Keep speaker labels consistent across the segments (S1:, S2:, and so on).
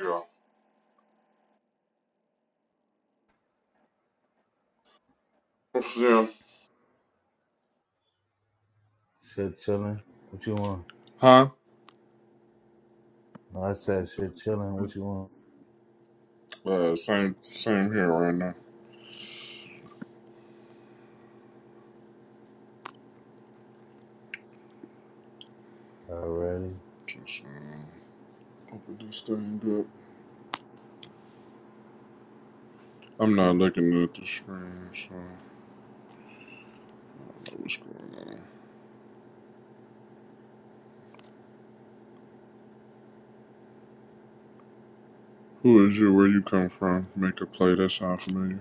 S1: Yeah. What's yeah.
S2: Shit chilling. What you want?
S1: Huh?
S2: No, I said shit chilling. What you want?
S1: Uh, same, same here right now.
S2: Already?
S1: Just uh, open this thing up. I'm not looking at the screen, so I don't know what's going on. Who is you? Where you come from? Make a play. That sound familiar?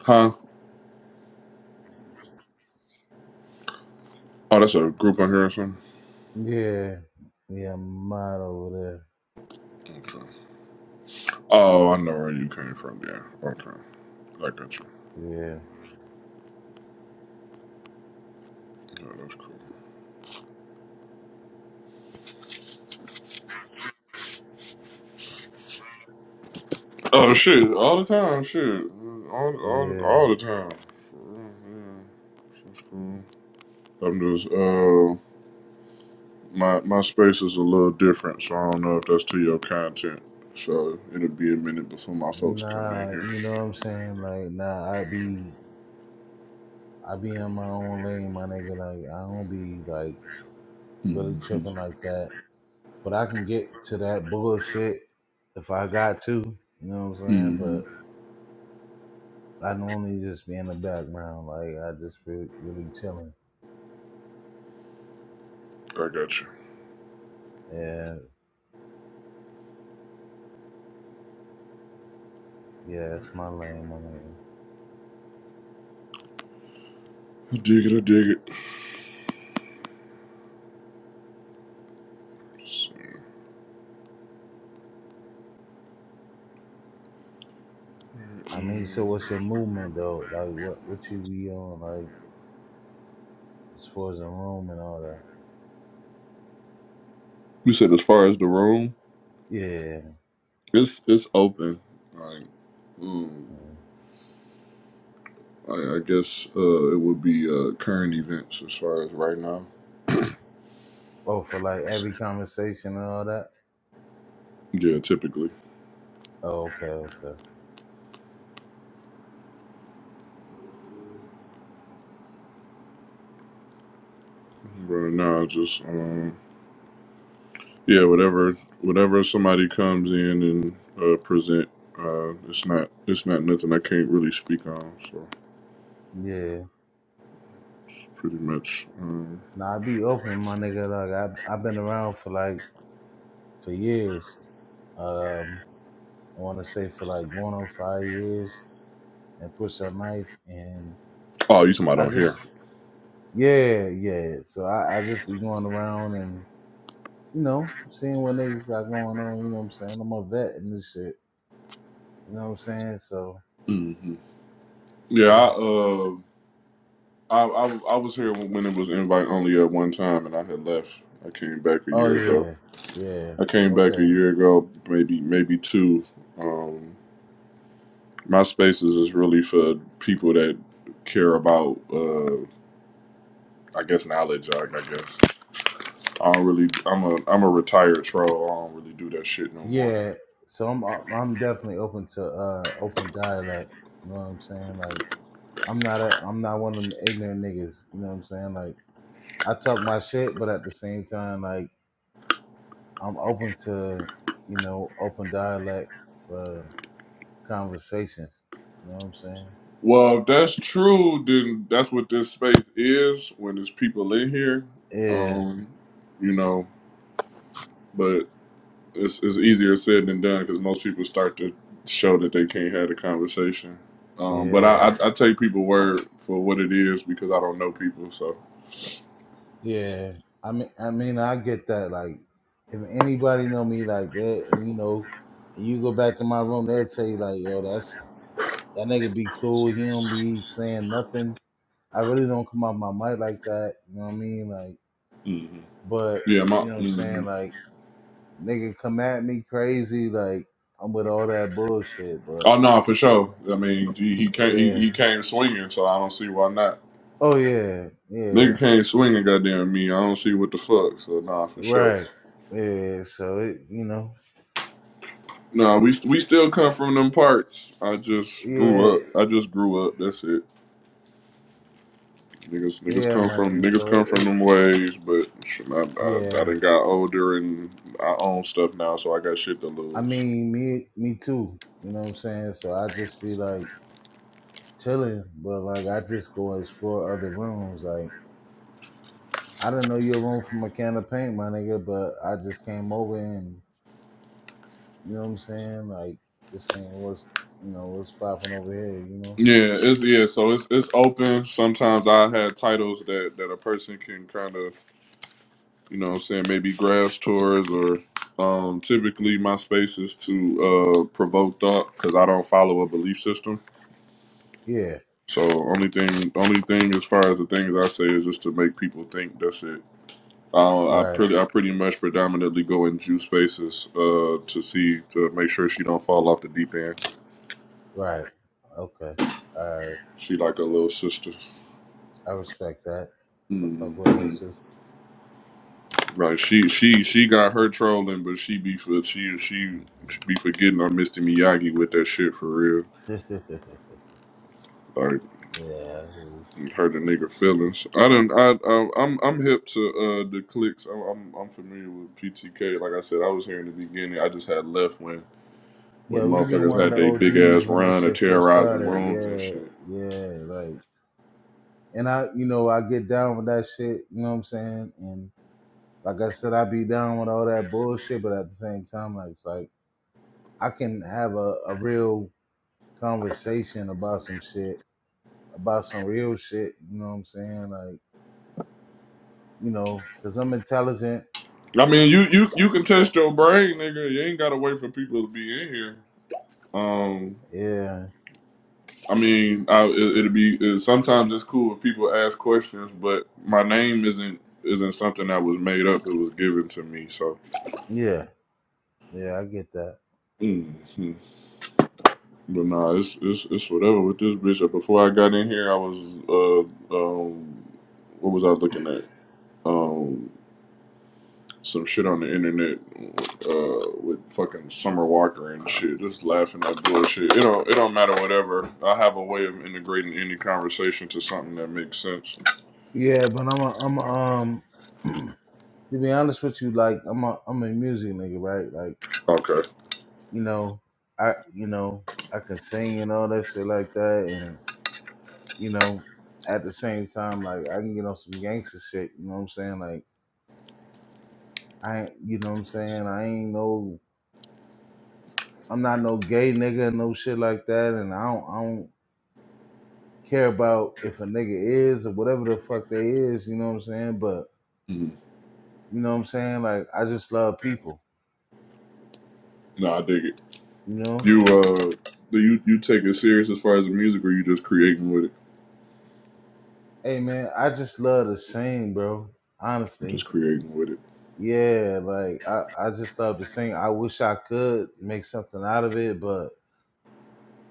S1: Huh? Oh, that's a group on here or something.
S2: Yeah. Yeah, I'm mad over
S1: Okay. Oh, I know where you came from. Yeah. Okay. I got you.
S2: there.
S1: Yeah, that's cool. Oh shit! All the time, shit. All,
S2: Yeah.
S1: all,
S2: Yeah.
S1: all the time. For real, yeah. That's cool. I'm just uh my my space is a little different, so I don't know if that's to your content. So it'll be a minute before my folks come in
S2: Nah,
S1: here.
S2: you know what I'm saying? Like, nah, I be I be in my own lane, my nigga. Like, I don't be like really
S1: hmm
S2: tripping like that. But I can get to that bullshit if I got to. You know what I'm saying?
S1: hmm
S2: But I normally just be in the background. Like, I just re- really chilling.
S1: I got you.
S2: Yeah. Yeah, That's my lane, my nigga.
S1: I dig it. I dig it. Let's see.
S2: I mean, so what's your movement though? Like, what what you be on? Like, as far as the room and all that.
S1: You said as far as the room,
S2: Yeah.
S1: it's it's open. Like, mm,
S2: yeah.
S1: I, I guess uh, it would be uh, current events as far as right now.
S2: Oh, for like every conversation and all that.
S1: Yeah, typically.
S2: Oh, okay, okay.
S1: But now, just um, Yeah, whatever whatever somebody comes in and uh, present, uh, it's not it's not nothing I can't really speak on. So
S2: Yeah.
S1: it's pretty much. Um,
S2: Nah, I be open, my nigga. Like, I I've been around for like for years. Um, I want to say for like going on five years and push a knife and
S1: oh, you talking about
S2: I
S1: on here?
S2: just yeah yeah. So I I just be going around and you know seeing what niggas got going on. You know what I'm saying? I'm a vet in this shit. You know what I'm saying? So
S1: hmm Yeah,
S2: I
S1: I,
S2: just
S1: uh, I I I was here when it was invite only at one time, and I had left. I came back a
S2: oh
S1: year ago.
S2: yeah, yeah,
S1: I came back a
S2: okay,
S1: year ago, maybe maybe two. Um, my spaces is really for people that care about, uh, I guess, knowledge. I, I guess. I don't really. I'm a I'm a retired troll. I don't really do that shit no more.
S2: yeah. So I'm I'm definitely open to uh open dialect. You know what I'm saying? Like I'm not a I'm not one of them ignorant niggas. You know what I'm saying? Like I talk my shit, but at the same time, like I'm open to you know open dialect for conversation. You know what I'm saying?
S1: Well, if that's true, then that's what this space is when there's people in here.
S2: Yeah,
S1: Um, you know, but it's it's easier said than done because most people start to show that they can't have the conversation. Um, but I,
S2: yeah.
S1: I I take people word for what it is because I don't know people. So
S2: Yeah, I mean, I mean, I get that. Like, if anybody know me like that, and you know, and you go back to my room, they'll tell you like, yo, that's that nigga be cool. He don't be saying nothing. I really don't come out my mic like that. You know what I mean? Like, but
S1: yeah, my
S2: you know what I'm saying?
S1: mhm.
S2: Like, nigga come at me crazy. Like, I'm with all that bullshit. But
S1: oh no, for sure. I mean, he, he came he,
S2: yeah,
S1: he came swinging, so I don't see why not.
S2: oh yeah, yeah,
S1: Nigga can't swing a goddamn me. I don't see what the fuck. So nah, for sure.
S2: right, yeah. So it, you know,
S1: Nah, we we still come from them parts. I just grew
S2: yeah,
S1: up. I just grew up. That's it. Niggas niggas
S2: yeah,
S1: come
S2: my
S1: from
S2: nigga.
S1: niggas
S2: So
S1: come
S2: it,
S1: from
S2: it
S1: them ways. But shit, I I, I
S2: yeah.
S1: done got older and I own stuff now, so I got shit to
S2: I
S1: lose.
S2: mean, me me too. You know what I'm saying? So I just be like chilling, but like I just go explore other rooms. Like I didn't know your room from a can of paint, my nigga, but I just came over and you know what I'm saying? Like just saying what's you know, what's popping over here, you know?
S1: Yeah, it's yeah. So it's it's open. Sometimes I had titles that that a person can kind of You know what I'm saying? Maybe grass tours or um, typically my space is to uh, provoke thought because I don't follow a belief system.
S2: Yeah,
S1: So only thing, only thing as far as the things I say is just to make people think. That's it. I, I
S2: right,
S1: pretty, I pretty much predominantly go in juice spaces uh, to see to make sure she don't fall off the deep end.
S2: right. Okay. All right.
S1: She like a little sister.
S2: I respect that. I
S1: hmm
S2: fuck with her too.
S1: Right. She, she, she got her trolling, but she be for she, she, she be forgetting on Mr. Miyagi with that shit for real.
S2: yeah.
S1: Like
S2: I hear you.
S1: and hurt a nigga feelings. I don't. I, I I'm I'm hip to uh the clicks. I'm, I'm I'm familiar with PTK. Like I said, I was here in the beginning. I just had left when when
S2: Yeah, we've been
S1: motherfuckers
S2: one of
S1: had
S2: the
S1: they big
S2: OGs
S1: ass
S2: when that
S1: run of
S2: shit first
S1: terrorizing
S2: started.
S1: rooms and
S2: Yeah,
S1: shit.
S2: yeah, like and I, you know, I get down with that shit. You know what I'm saying? And like I said, I be down with all that bullshit, but at the same time, like it's like I can have a, a real conversation about some shit, about some real shit. You know what I'm saying? Like, you know, because I'm intelligent.
S1: I mean, you you you can test your brain, nigga. You ain't gotta wait for people to be in here. Um.
S2: Yeah,
S1: I mean, I, it, it'll be it, sometimes it's cool if people ask questions, but my name isn't isn't something that was made up. It was given to me, so.
S2: yeah, yeah. I get that.
S1: Mm. But nah, it's it's it's whatever with this bitch. Uh, Before I got in here, I was uh um, what was I looking at? Um, some shit on the internet, uh, with fucking Summer Walker and shit. Just laughing at bullshit. It don't it don't matter whatever. I have a way of integrating any conversation to something that makes sense.
S2: Yeah, but I'm a, I'm a, um. to be honest with you, like I'm a, I'm a music nigga, right? Like,
S1: Okay.
S2: you know, I, you know, I can sing and all that shit like that, and you know, at the same time, like I can get on some gangster shit. You know what I'm saying? Like I, ain't- you know what I'm saying? I ain't no, I'm not no gay nigga, no shit like that. And I don't, I don't care about if a nigga is or whatever the fuck they is. You know what I'm saying? But
S1: hmm
S2: you know what I'm saying? Like I just love people.
S1: Nah, I dig it.
S2: You know?
S1: You uh, do you you take it serious as far as the music, or you just creating with it?
S2: Hey man, I just love to sing, bro. Honestly.
S1: Just creating with it.
S2: Yeah, like I, I just love to sing. I wish I could make something out of it, but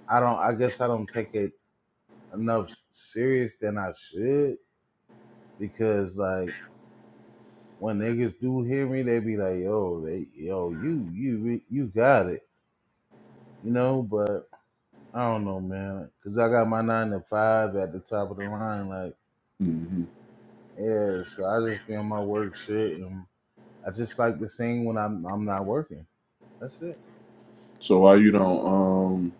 S2: I don't. I guess I don't take it enough serious than I should because like when niggas do hear me, they be like, "Yo, they, yo, you, you, re- you got it," you know. But I don't know, man, because I got my nine to five at the top of the line, like,
S1: hmm
S2: yeah. So I just be on my work shit, and I just like to sing when I'm I'm not working. That's it.
S1: So why you don't um?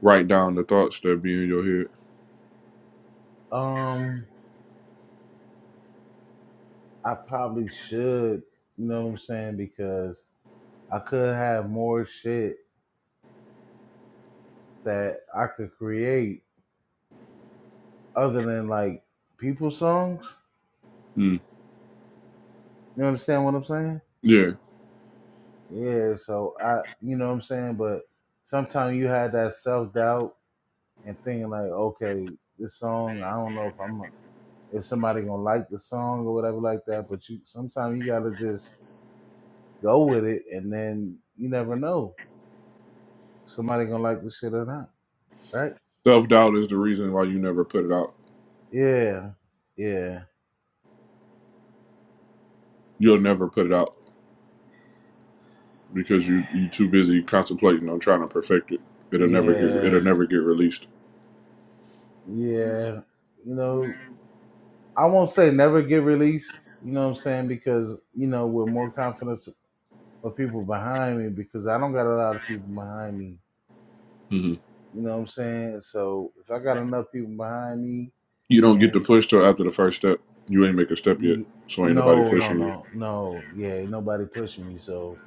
S1: write down the thoughts that be in your head.
S2: Um, I probably should, you know what I'm saying, because I could have more shit that I could create other than like people's songs.
S1: Mm.
S2: You understand what I'm saying?
S1: Yeah,
S2: Yeah, so I you know what I'm saying, but sometimes you had that self doubt and thinking like, okay, this song, I don't know if I'm a- if somebody gonna like the song or whatever like that, but you sometimes you gotta just go with it and then you never know. if Somebody gonna like the shit or not, right?
S1: self doubt is the reason why you never put it out.
S2: Yeah, yeah,
S1: You'll never put it out because you you too busy contemplating on trying to perfect it. It'll never get it'll
S2: yeah,
S1: never get released.
S2: yeah. You know, I won't say never get released. You know what I'm saying? Because you know, with more confidence of people behind me, because I don't got a lot of people behind me.
S1: hmm
S2: You know what I'm saying? So if I got enough people behind me,
S1: You don't get the
S2: and
S1: push till after the first step. You ain't make a step yet, so ain't nobody
S2: no, no,
S1: pushing you.
S2: no, no, yeah, nobody pushing me. So,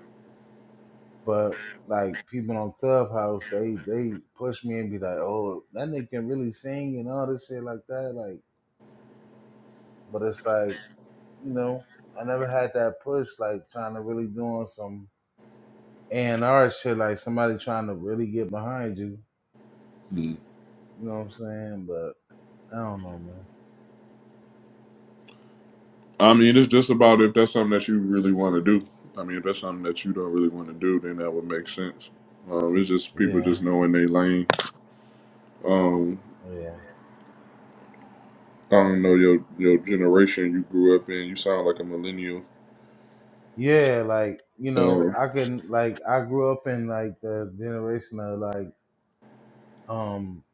S2: but like people on Clubhouse, they they push me and be like, "Oh, that nigga can really sing and all this shit like that." Like, but it's like you know, I never had that push like trying to really doing some and our shit like somebody trying to really get behind you.
S1: Mm.
S2: You know what I'm saying? But I don't know, man.
S1: I mean, it's just about if that's something that you really want to do. I mean, if that's something that you don't really want to do, then that would make sense. Um, it's just people
S2: Yeah,
S1: just knowing they lane. Um,
S2: yeah,
S1: I don't know your your generation you grew up in. You sound like a millennial.
S2: yeah. Like you know,
S1: Um,
S2: I can like I grew up in like the generation of like um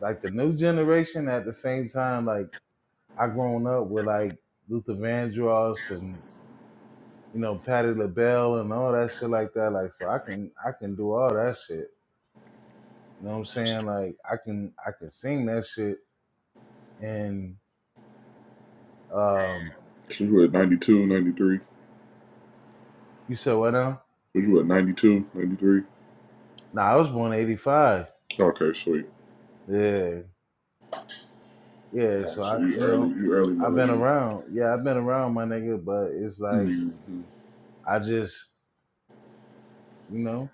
S2: like the new generation. At the same time, like I grown up with like Luther Vandross and you know Patti LaBelle and all that shit like that. Like so, I can I can do all that shit. You know what I'm saying? Like I can I can sing that shit and um.
S1: 'cause you were at 92, 93.
S2: You said what now?
S1: So you at 92, 93.
S2: Nah, I was born eighty five.
S1: Okay, sweet.
S2: Yeah, yeah.
S1: Oh,
S2: So
S1: So
S2: I,
S1: you
S2: you
S1: early,
S2: know,
S1: you early
S2: I've been
S1: millennial.
S2: around. Yeah, I've been around my nigga, but it's like
S1: Mm-hmm.
S2: I just, you know,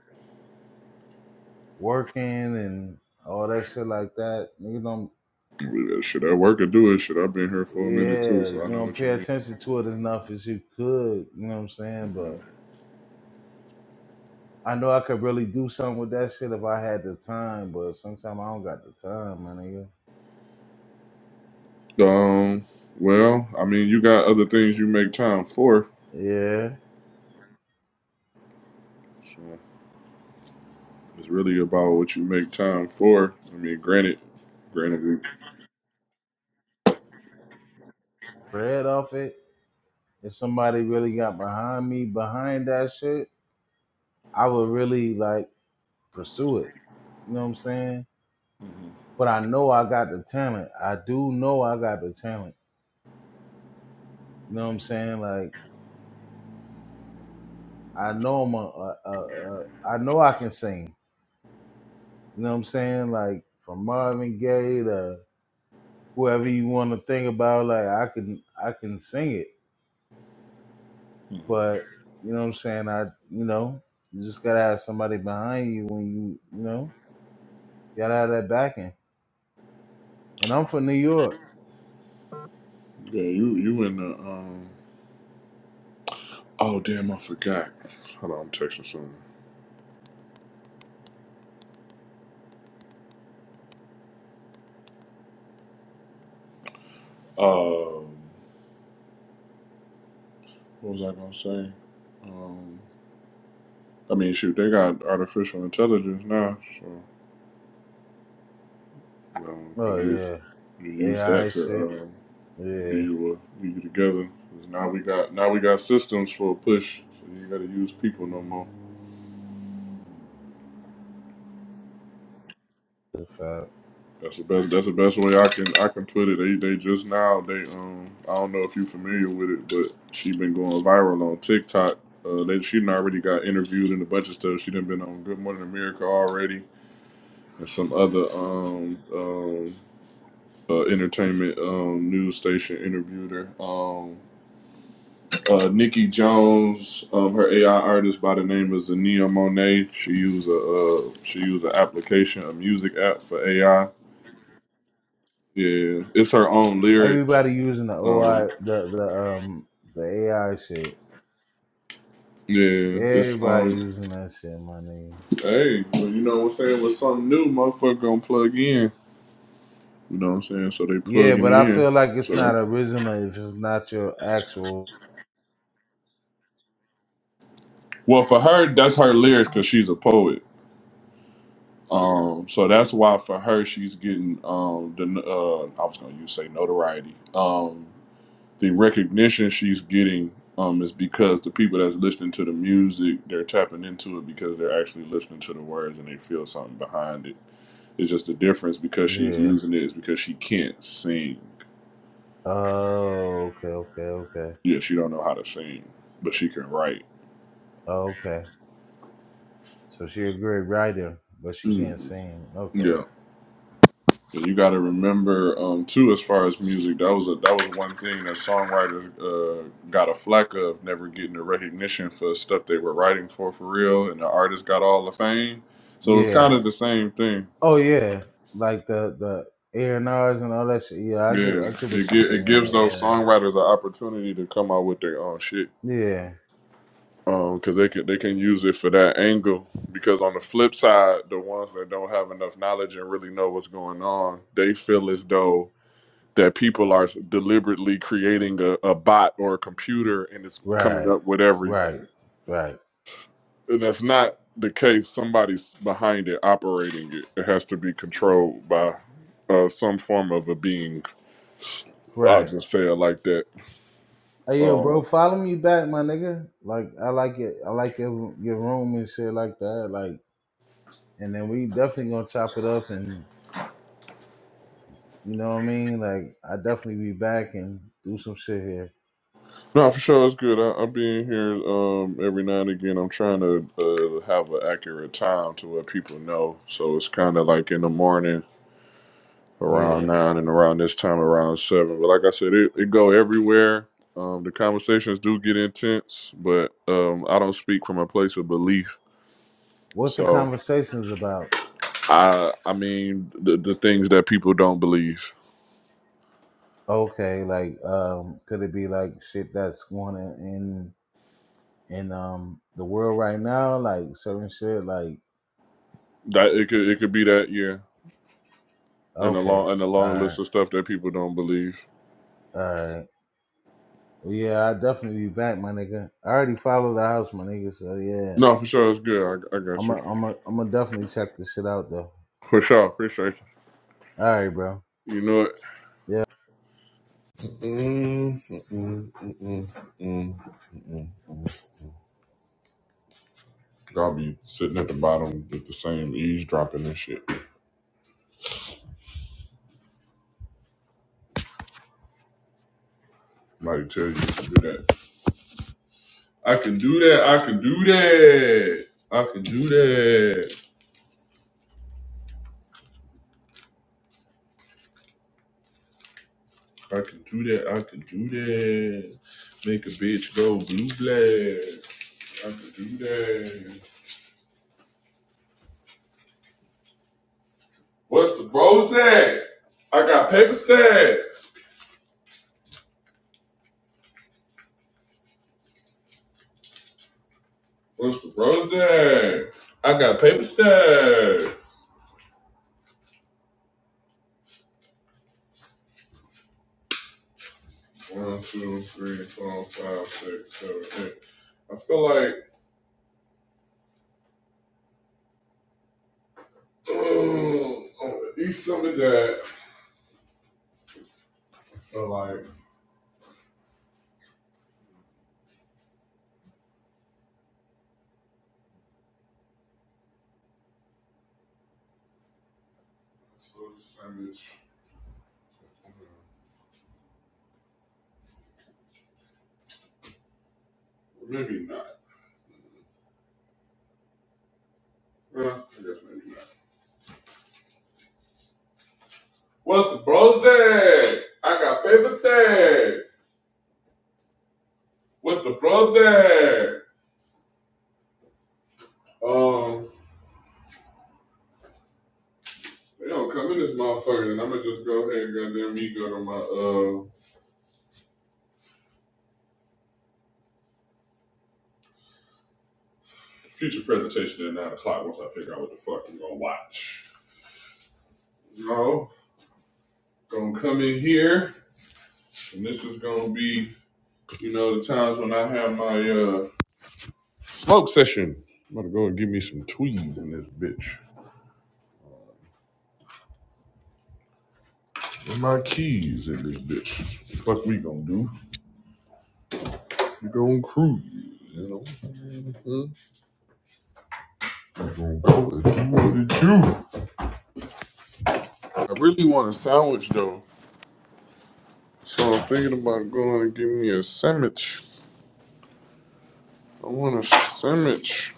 S2: working and all that shit like that. Nigga don't.
S1: Yeah, Should I work or do it? Should I've been here for a minute too,
S2: Yeah,
S1: so
S2: you
S1: I know
S2: don't
S1: what
S2: pay
S1: you mean.
S2: attention to it as enough as you could. You know what I'm saying? But
S1: Mhm.
S2: I know I could really do something with that shit if I had the time. But sometimes I don't got the time, my nigga.
S1: Um, well, I mean, you got other things you make time for.
S2: Yeah,
S1: So it's really about what you make time for. I mean, granted, granted, we-
S2: spread off it. If somebody really got behind me, behind that shit I would really like pursue it. You know what I'm saying? But I know I got the talent. I do know I got the talent. You know what I'm saying? Like I know I'm a, a, a, a I know I can sing. You know what I'm saying? Like from Marvin Gaye to whoever you want to think about, like I can I can sing it.
S1: Mhm.
S2: But you know what I'm saying? I you know you just gotta have somebody behind you when you you know you gotta have that backing. And I'm from New York.
S1: yeah, you you in the um Oh damn, I forgot. Hold on, I'm texting someone. Um, what was I gonna say? Um, I mean, shoot, they got artificial intelligence now, so you, know, you can
S2: Oh
S1: use
S2: yeah,
S1: you can
S2: they
S1: use
S2: high
S1: that
S2: as
S1: to
S2: shit.
S1: um, get
S2: Yeah.
S1: you uh, get you together. 'Cause now we got now we got systems for a push. So you gotta use people no more.
S2: Fuck.
S1: That's the best. That's the best way I can I can put it. They they just now they um I don't know if you familiar with it, but she been going viral on TikTok. Uh, they she done already got interviewed in a bunch of stuff. She done been on Good Morning America already and some other um um uh, entertainment um news station interviewed her. Um, uh, Nikki Jones, um, her AI artist by the name of Zania Monet. She use a uh, she use an application, a music app for AI Yeah, it's her own lyrics.
S2: Everybody using the
S1: Um,
S2: OI, the the um the AI shit.
S1: yeah, it's
S2: Everybody
S1: um,
S2: using that shit, my nigga.
S1: hey, well, you know what I'm saying? With something new, motherfucker gonna plug in. You know what I'm saying? So they
S2: Yeah,
S1: plugging
S2: but I
S1: in.
S2: feel like it's
S1: So
S2: not
S1: that's
S2: original if it's not your actual.
S1: well for her. That's her lyrics because she's a poet. Um, so that's why for her she's getting um the uh I was gonna use say notoriety. Um, the recognition she's getting um is because the people that's listening to the music they're tapping into it because they're actually listening to the words and they feel something behind it It's just the difference because she's
S2: Yeah.
S1: using it is because she can't sing.
S2: Oh, okay, okay, okay,
S1: Yeah, she don't know how to sing, but she can write.
S2: Oh, okay. So she a great writer, but she
S1: hmm
S2: can't sing. Okay.
S1: Yeah. And you got to remember um, too, as far as music, that was a, that was one thing that songwriters uh, got a flack of never getting the recognition for stuff they were writing for for real, and the artist got all the fame. So it's
S2: Yeah.
S1: kind of the same thing.
S2: Oh yeah. Like the the A and R's and all that shit. Yeah, I get I
S1: Yeah,
S2: get what
S1: it
S2: you're
S1: gi- it gives those
S2: saying.
S1: songwriters an opportunity to come out with their own shit.
S2: Yeah. Yeah.
S1: um because they can they can use it for that angle because on the flip side the ones that don't have enough knowledge and really know what's going on they feel as though that people are deliberately creating a, a bot or a computer and it's coming
S2: Right.
S1: up with everything
S2: Right. Right.
S1: and that's not the case somebody's behind it operating it it has to be controlled by uh, some form of a being i'll
S2: Right.
S1: just say it like that
S2: Hey yo,
S1: Um,
S2: bro, follow me back, my nigga. Like I like it. I like your your room and shit like that. Like, and then we definitely gonna chop it up, and you know what I mean. Like, I definitely be back and do some shit here.
S1: No, for sure, it's good. I, I'm being here um, every now and again. I'm trying to uh, have an accurate time to where people know. So it's kind of like in the morning around
S2: Yeah.
S1: nine and around this time around seven. But like I said, it, it go everywhere. Um, the conversations do get intense, but um, I don't speak from a place of belief.
S2: What's the
S1: So
S2: conversations about?
S1: I, I mean, the, the things that people don't believe
S2: Okay, like, um, could it be like shit that's going on in in um the world right now? Like certain shit. Like,
S1: that it could it could be that yeah, and a
S2: okay,
S1: long and a
S2: all
S1: long
S2: right,
S1: list of stuff that people don't believe.
S2: all right. Well, yeah, I definitely be back, my nigga. I already followed the house, my nigga. So yeah.
S1: No, for sure, it's good. I, I got
S2: I'm
S1: you.
S2: a, I'm a, I'm gonna definitely check this shit out though.
S1: For sure, for sure.
S2: All right, bro.
S1: You know it.
S2: Yeah.
S1: Mm, mm, mm, mm, mm, mm, mm. Y'all be sitting at the bottom with the same eavesdropping and shit. Somebody tell you to do that. I can do that. I can do that. I can do that. I can do that. I can do that. Make a bitch go blue black. I can do that. What's the rose at? I got paper stacks. What's the rose at? I got paper stacks. One, two, three, four, five, six, seven, eight. I feel like uh, on the east side of that, I feel like so sandwich. Well, Maybe not. Well, I guess maybe not. What the brother? I got paper there. What the brother? Um, they don't come in this motherfucker, and I'm gonna just go ahead and goddamn me go to my uh future presentation at nine o'clock once I figure out what the fuck I'm gonna watch. No. gonna come in here, and this is gonna be, you know, the times when I have my uh smoke session. I'm gonna go and give me some tweeds in this bitch. And my keys in this bitch. The Fuck we gonna do? We gonna cruise, you know? Mhm. We gonna go and do what it do. I really want a sandwich though. So I'm thinking about going and getting me a sandwich. I want a sandwich.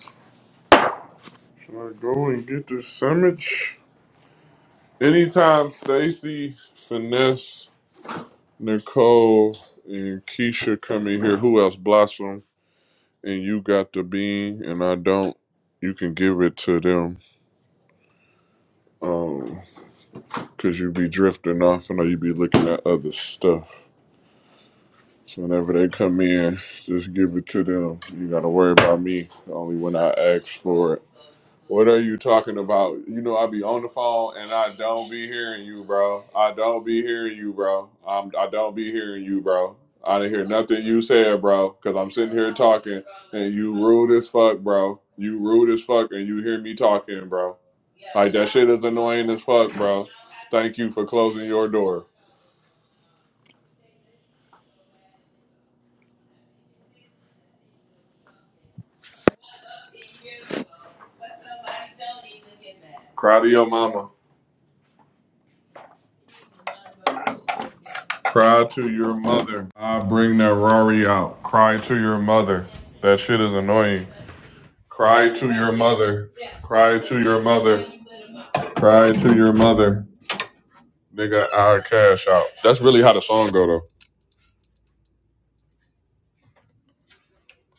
S1: Should I go and get this sandwich? Anytime Stacy, Finesse, Nicole and Keisha come in here. Who else? Blossom and you got the bean, and I don't. You can give it to them, um, cause you be drifting off, and you be looking at other stuff. So whenever they come in, just give it to them. You gotta worry about me only when I ask for it. What are you talking about? You know I be on the phone and I don't be hearing you, bro. I don't be hearing you, bro. I'm I don't be hearing you, bro. I didn't hear nothing you said, bro, because I'm sitting here talking and you rude as fuck, bro. You rude as fuck and you hear me talking, bro. Like that shit is annoying as fuck, bro. Thank you for closing your door. Cry to your mama. Cry to your mother. I bring that Rory out. Cry to your mother. That shit is annoying. Cry to your mother. Cry to your mother. Cry to your mother. Nigga, I cash out. That's really how the song go though.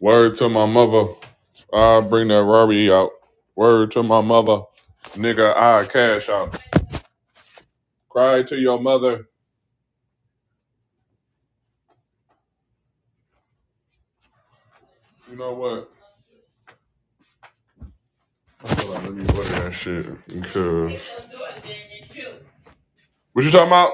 S1: Word to my mother. I bring that Rory out. Word to my mother. Nigga, I cash out. Cry to your mother. You know what? I feel like let me look at that shit because. What you talking about?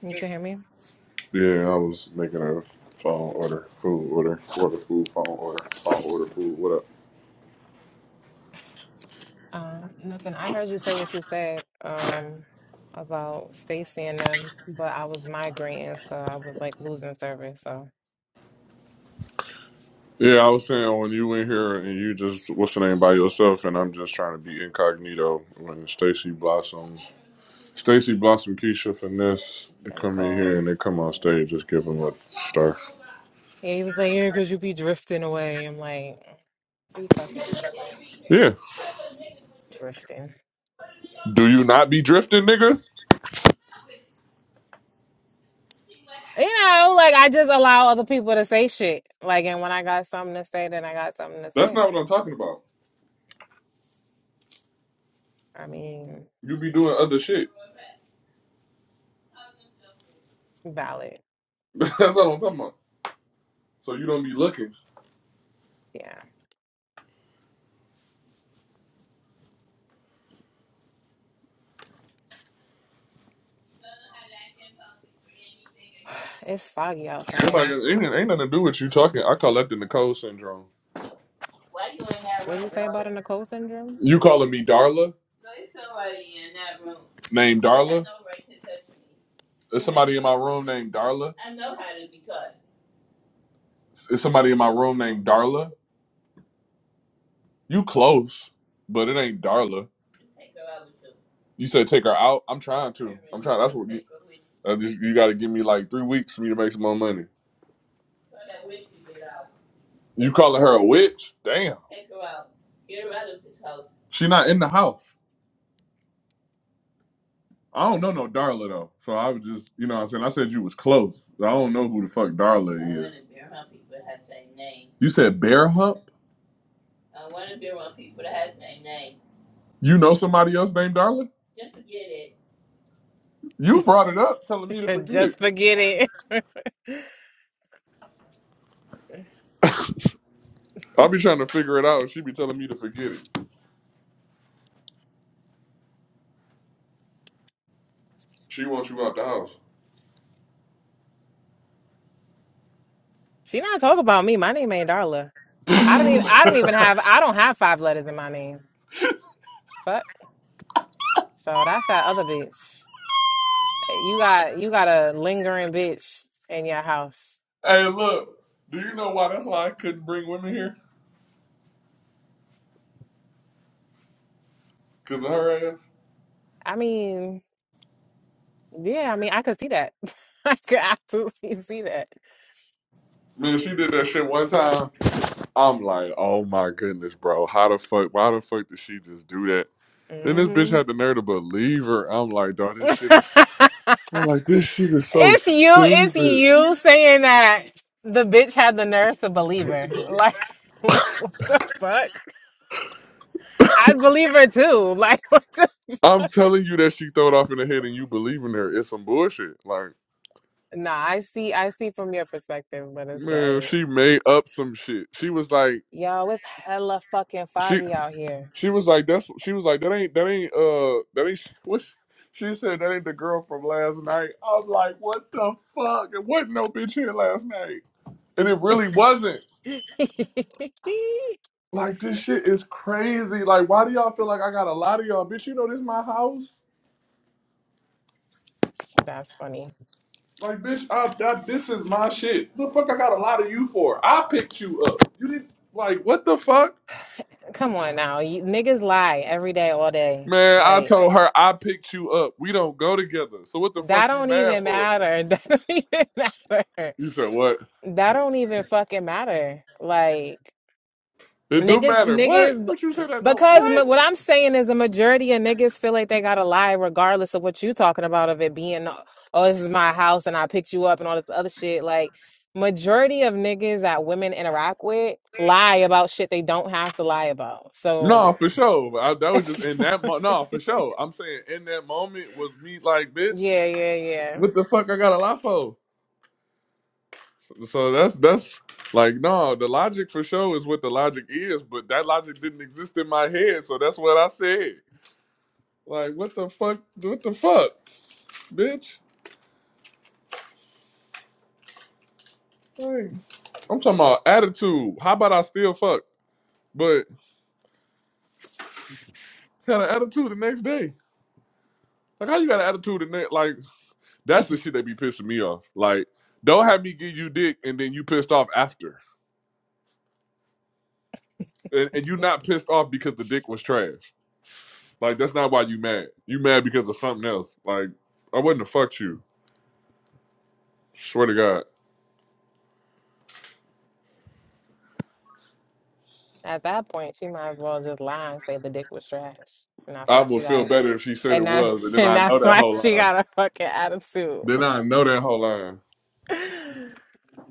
S3: You can hear me?
S1: Yeah, I was making a phone order, food order, order food, phone order, phone order, food. What up?
S3: Um, nothing. I heard you say what you said um, about Stacy and them, but I was migrating, so I was like losing service. So,
S1: Yeah, I was saying when you went here and you just what's the name by yourself, and I'm just trying to be incognito. When Stacy Blossom, Stacy Blossom, Keisha Finesse, they
S3: and
S1: come in here
S3: Nicole,
S1: and they come on stage, just give them a star.
S3: yeah, he was like, yeah, because you be drifting away. I'm like, be fucking
S1: Yeah.
S3: drifting.
S1: Do you not be drifting, nigga?
S3: You know, like I just allow other people to say shit. Like, and when I got something to say, then I got something to
S1: That's
S3: say.
S1: not what I'm talking about.
S3: I mean,
S1: You be doing other shit.
S3: valid.
S1: That's what I'm talking about. So you don't be looking.
S3: Yeah. It's foggy
S1: Nobody
S3: outside.
S1: ain't, ain't nothing to do with you talking. I call that the Nicole syndrome.
S3: What did you say about a Nicole syndrome?
S1: You calling me Darla? named Darla. There's somebody in my room named Darla. There's somebody in my room named Darla. You close, but it ain't Darla. You said take her out. I'm trying to. I'm trying. That's what you. I just, you got to give me like three weeks for me to make some more money. You calling her a witch? Damn. She not in the house. I don't know no Darla though. So I was just, you know what I'm saying? I said you was close. I don't know who the fuck Darla is. You said Bear Hump? You know somebody else named Darla? You brought it up, telling me to forget it.
S3: Just forget it.
S1: I'll be trying to figure it out, and she be telling me to forget it. She wants you out the house.
S3: She not talk about me. My name ain't Darla. I don't even I don't even have I don't have five letters in my name. Fuck. So that's that other bitch. You got you got a lingering bitch in your house.
S1: Hey, look, do you know why? That's why I couldn't bring women here, cause of her ass.
S3: I mean, yeah, I mean I could see that. I could absolutely see that.
S1: Man, she did that shit one time. I'm like, oh my goodness, bro. How the fuck? Why the fuck did she just do that? Then this bitch
S3: hmm
S1: had the nerve to believe her. I'm like, dog, this
S3: it's
S1: shit is. So, I'm like, this shit is so
S3: you, it's
S1: stupid.
S3: you saying that the bitch had the nerve to believe her. Like like what the fuck? I'd believe her too. Like, what the-
S1: I'm telling you that she throw it off in the head, and you believing her. It's some bullshit. Like.
S3: nah, I see, I see from your perspective, but it's
S1: Man,
S3: like,
S1: she made up some shit. She was like,
S3: yo, it's hella fucking
S1: she
S3: foggy out here.
S1: she was like that's she was like that ain't that ain't uh that ain't what she, she said that ain't the girl from last night. I was like, what the fuck? It wasn't no bitch here last night, and it really wasn't. Like this shit is crazy. Like why do y'all feel like I gotta lie to y'all, bitch? You know this my house.
S3: That's funny.
S1: Like bitch, I, I, this is my shit. The fuck I gotta lie to you for? I picked you up. You didn't like what the fuck.
S3: Come on now, you, niggas lie every day, all day.
S1: Man, I
S3: Like
S1: told her I picked you up. We don't go together. So what the
S3: that
S1: fuck you
S3: don't
S1: mad
S3: even
S1: for?
S3: matter. That don't even matter.
S1: You said what?
S3: That don't even fucking matter. Like.
S1: It do
S3: Niggas,
S1: matter. What?
S3: niggas,
S1: What you say that don't.
S3: because ma-
S1: What?
S3: what I'm saying is a majority of niggas feel like they gotta lie, regardless of what you talking about of it being, oh, this is my house and I picked you up and all this other shit. Like, majority of niggas that women interact with lie about shit they don't have to lie about.
S1: No,
S3: So,
S1: for sure. I, that
S3: yeah,
S1: was just in that. Mo- no, for sure. I'm saying in that moment was me like, bitch.
S3: yeah, yeah.
S1: What the fuck? I got a lot for. So that's that's like no. The logic for sure is what the logic is, but that logic didn't exist in my head. So that's what I said. Like, what the fuck? What the fuck, bitch? Like, I'm talking about attitude. How about I still fuck, but had an attitude the next day? Like, how you got an attitude the next? Like. That's the shit that be pissing me off. Like, don't have me give you dick and then you pissed off after. And, and you not pissed off because the dick was trash. Like, that's not why you mad. You mad because of something else. Like, I wouldn't have fucked you. Swear to God.
S3: At that point, she might as well just lie and say the dick was trash, and that's
S1: I
S3: why she
S1: would feel
S3: got,
S1: better if she said it
S3: and that,
S1: was, and then
S3: and
S1: I know
S3: that's
S1: that
S3: why
S1: whole
S3: she
S1: line.
S3: got a fucking attitude.
S1: Then I know that whole line.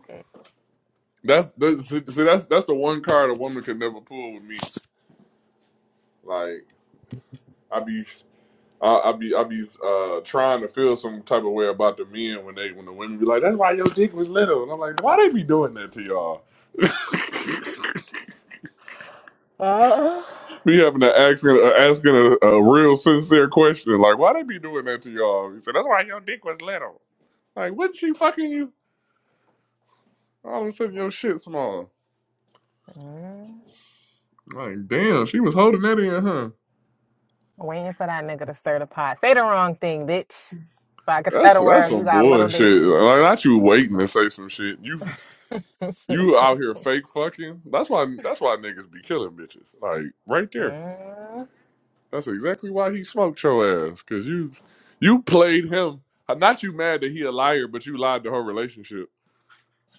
S1: That's, that's see, that's that's the one card a woman could never pull with me. Like I be I, I be I be uh, trying to feel some type of way about the men when they when the women be like, "That's why your dick was little," and I'm like, "Why they be doing that to y'all?"
S3: Oh.
S1: Me having to asking uh, asking a, a real sincere question like, "Why they be doing that to y'all?" He said, "That's why your dick was little." Like, what she fucking you? All of a sudden, your shit small.
S3: Mm.
S1: Like, damn, she was holding that in, huh?
S3: Waiting for that nigga to stir the pot. Say the wrong thing, bitch. But I could tell
S1: That's
S3: the
S1: that's
S3: world you
S1: some
S3: got a little dick.
S1: bullshit. Like, not you waiting to say some shit. You You out here fake fucking. That's why. That's why niggas be killing bitches. Like right there.
S3: Mm.
S1: That's exactly why he smoked your ass. Cause you, you played him. Not you mad that he a liar, but you lied to her relationship.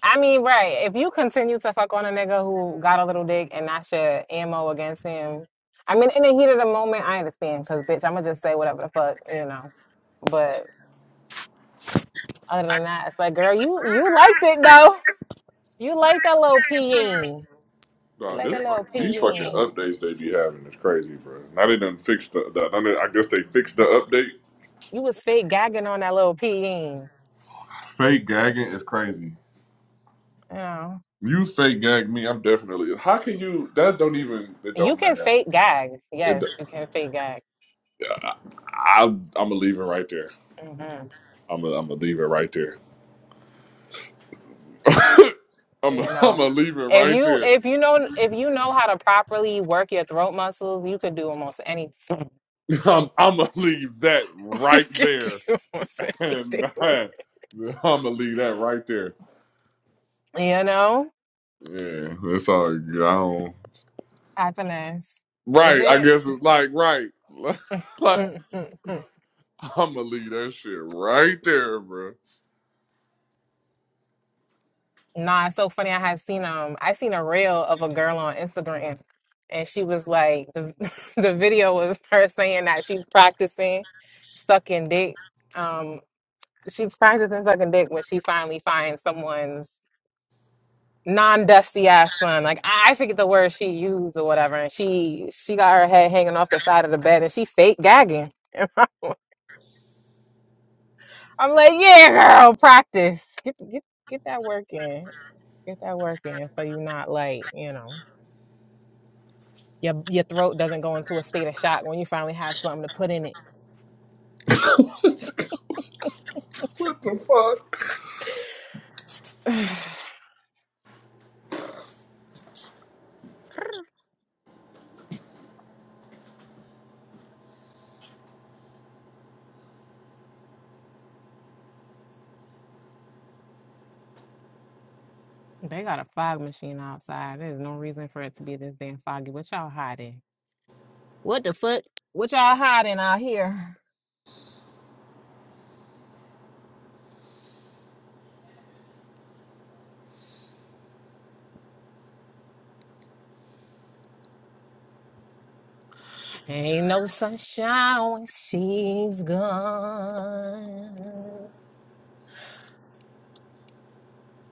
S3: I mean, right. If you continue to fuck on a nigga who got a little dick and that's your ammo against him, I mean, in the heat of the moment, I understand. Cause bitch, I'm gonna just say whatever the fuck, you know. But other than that, it's like, girl, you you liked it though. You like that little peeing. You
S1: Nah,
S3: like
S1: this
S3: that
S1: fucking,
S3: little
S1: these fucking
S3: peeing.
S1: updates they be having is crazy, bro. Now they done fixed the. the now they- I guess they fixed the update.
S3: You was fake gagging on that little peeing.
S1: Fake gagging is crazy.
S3: You know,
S1: You fake gag me. I'm definitely. How can you? That don't even. It
S3: you
S1: don't
S3: can
S1: matter.
S3: fake gag.
S1: It.
S3: Yes, you can fake gag.
S1: I, I'm gonna leave it right there.
S3: hmm
S1: I'm gonna. I'm gonna leave it right there. I'm I'm
S3: You know,
S1: gonna leave it
S3: if
S1: right
S3: you
S1: there.
S3: if you know if you know how to properly work your throat muscles, you could do almost anything.
S1: I'm I'm gonna leave that
S3: you
S1: right
S3: could
S1: there,
S3: do almost anything.
S1: and
S3: with-
S1: I, am gonna leave that right there.
S3: You know,
S1: Yeah, that's all. good. I don't.
S3: happiness. Is
S1: Right, I
S3: it?
S1: guess it's like right. like I'm gonna leave that shit right there, bro.
S3: Nah, it's so funny. I had seen um, I seen a reel of a girl on Instagram, and she was like, the the video was her saying that she's practicing sucking dick. Um, she's practicing sucking dick when she finally finds someone's non-dusty ass son. Like I, I forget the word she used or whatever, and she she got her head hanging off the side of the bed, and she fake gagging. I'm like, yeah, girl, practice. Get get get that work in. Get that work in, so you're not like you know. Your your throat doesn't go into a state of shock when you finally have something to put in it.
S1: what the fuck?
S3: they got a fog machine outside. There's no reason for it to be this damn foggy. What y'all hiding? What the fuck? What y'all hiding out here? Ain't no sunshine when she's gone.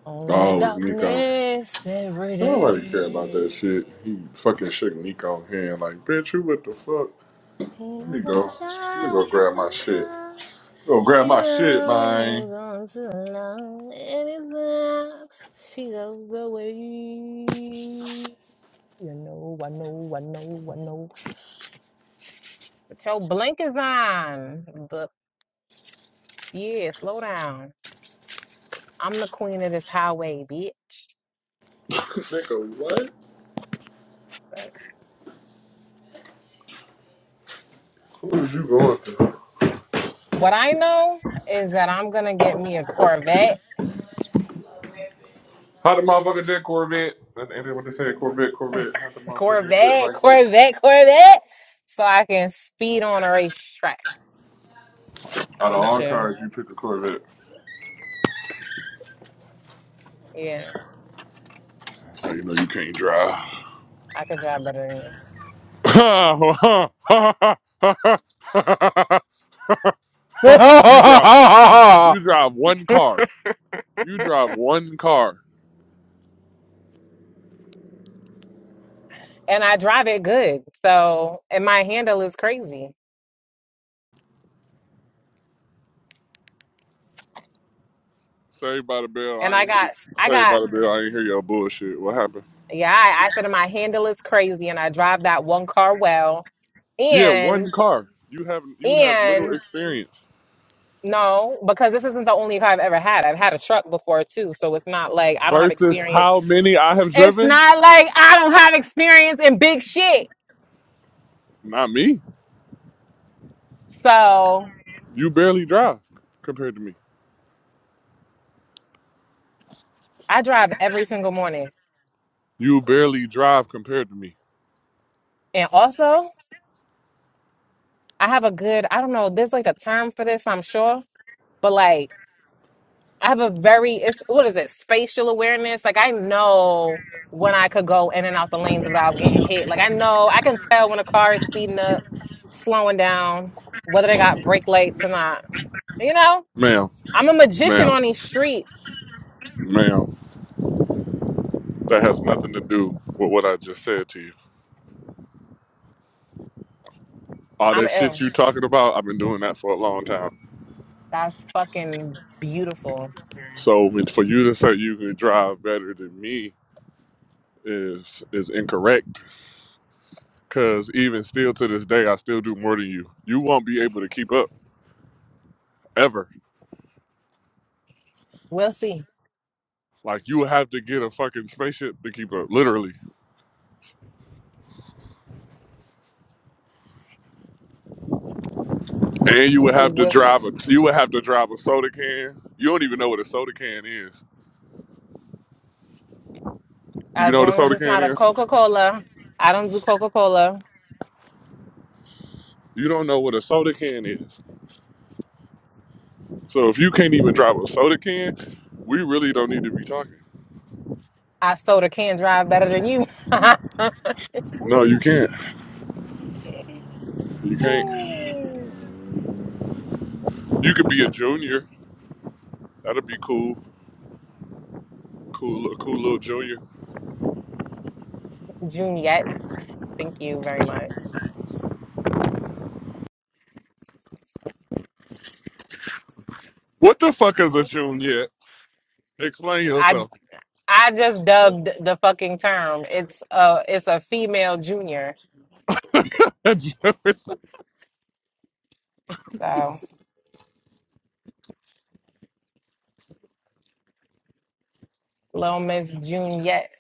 S3: Only
S1: Oh, it was Nico.
S3: darkness every
S1: Nobody care about that shit.
S3: day.
S1: He fucking shook Nico's hand like, bitch, you what the fuck?
S3: Ain't
S1: Let
S3: no
S1: me go. Let me
S3: sunshine when
S1: go
S3: she's
S1: grab my
S3: gone.
S1: shit. Go grab my shit,
S3: Even
S1: man.
S3: when gone too long, anytime she goes away. You know, I know, I know, I know. But your blinkers on. But yeah, slow down. I'm the queen of this highway, bitch.
S1: Nigga, what?
S3: But
S1: What was you going through?
S3: What I know is that I'm gonna get me a Corvette,
S1: How the motherfucker did Corvette? That ended what they say Corvette, Corvette. How the motherfucker did
S3: Corvette,
S1: like that?
S3: Corvette, Corvette, so I can speed on a racetrack. Now
S1: Out
S3: let
S1: of
S3: me
S1: all
S3: chill.
S1: cars, you picked the Corvette.
S3: Yeah.
S1: So you know you can't drive.
S3: I could drive better than you.
S1: you drive, you, you drive one car. You drive one car.
S3: And I drive it good. So, and my handle is crazy.
S1: Saved by the bell.
S3: And
S1: I
S3: I
S1: ain't hear.
S3: got, I
S1: Saved by
S3: got,
S1: the bell. I ain't hear your bullshit. What happened?
S3: yeah, I, I said my handle is crazy and I drive that one car well.
S1: Yeah, one
S3: And,
S1: car. You have you have little
S3: and
S1: experience
S3: no, because this isn't the only car I've ever had. I've had a truck before too. So it's not like I don't have
S1: versus
S3: experience
S1: how many I have
S3: It's
S1: driven.
S3: not like I don't have experience in big shit.
S1: Not me.
S3: So
S1: You barely drive compared to me.
S3: I drive every single morning.
S1: You barely drive compared to me.
S3: And also, I have a good, I don't know, there's like a term for this, I'm sure, but like I have a very, it's what is it, spatial awareness? Like I know when I could go in and out the lanes without getting hit. Like I know, I can tell when a car is speeding up, slowing down, whether they got brake lights or not. You know,
S1: Ma'am,
S3: I'm a magician
S1: ma'am,
S3: on these streets.
S1: ma'am. That has nothing to do with what I just said to you. All
S3: I'm
S1: that shit
S3: ill.
S1: you talking about, I've been doing that for a long time.
S3: That's fucking beautiful.
S1: So for you to say you could drive better than me is is incorrect. Cause even still to this day, I still do more than you. You won't be able to keep up ever.
S3: We'll see.
S1: Like you have to get a fucking spaceship to keep up, literally. And you would have to
S3: We'll see.
S1: drive a you would have to drive a soda can. You don't even know what a soda can is. Do you
S3: As
S1: know what a
S3: long as
S1: soda
S3: it's
S1: can
S3: not a
S1: is?
S3: Coca Cola, I don't do Coca Cola.
S1: You don't know what a soda can is. So if you can't even drive a soda can, we really don't need to be talking.
S3: I soda can drive better than you.
S1: No, you can't. You can't. You could be a junior. That'd be cool. Cool, li- cool little junior.
S3: Juniette, thank you very much.
S1: What the fuck is a junior? Explain
S3: I
S1: yourself.
S3: I just dubbed the fucking term. It's a it's a female junior.
S1: Maybe
S3: So little Miss Juniette,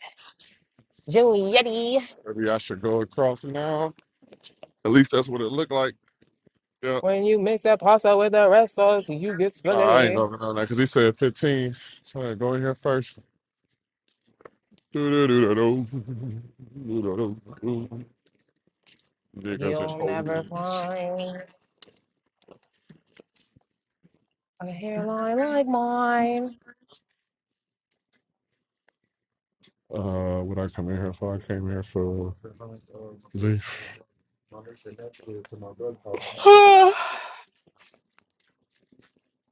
S3: Junietti.
S1: I should go across now. At least that's what it looked like. Yeah.
S3: When you mix that pasta with the red sauce, you get
S1: Oh, I ain't
S3: spaghetti.
S1: gonna go on that because he said 15. So I go in here first. Do-do-do-do-do. Do-do-do-do. Niggas
S3: You'll never
S1: and hoes.
S3: find a hairline like mine.
S1: Uh, what I come in here for? I came here for leave.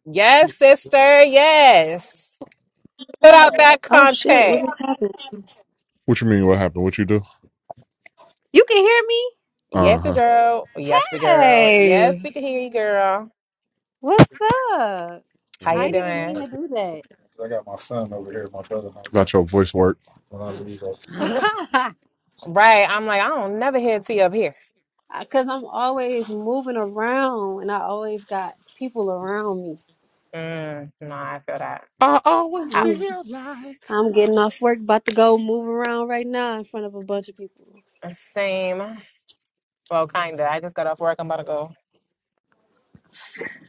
S3: yes, sister. Yes. Put out that
S4: Oh shit, what
S3: content.
S4: just happened?
S1: What you mean? What happened? What you do?
S4: You can hear me?
S1: Uh
S3: Yes, the
S1: huh.
S3: girl. Yes, the girl. Yes, we
S4: Hey,
S3: can hear you, girl.
S4: what's up?
S3: How
S4: I
S3: you
S4: ain't even mean
S3: doing?
S4: to do
S1: I Got my son over here, my brother. Got your voice work.
S4: that.
S3: Right. I'm like, I don't never hear T up here.
S4: Because I'm always moving around and I always got people around me.
S3: Mm, no, I feel that.
S1: I always
S3: Out.
S4: I'm,
S1: feel like
S4: I'm getting off work, about to go move around right now in front of a bunch of people.
S3: Same. Well, kinda. I just got off work. I'm about to go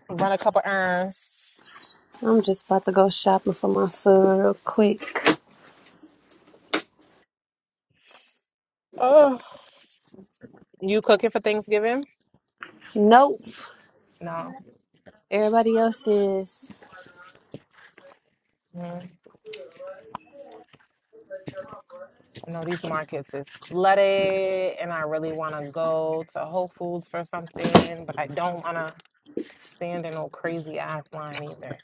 S3: run a couple errands.
S4: I'm just about to go shopping for my son real quick.
S3: Oh, you cooking for Thanksgiving?
S4: Nope,
S3: No.
S4: everybody else is.
S3: Mm. No, these markets is flooded, and I really want to go to Whole Foods for something, but I don't want to stand in no crazy ass line either.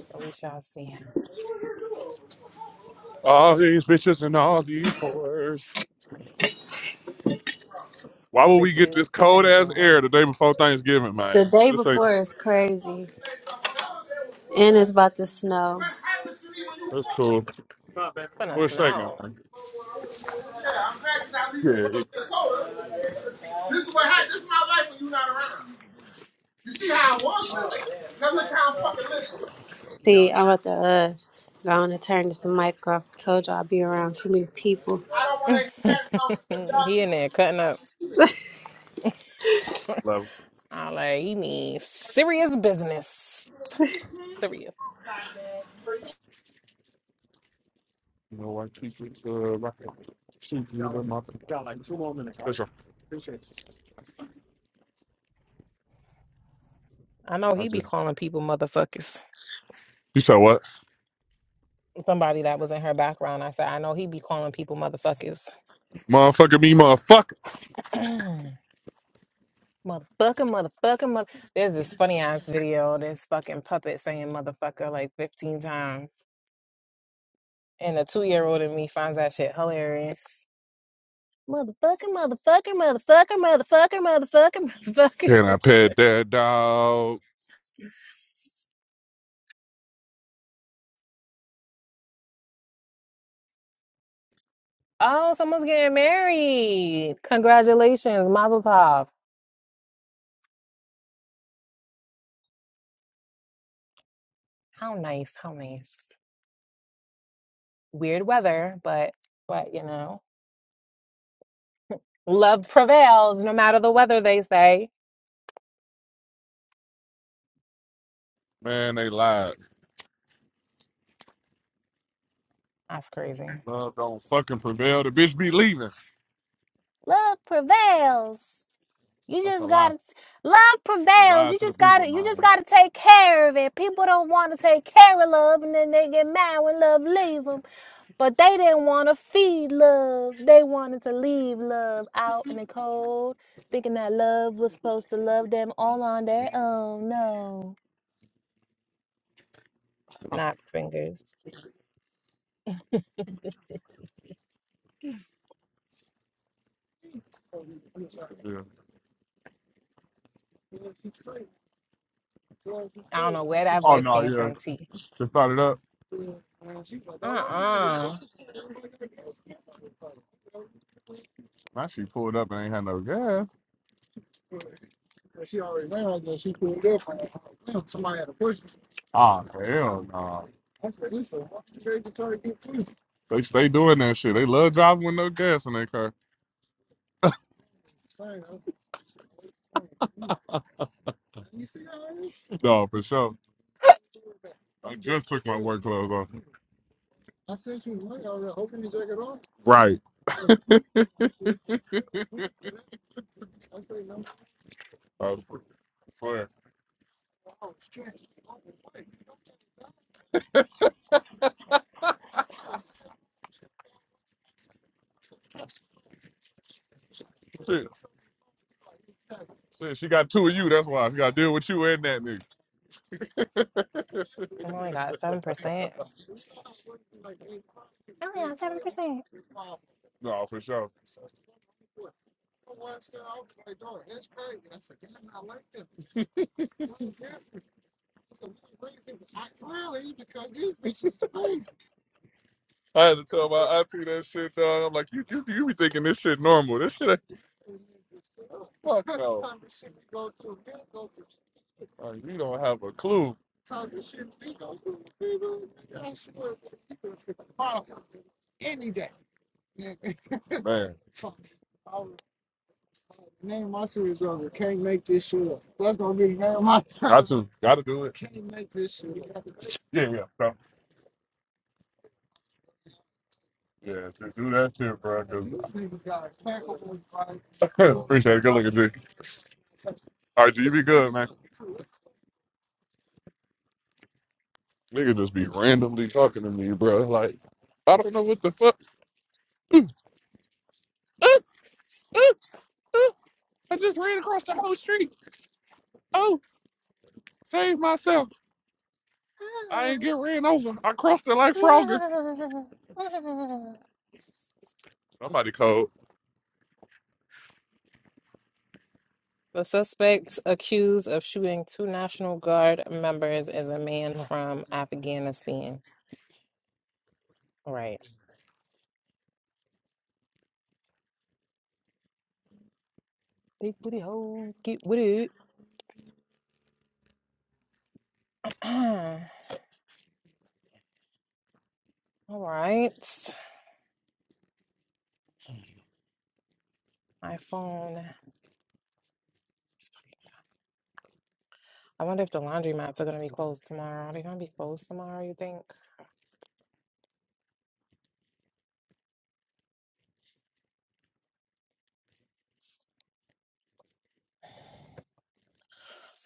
S3: So we shall see.
S1: all these bitches and all these whores. Why would we get
S3: Bitches
S1: this cold
S3: and
S1: ass air
S3: whores.
S1: the day before Thanksgiving,
S4: The
S1: man?
S4: day
S1: This ain't.
S4: before is crazy. And it's about to snow.
S1: That's cool.
S3: It's gonna
S1: For a
S3: snow.
S1: second.
S4: This is
S1: Yeah, yeah, yeah.
S4: what happened. This is my life when you're not around. You see how I was? Now look how I'm fucking living. See, I'm about to uh, go on and turn this mic off. I told you I'll be around too many people. I don't want to hear that. um,
S3: he in there cutting up.
S1: love.
S3: I like he mean serious business. Serious.
S4: 'cause y'all-
S1: That's right.
S3: I know
S1: I
S3: he be
S1: just,
S3: calling people motherfuckers.
S1: you said what?
S3: Somebody that was in her background, I said, I know he be calling people motherfuckers.
S1: Motherfucker, me, motherfucker.
S3: motherfucker, motherfucker, mother. There's this funny ass video, this fucking puppet saying motherfucker like 15 times. And the two year old in me finds that shit hilarious. Motherfucker, motherfucker, motherfucker, motherfucker, motherfucker,
S1: Can I
S3: motherfucker.
S1: pet that dog?
S3: Oh, someone's getting married. Congratulations, Mazel Tov. How nice, how nice. Weird weather, but but you know, love prevails no matter the weather, they say.
S1: Man, they lied.
S3: That's crazy.
S1: Love don't fucking prevail. The bitch be leaving.
S3: Love prevails. You
S1: That's a
S3: just
S1: lie.
S3: gotta love
S1: They
S3: prevails.
S1: lied
S3: You
S1: to the
S3: just
S1: people,
S3: gotta you just
S1: man.
S3: gotta take care of it. People don't want to take care of love, and then they get mad when love leaves But they didn't want to feed love. They wanted to leave love out in the cold, thinking that love was supposed to love them all on their own. No. Not swingers.
S1: Yeah.
S3: I don't know where that
S1: Oh
S3: voice
S1: no,
S3: came
S1: yeah.
S3: from, T.
S1: Just started up.
S3: Uh uh
S1: Man, she pulled up and ain't had no gas. Ah, hell no. They stay doing that shit. They love driving with no gas in their car. No, for sure. I just took my work clothes off. Right. I swear. Shit, she got two of you. That's why she got to deal with you and that nigga.
S3: Oh my god, 7%. Oh my god, 7%.
S1: no, for sure. I had to tell my auntie that shit, dog. I'm like, you, you, you be thinking this shit normal. This shit ain't fuck no. Like, you don't have a clue, man. Name of my series over. Can't make this shit up. That's gonna be the name of my. Got to, got to do it. Yeah, yeah, bro. yeah. To do that shit, bro. 'cause- These niggas got a cackle, right? Appreciate it. Good looking, G. All right, G, you be good, man. Niggas just be randomly talking to me, bro. Like, I don't know what the fuck. Uh, uh, uh, I just ran across the whole street. Oh, save myself. I ain't
S3: Oh,
S1: get ran over. I crossed it like Frogger.
S3: no. Uh.
S1: Somebody called.
S3: The suspect accused of shooting two National Guard members is a man from Afghanistan. Right. Big booty hoes, get with it. All right. My phone. I wonder if the laundromats are going to be closed tomorrow. Are they going to be closed tomorrow, you think?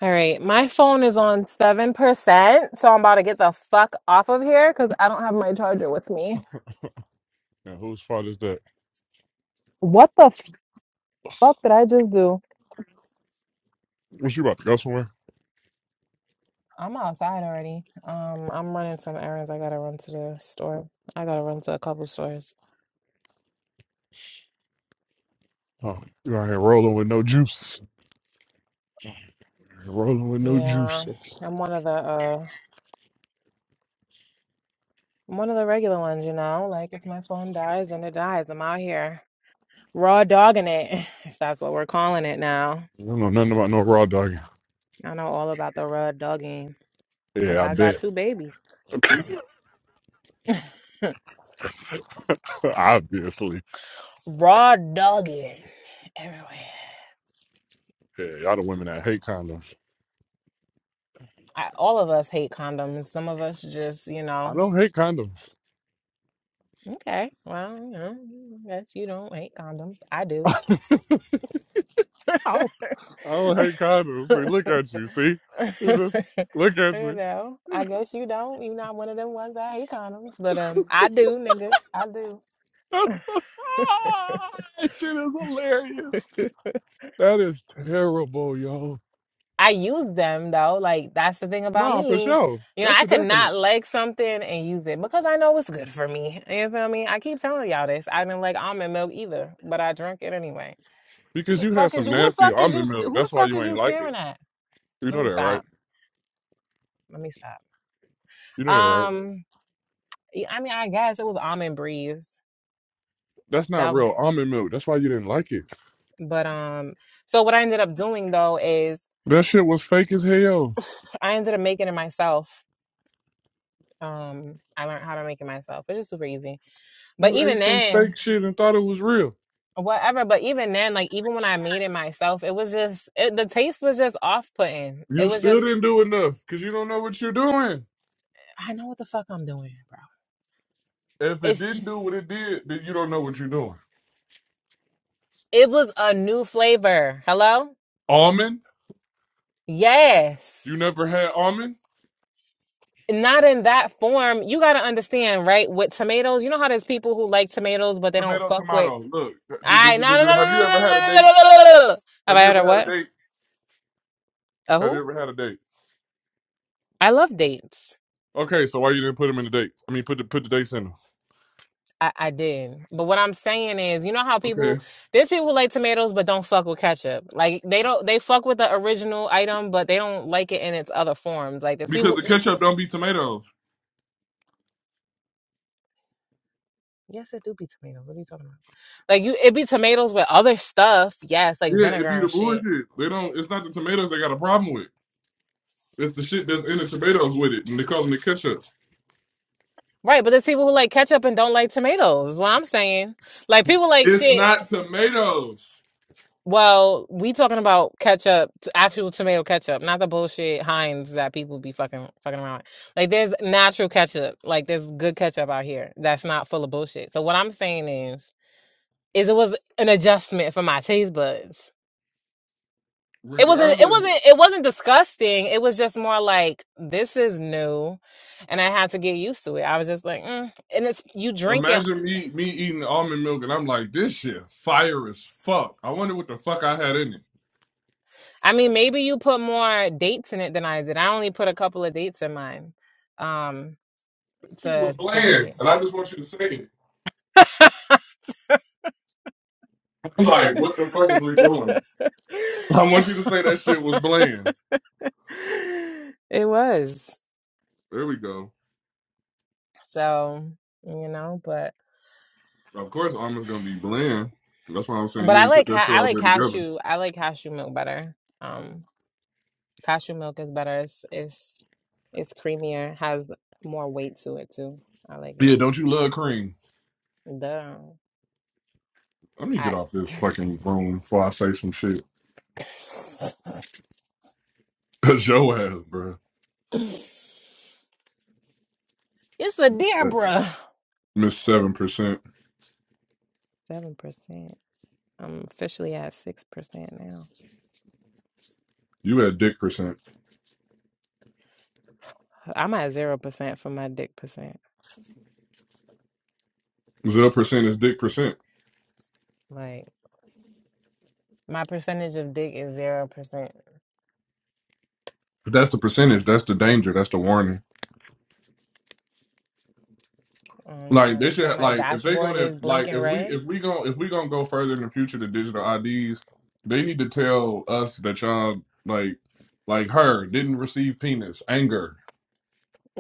S3: All right. My phone is on 7%, so I'm about to get the fuck off of here because I don't have my charger with me.
S1: And whose fault is that?
S3: What the fuck did I just do?
S1: Was you about to go somewhere?
S3: I'm outside already. Um, I'm running some errands. I gotta run to the store. I gotta run to a couple stores.
S1: Oh, you out here rolling with no juice. Rolling with no juice.
S3: Yeah,
S1: I
S3: I'm one of the uh I'm one of the regular ones, you know. Like if my phone dies, then it dies. I'm out here raw dogging it, if that's what we're calling it now.
S1: don't know nothing about no raw dogging.
S3: I know all about the raw dogging. That's
S1: Yeah, I
S3: how I
S1: bet.
S3: got two babies.
S1: Obviously.
S3: raw dogging everywhere.
S1: Yeah, y'all the women that hate condoms.
S3: I, all of us hate condoms. Some of us just, you
S1: I
S3: know,
S1: don't hate condoms.
S3: okay, well, you know, I guess you don't hate condoms. I do.
S1: I don't hate condoms. See,
S3: you
S1: look at you. See, look at me.
S3: know, I guess you don't. You're not one of them ones that hate condoms, but um, I do, nigga. I do.
S1: that shit is hilarious. That is terrible, yo.
S3: I use them though. Like that's the thing about
S1: Nah, for
S3: me.
S1: sure.
S3: You know,
S1: That's
S3: I
S1: a
S3: could
S1: definite.
S3: not like something and use it because I know it's good for me. You feel me? I keep telling y'all this. I didn't like almond milk either, but I drink it anyway. Who
S1: Because
S3: the
S1: you had
S3: fuck is
S1: some
S3: you? Who the
S1: nasty
S3: fuck is you?
S1: almond
S3: st-
S1: milk.
S3: Who the
S1: That's why
S3: fuck
S1: you
S3: is
S1: ain't
S3: you
S1: like it.
S3: staring at?
S1: You
S3: Let
S1: know
S3: me
S1: that, right?
S3: stop. Let me stop.
S1: You know that, right?
S3: Um. Yeah, I mean, I guess it was almond breeze.
S1: That's not
S3: That, was-
S1: real almond milk. That's why you didn't like it.
S3: but um, so what I ended up doing though is
S1: That shit was fake as hell.
S3: I ended up making it myself. Um, I learned how to make it myself, which is super easy. But
S1: You ate
S3: even
S1: some fake
S3: then,
S1: shit and thought it was real.
S3: whatever. But even then, like even when I made it myself, it was just it, the taste was just off putting. It
S1: You
S3: was
S1: still
S3: just
S1: didn't do enough because you don't know what you're doing.
S3: I know what the fuck I'm doing, bro.
S1: If it
S3: It's
S1: didn't do what it did, then you don't know what you're doing.
S3: it was a new flavor. Hello,
S1: Almond?
S3: yes.
S1: You never had almond?
S3: not in that form. You got to understand, right? With tomatoes, you know how there's people who like tomatoes, but they don't
S1: Tomato,
S3: fuck with.
S1: tomato. Look, d- d- d-
S3: I
S1: d-
S3: no no
S1: d-
S3: no no
S1: have you
S3: no
S1: ever
S3: no no
S1: had
S3: no
S1: a
S3: no. no.
S1: date?
S3: no, no, no, no. Have
S1: Have
S3: I
S1: you
S3: heard
S1: ever
S3: of
S1: had
S3: what?
S1: a date?
S3: A
S1: Have you
S3: who?
S1: ever had a date?
S3: I love dates.
S1: Okay, so why you didn't put them in the dates? I mean, put the put the dates in them.
S3: I, I did, but what I'm saying is, you know how people
S1: Okay,
S3: there's people who like tomatoes but don't fuck with ketchup. Like they don't they fuck with the original item, but they don't like it in its other forms. Like there's
S1: because
S3: people
S1: the
S3: who eat.
S1: ketchup don't be tomatoes.
S3: Yes, it do be tomatoes. What are you talking about? Like you, it be tomatoes with other stuff. Yes, like
S1: Yeah, it
S3: vinegar
S1: be the
S3: and shit
S1: bullshit. They don't. It's not the tomatoes they got a problem with. It's the shit that's in the tomatoes with it, and they call them the ketchup.
S3: Right, but there's people who like ketchup and don't like tomatoes, is what I'm saying. Like people like
S1: It's
S3: shit.
S1: not tomatoes.
S3: Well, we talking about ketchup, t- actual tomato ketchup, not the bullshit Heinz that people be fucking fucking around. with. Like there's natural ketchup. Like there's good ketchup out here that's not full of bullshit. So what I'm saying is is it was an adjustment for my taste buds. It wasn't it
S1: Regardless,
S3: wasn't it wasn't disgusting. It was just more like this is new and I had to get used to it. I was just like, mm. and it's you drinking.
S1: imagine me me eating almond milk, and I'm like, this shit fire as fuck. I wonder what the fuck I had in it.
S3: I mean, maybe you put more dates in it than I did. I only put a couple of dates in mine um
S1: shit was
S3: to to give
S1: bland,
S3: it.
S1: and I just want you to say it. like, what the fuck are we doing? I want you to say that shit was bland.
S3: it was.
S1: There we go.
S3: So, you know, but
S1: Of course, almond's gonna be bland. That's why I'm saying
S3: but
S1: you
S3: I
S1: ain't put
S3: like
S1: that
S3: ca-
S1: shit
S3: I
S1: all
S3: like
S1: there together.
S3: cashew. I like cashew milk better. Um cashew milk is better. It's it's, it's creamier, has more weight to it too. I like
S1: Yeah,
S3: it.
S1: don't you love cream?
S3: Duh.
S1: Let me get
S3: I
S1: off this fucking room before I say some shit. Cause your ass, bruh.
S3: it's a
S1: Missed
S3: deer,
S1: that.
S3: bruh.
S1: Missed seven percent.
S3: 7%. I'm officially at 6% now.
S1: You had dick percent.
S3: I'm at 0% for my dick percent.
S1: Zero percent is dick percent.
S3: Like, my percentage of dick is 0%.
S1: If that's the percentage. That's the danger. That's the warning.
S3: I'm
S1: Like
S3: trying
S1: they
S3: to say
S1: should
S3: my
S1: like if they
S3: dashboard
S1: gonna
S3: is
S1: like
S3: blinking
S1: if we
S3: red.
S1: if we going if we gonna go further in the future to digital IDs, they need to tell us that y'all like like her didn't receive penis, anger,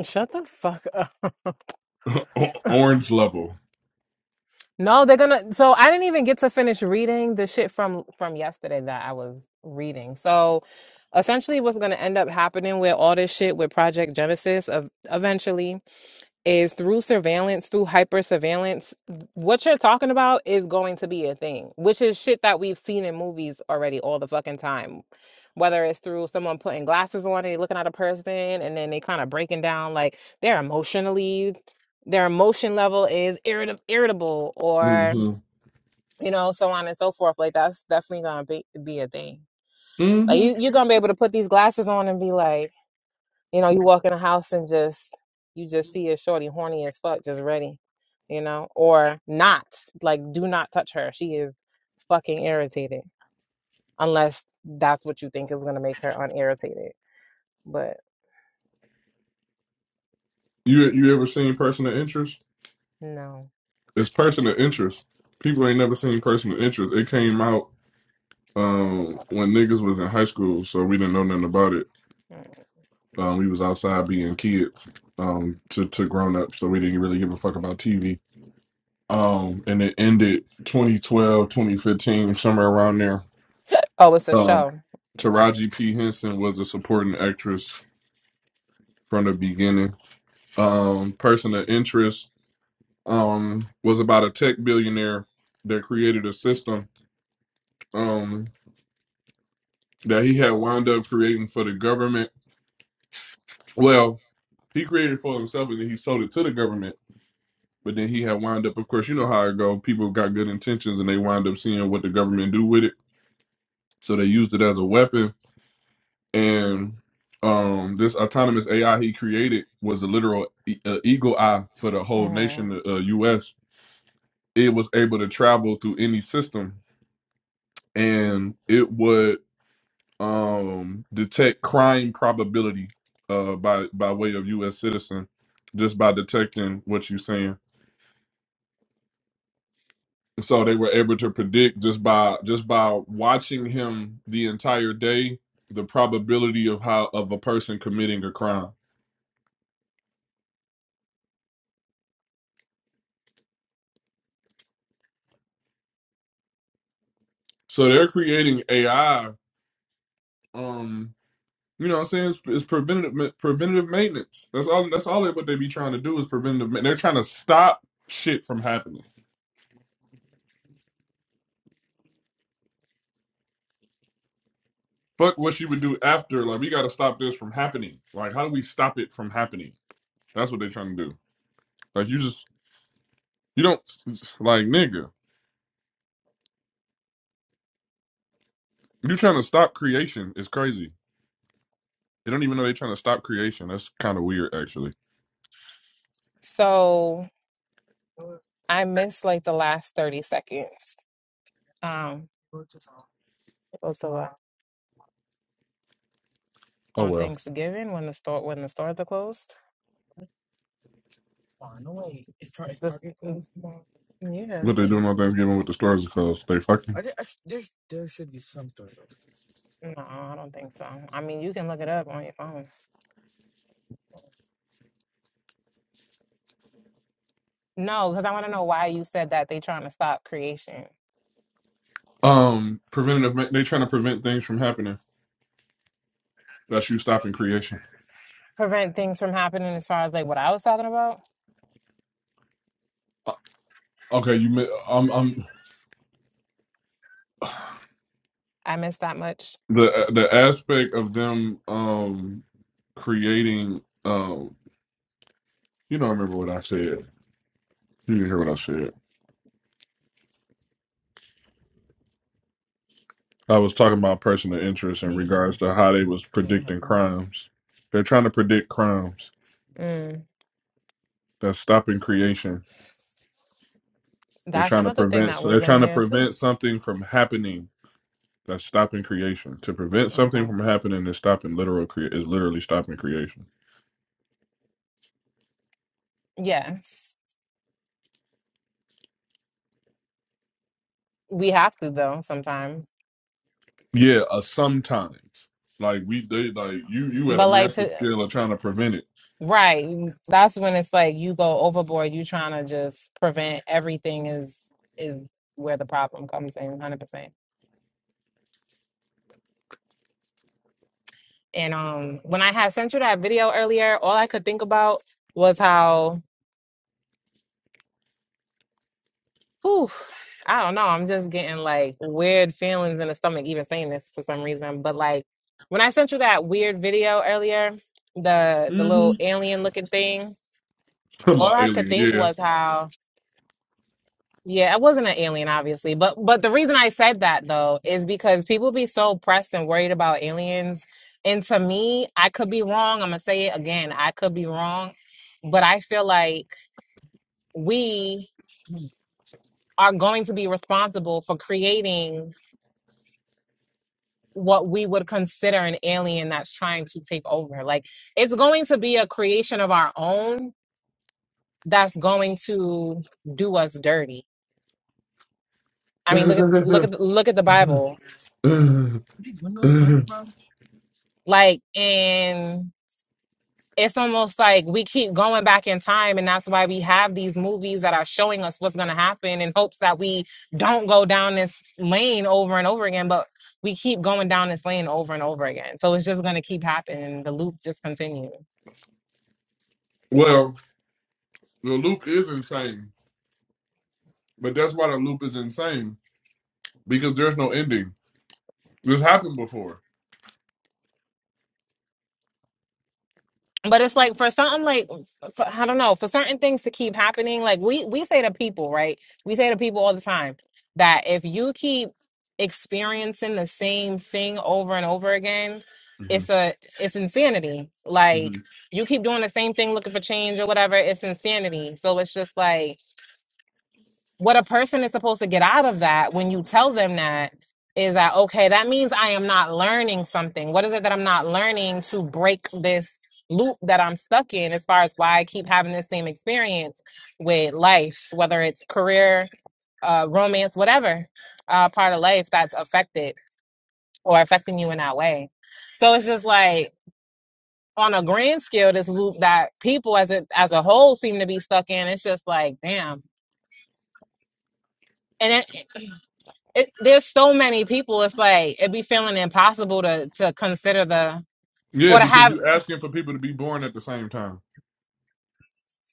S3: Shut the fuck up.
S1: o- orange level.
S3: No, they're gonna. So I didn't even get to finish reading the shit from from yesterday that I was reading. So essentially, what's gonna end up happening with all this shit with Project Genesis of eventually is through surveillance, through hyper surveillance, what you're talking about is going to be a thing, which is shit that we've seen in movies already all the fucking time. Whether it's through someone putting glasses on and they looking at a person and then they kind of breaking down like they're emotionally, their emotion level is irrit- irritable
S1: hmm
S3: or, you know, so on and so forth. Like that's definitely going to be, be a thing. Like
S1: hmm
S3: you, you're going to be able to put these glasses on and be like, you know, you walk in the house and just you just see a shorty horny as fuck, just ready. You know, or not. Like, do not touch her. She is fucking irritated. Unless that's what you think is gonna make her unirritated. But
S1: You you ever seen personal interest?
S3: no.
S1: It's personal interest. People ain't never seen personal interest. It came out um when niggas was in high school, so we didn't know nothing about it.
S3: Mm.
S1: Um, we was outside being kids um to, to grown up, so we didn't really give a fuck about TV um, and it ended 2012, 2015, somewhere around there.
S3: Oh, it's a
S1: Um,
S3: show.
S1: Taraji P. Henson was a supporting actress from the beginning. Um, person of interest um, was about a tech billionaire that created a system um, that he had wound up creating for the government. Well, he created it for himself and then he sold it to the government. But then he had wound up, of course, you know how it go. People got good intentions and they wind up seeing what the government do with it. So they used it as a weapon and um, this autonomous AI he created was a literal e- uh, eagle eye for the whole
S3: hmm
S1: nation, uh, U.S. It was able to travel through any system, and it would um, detect crime probability uh, by by way of U.S. citizen, just by detecting what you're saying. So they were able to predict just by just by watching him the entire day the probability of how of a person committing a crime. So they're creating AI Um, you know what I'm saying? It's, it's preventative ma- preventative maintenance. That's all that's all they what they be trying to do is preventative ma- They're trying to stop shit from happening. Fuck what you would do after, like we gotta stop this from happening. Like how do we stop it from happening? That's what they're trying to do. Like you just you don't like nigga. You trying to stop creation is crazy. They don't even know they're trying to stop creation. That's kind of weird, actually.
S3: So I missed like the last thirty seconds. Um, also uh,
S1: Oh
S3: on
S1: well,
S3: Thanksgiving when the store when the stores are closed. This- Yeah.
S1: what they doing on Thanksgiving with the stores are closed? They fucking
S3: No, I don't think so. I mean, you can look it up on your phone. No, because I want to know why you said that they trying to stop creation,
S1: um preventative. ma- They trying to prevent things from happening. That's you stopping creation.
S3: prevent things from happening. As far as like what I was talking about,
S1: Okay, you. mi- I'm. I'm
S3: I missed that much.
S1: the uh, the aspect of them um creating um. You don't remember what I said. You didn't hear what I said. I was talking about personal interest in regards to how they was predicting crimes. They're trying to predict crimes.
S3: Mm,
S1: That's stopping creation. They're
S3: that's
S1: trying to
S3: another thing
S1: prevent.
S3: that
S1: They're
S3: was
S1: trying
S3: in
S1: to
S3: there too.
S1: prevent something from happening. That's stopping creation. To prevent something
S3: Okay.
S1: from happening is stopping literal cre- is literally stopping creation.
S3: Yes, we have to though sometimes.
S1: Yeah, uh, sometimes. Like we they like you you at a
S3: But like
S1: massive
S3: to
S1: scale of trying to prevent it.
S3: right, mm, that's when it's like you go overboard. You trying to just prevent everything is is where the problem comes in, hundred percent. And um, when I had sent you that video earlier, all I could think about was how, whew, I don't know, I'm just getting like weird feelings in the stomach, even saying this for some reason. But like when I sent you that weird video earlier, the the
S1: hmm
S3: little alien looking thing,
S1: Come
S3: all
S1: on,
S3: I could
S1: alien.
S3: think
S1: Yeah.
S3: was how, yeah, I wasn't an alien, obviously. But but the reason I said that though is because people be so pressed and worried about aliens. And to me, I could be wrong. I'm gonna say it again. I could be wrong, but I feel like we are going to be responsible for creating what we would consider an alien that's trying to take over. Like it's going to be a creation of our own that's going to do us dirty. I mean, look at look at look at the Bible. Like in it's almost like we keep going back in time and that's why we have these movies that are showing us what's going to happen in hopes that we don't go down this lane over and over again but we keep going down this lane over and over again so it's just going to keep happening the loop just continues
S1: Well, the loop is insane, but that's why the loop is insane because there's no ending. This happened before.
S3: but it's like for something like for, I don't know for certain things to keep happening. Like we we say to people, right? We say to people all the time that if you keep experiencing the same thing over and over again, it's a it's insanity. Like you keep doing the same thing, looking for change or whatever. It's insanity. So it's just like what a person is supposed to get out of that when you tell them that is that okay that means i am not learning something what is it that i'm not learning to break this loop that i'm stuck in as far as why i keep having the same experience with life whether it's career uh, romance whatever uh, part of life that's affected or affecting you in that way so it's just like on a grand scale this loop that people as a as a whole seem to be stuck in it's just like damn and it, it, there's so many people. It's like it'd be feeling impossible to to consider the
S1: Yeah,
S3: or to
S1: because
S3: have
S1: you asking for people to be born at the same time.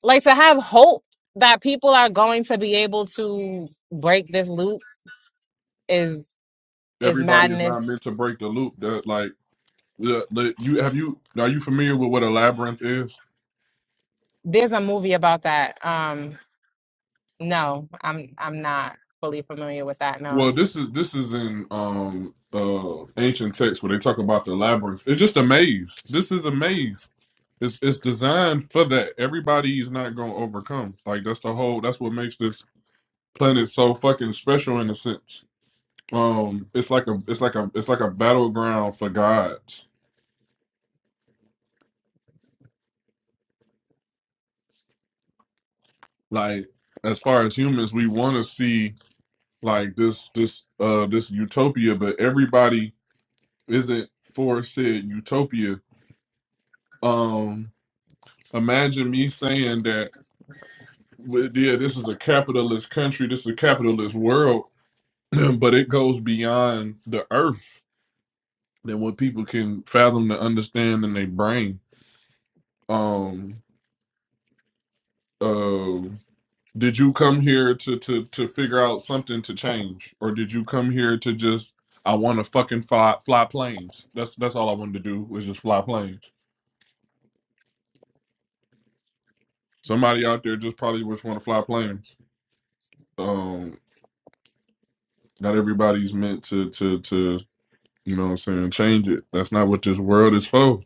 S3: like to have hope that people are going to be able to break this loop is is
S1: Everybody is not
S3: madness.
S1: meant to break the loop. That like the, the you have you are you familiar with what a labyrinth is?
S3: There's a movie about that. Um, no, I'm I'm not fully familiar with that. No,
S1: Well, this is this is in um uh ancient texts where they talk about the labyrinth. It's just a maze. This is a maze. It's it's designed for that. Everybody is not gonna overcome. Like that's the whole. That's what makes this planet so fucking special in a sense. Um, it's like a it's like a it's like a battleground for gods. Like as far as humans, we want to see like this this uh this utopia, but everybody isn't for said utopia. Um, Imagine me saying that, well, yeah, this is a capitalist country, this is a capitalist world, but it goes beyond the earth than what people can fathom to understand in their brain. Um, uh, did you come here to to to figure out something to change, or did you come here to just I want to fucking fly fly planes? That's that's all I wanted to do was just fly planes. Somebody out there just probably just want to fly planes. Um, not everybody's meant to to to You know what I'm saying? Change it. That's not what this world is for.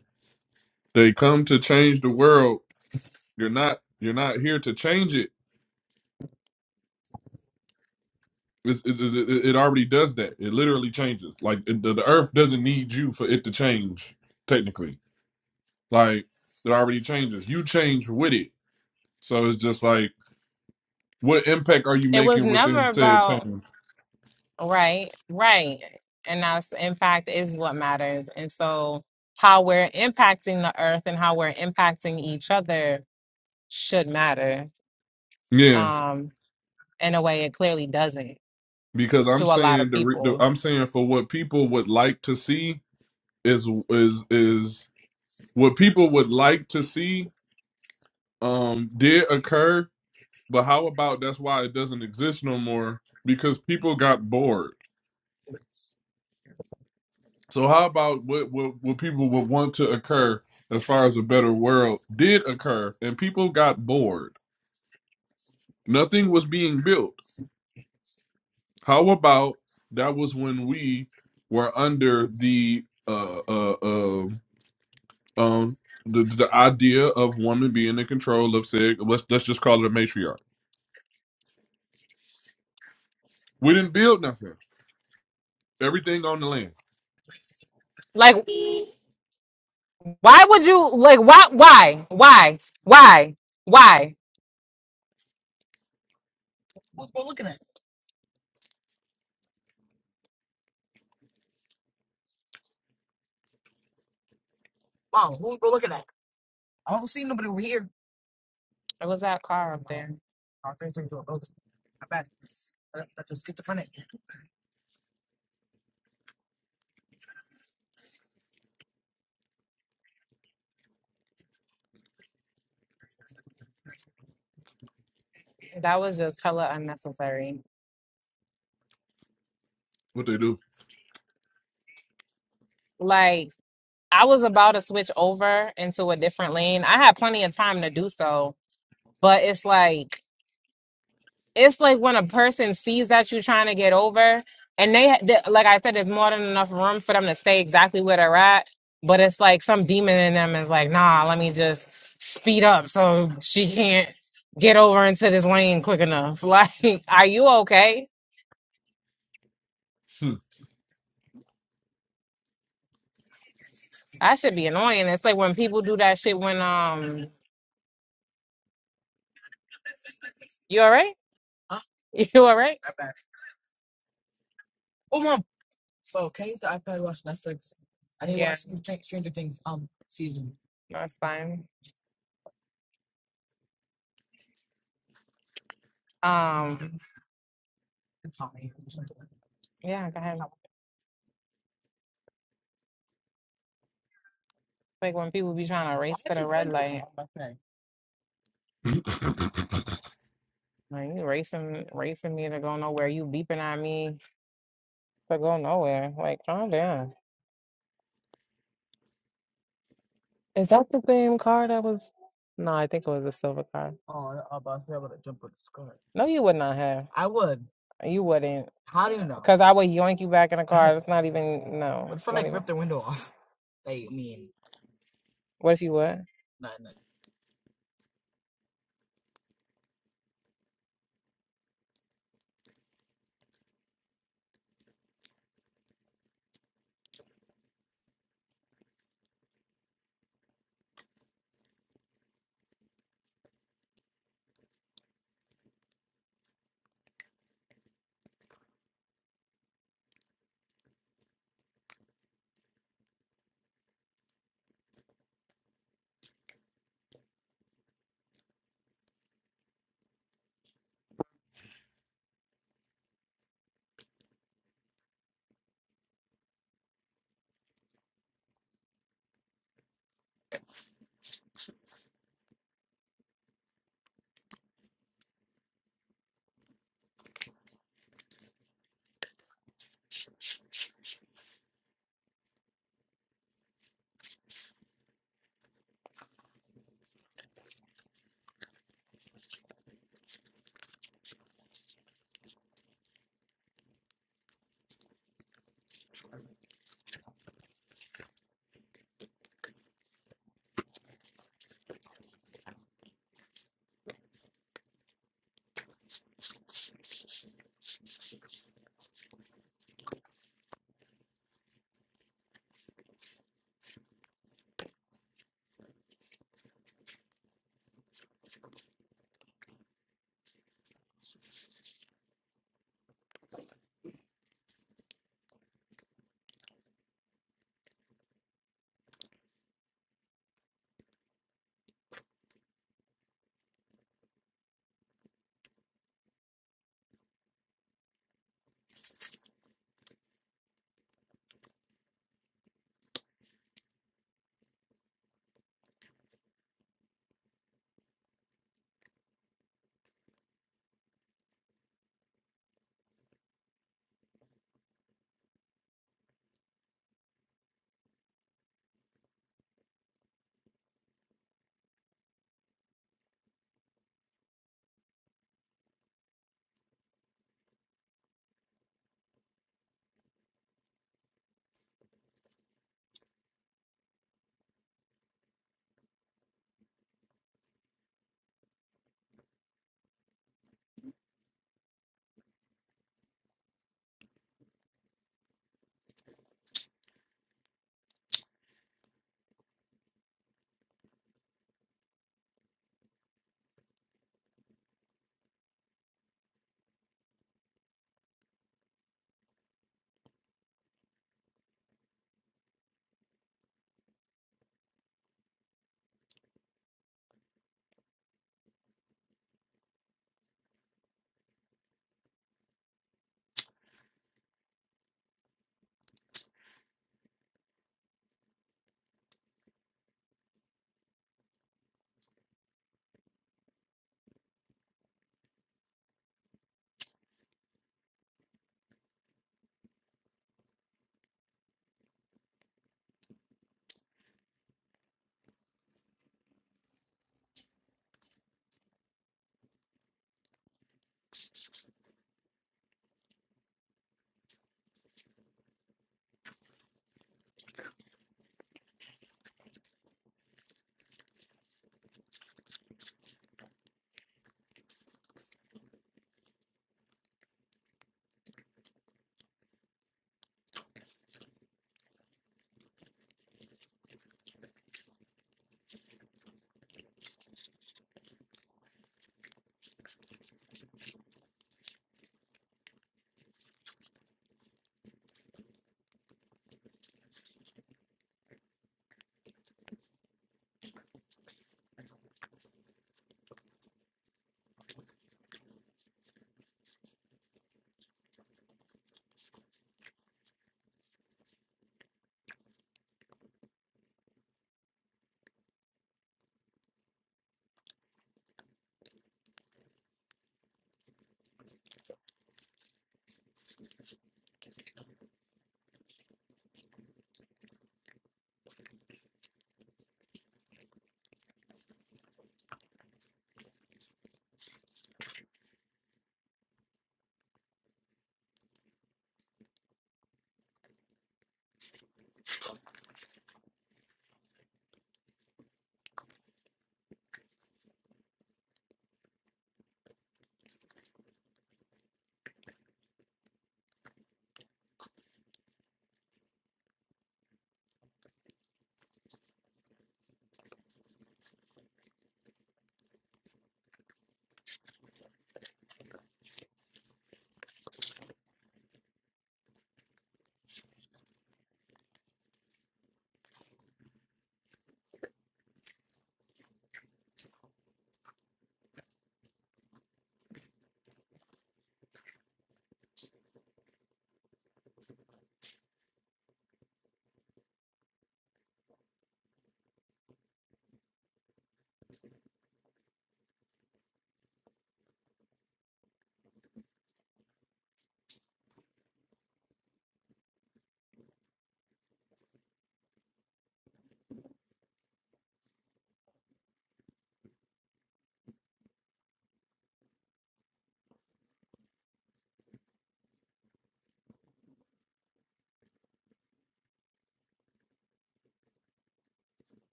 S1: They come to change the world. You're not you're not here to change it. It's, it, it, it it already does that. It literally changes. Like it, the, the earth doesn't need you for it to change technically. Like it already changes. You change with it. So it's just like what impact are you
S3: it was
S1: making within
S3: never
S1: said
S3: about
S1: change?
S3: right, right, and that's in fact is what matters. And so how we're impacting the earth and how we're impacting each other should matter
S1: Yeah,
S3: um, in a way it clearly doesn't
S1: because
S3: to
S1: I'm
S3: a lot of
S1: saying the, re- the
S3: people.
S1: I'm saying for what people would like to see is is is what people would like to see um did occur but how about that's why it doesn't exist no more because people got bored so how about what what, what people would want to occur as far as a better world did occur and people got bored nothing was being built how about that was when we were under the uh uh, uh um the, the idea of woman being in control of said let's let's just call it a matriarch we didn't build nothing everything on the land
S3: Like, why would you like? Why? Why? Why? Why? Why? It was that car up there. That was just hella unnecessary.
S1: what they do
S3: Like, I was about to switch over into a different lane. I had plenty of time to do so, but it's like. it's like when a person sees that you are trying to get over and they, they like i said there's more than enough room for them to stay exactly where they're at but it's like some demon in them is like nah let me just speed up so she can't get over into this lane quick enough like are you okay
S1: Hmm.
S3: that should be annoying it's like when people do that shit when um you all right you all right I didn't yeah watch Stranger Things um season. That's fine um yeah go ahead Like when people be trying to race to the red light, like
S1: you
S3: you racing, racing me to go nowhere. You beeping at me to go nowhere. Like calm down. Is that the same car that was? No, I think it was a silver car. No, you would not have. You wouldn't, cause I would yoink you back in the car. It's not even. No, it's not even. What if you would?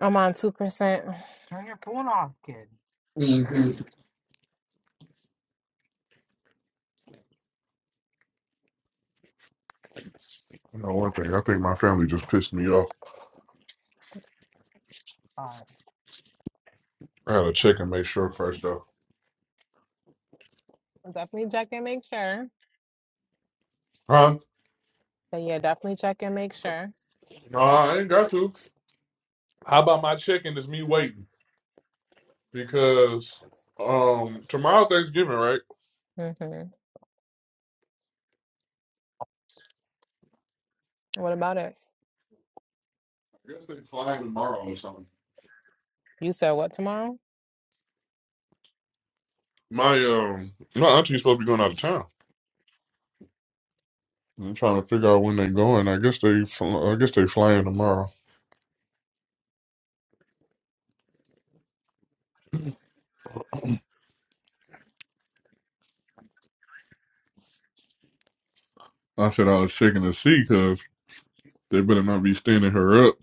S3: I'm on two percent.
S1: know, one thing, I think my family just pissed me off. I had to check and make sure first, though.
S3: Definitely check and make sure.
S1: Huh?
S3: But yeah, definitely check and make sure.
S1: No, I ain't got to. How about my checking is me waiting? Because um tomorrow Thanksgiving, right?
S3: hmm What about it?
S1: I guess they flying tomorrow or something.
S3: You said what tomorrow?
S1: My um, my auntie's supposed to be going out of town. I'm trying to figure out when they going. I guess they, fl- I guess they flying tomorrow. I said I was checking to see because they better not be standing her up,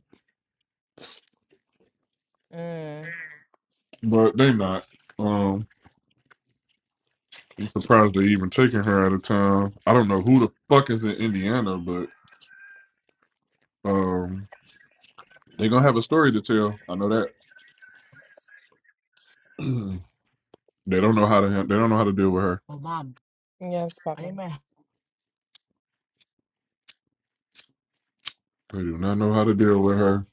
S3: Mm.
S1: but they not. Um, I'm surprised they even taking her out of town. I don't know who the fuck is in Indiana, but um, they gonna have a story to tell. I know that they don't know how to han- they don't know how to deal with her.
S3: Yes, Papa.
S1: They do not know how to deal with her.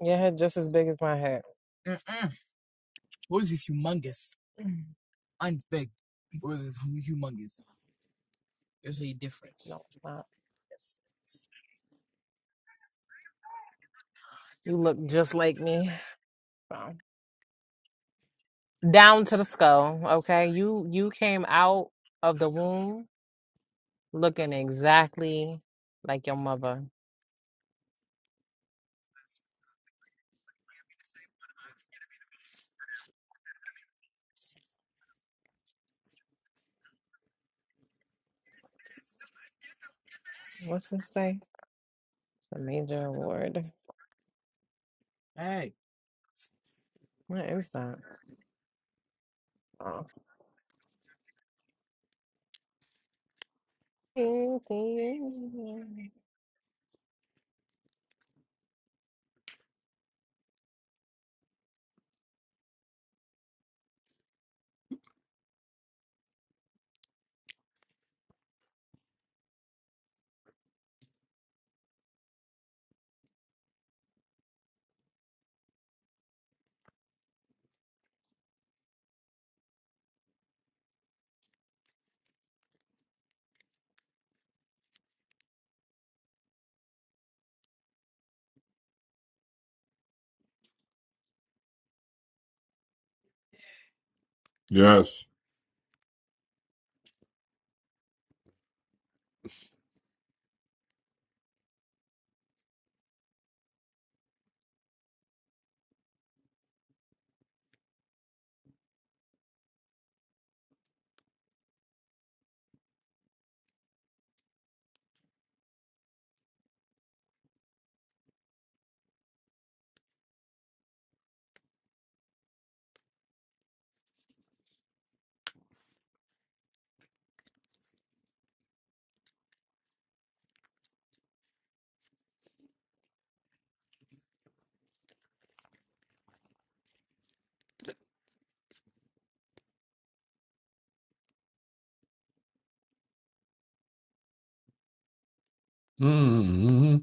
S3: Your head just as big as my head. No, it's not. You look just like me. Fine. Down to the skull. Okay. You you came out of the womb looking exactly like your mother. What's it say? It's a major award. What is that? Oh.
S1: Yes. Mm-hmm.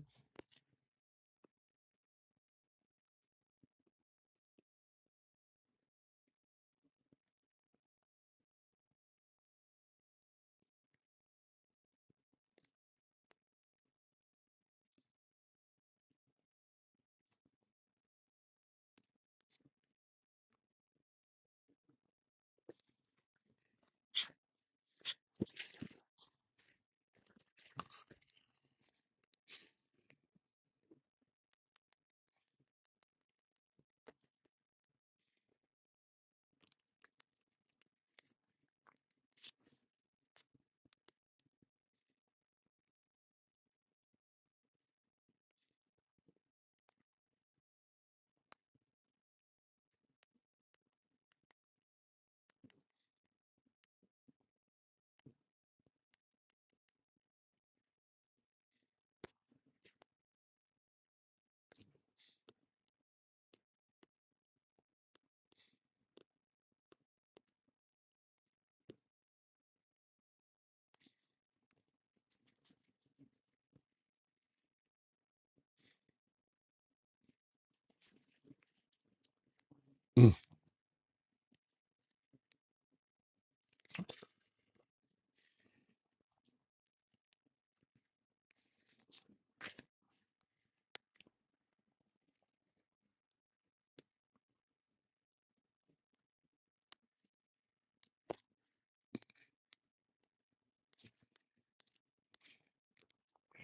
S1: Mm.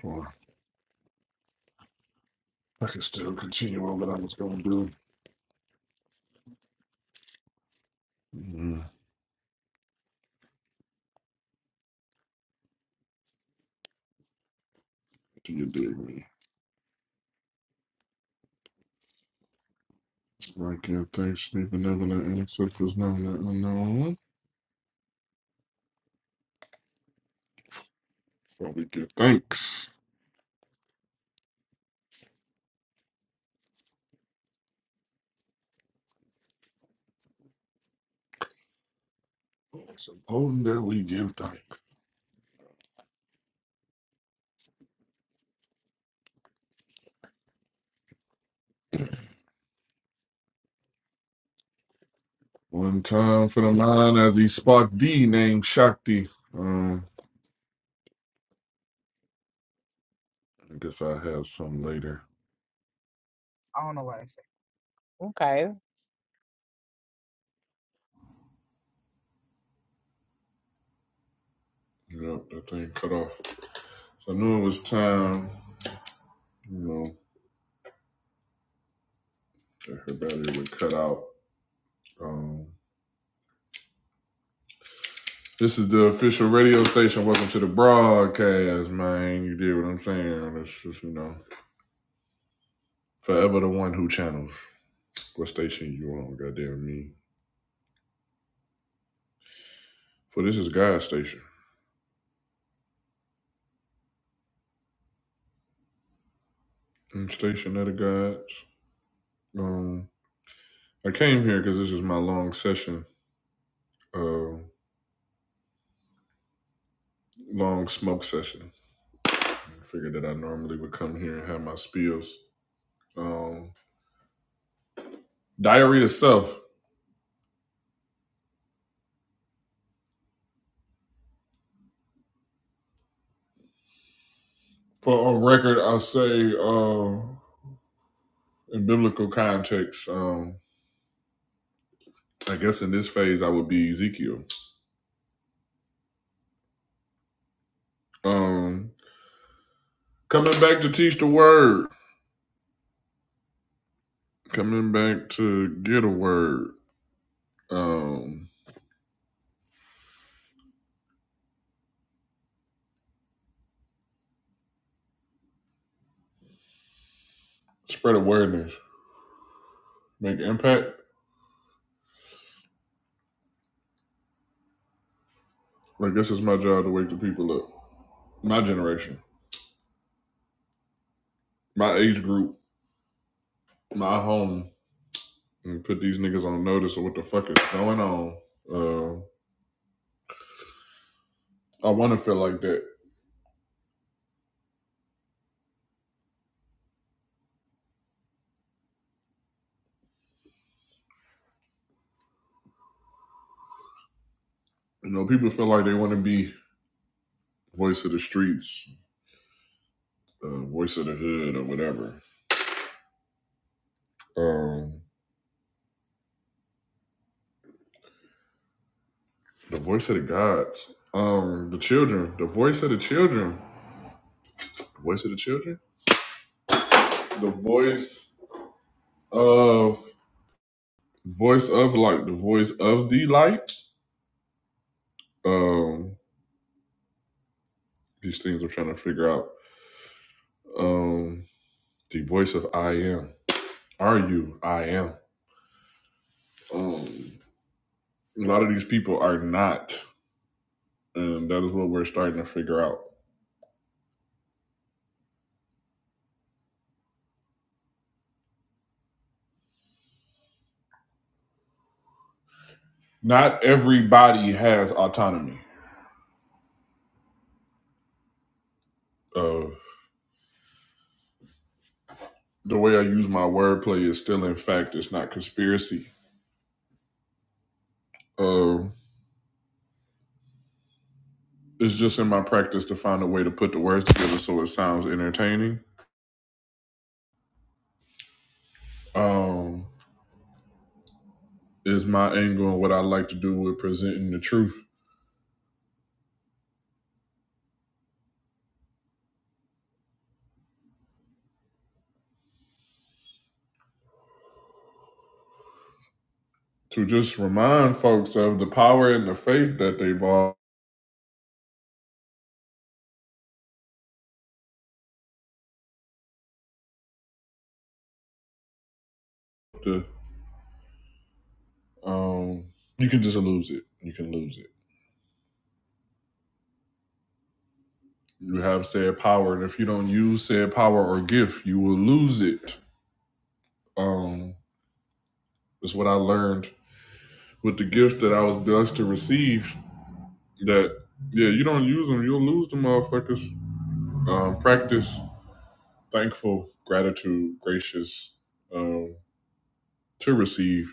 S1: Well, I can still continue on what I was gonna do. Mm. Do you dig me? Right, give thanks, sleep benevolent ancestors, known and unknown. But we give thanks. It's important that we give thanks. One time for the mind as he sparked D named Shakti. Um, I guess I have some later.
S3: Okay.
S1: Yep, that thing cut off. So I knew it was time, you know, that her battery would cut out. Um, this is the official radio station. Welcome to the broadcast, man. You did what I'm saying. It's just, you know, forever the one who channels what station you on, goddamn me. For this is God's station. And Station of the gods. Um, I came here because this is my long session uh, long smoke session. I figured that I normally would come here and have my spills. Um, diary itself, for on record, I'll say uh, in biblical context, um, I guess in this phase, I would be Ezekiel. Um, coming back to teach the word, coming back to get a word, um, spread awareness, make impact. I guess it's my job to wake the people up. My generation, my age group, my home, and put these niggas on notice of what the fuck is going on. Uh, I want to feel like that. You know, people feel like they want to be voice of the streets, uh, voice of the hood, or whatever. Um, the voice of the gods, um, the children, the voice of the children, the voice of the children, the voice of voice of light, the voice of the light. Um, these things I'm trying to figure out. Um, the voice of I am. Are you I am? Um, A lot of these people are not, and that is what we're starting to figure out. Not everybody has autonomy. Uh, the way I use my wordplay is still in fact. It's not conspiracy. Um, it's just in my practice to find a way to put the words together so it sounds entertaining. Um, is my angle and what I like to do with presenting the truth to just remind folks of the power and the faith that they've all. um, you can just lose it. You can lose it You have said power, and if you don't use said power or gift, you will lose it. Um, it's what I learned with the gifts that I was blessed to receive. That yeah, you don't use them, you'll lose them, motherfuckers. Um, practice thankful, gratitude, gracious um, to receive,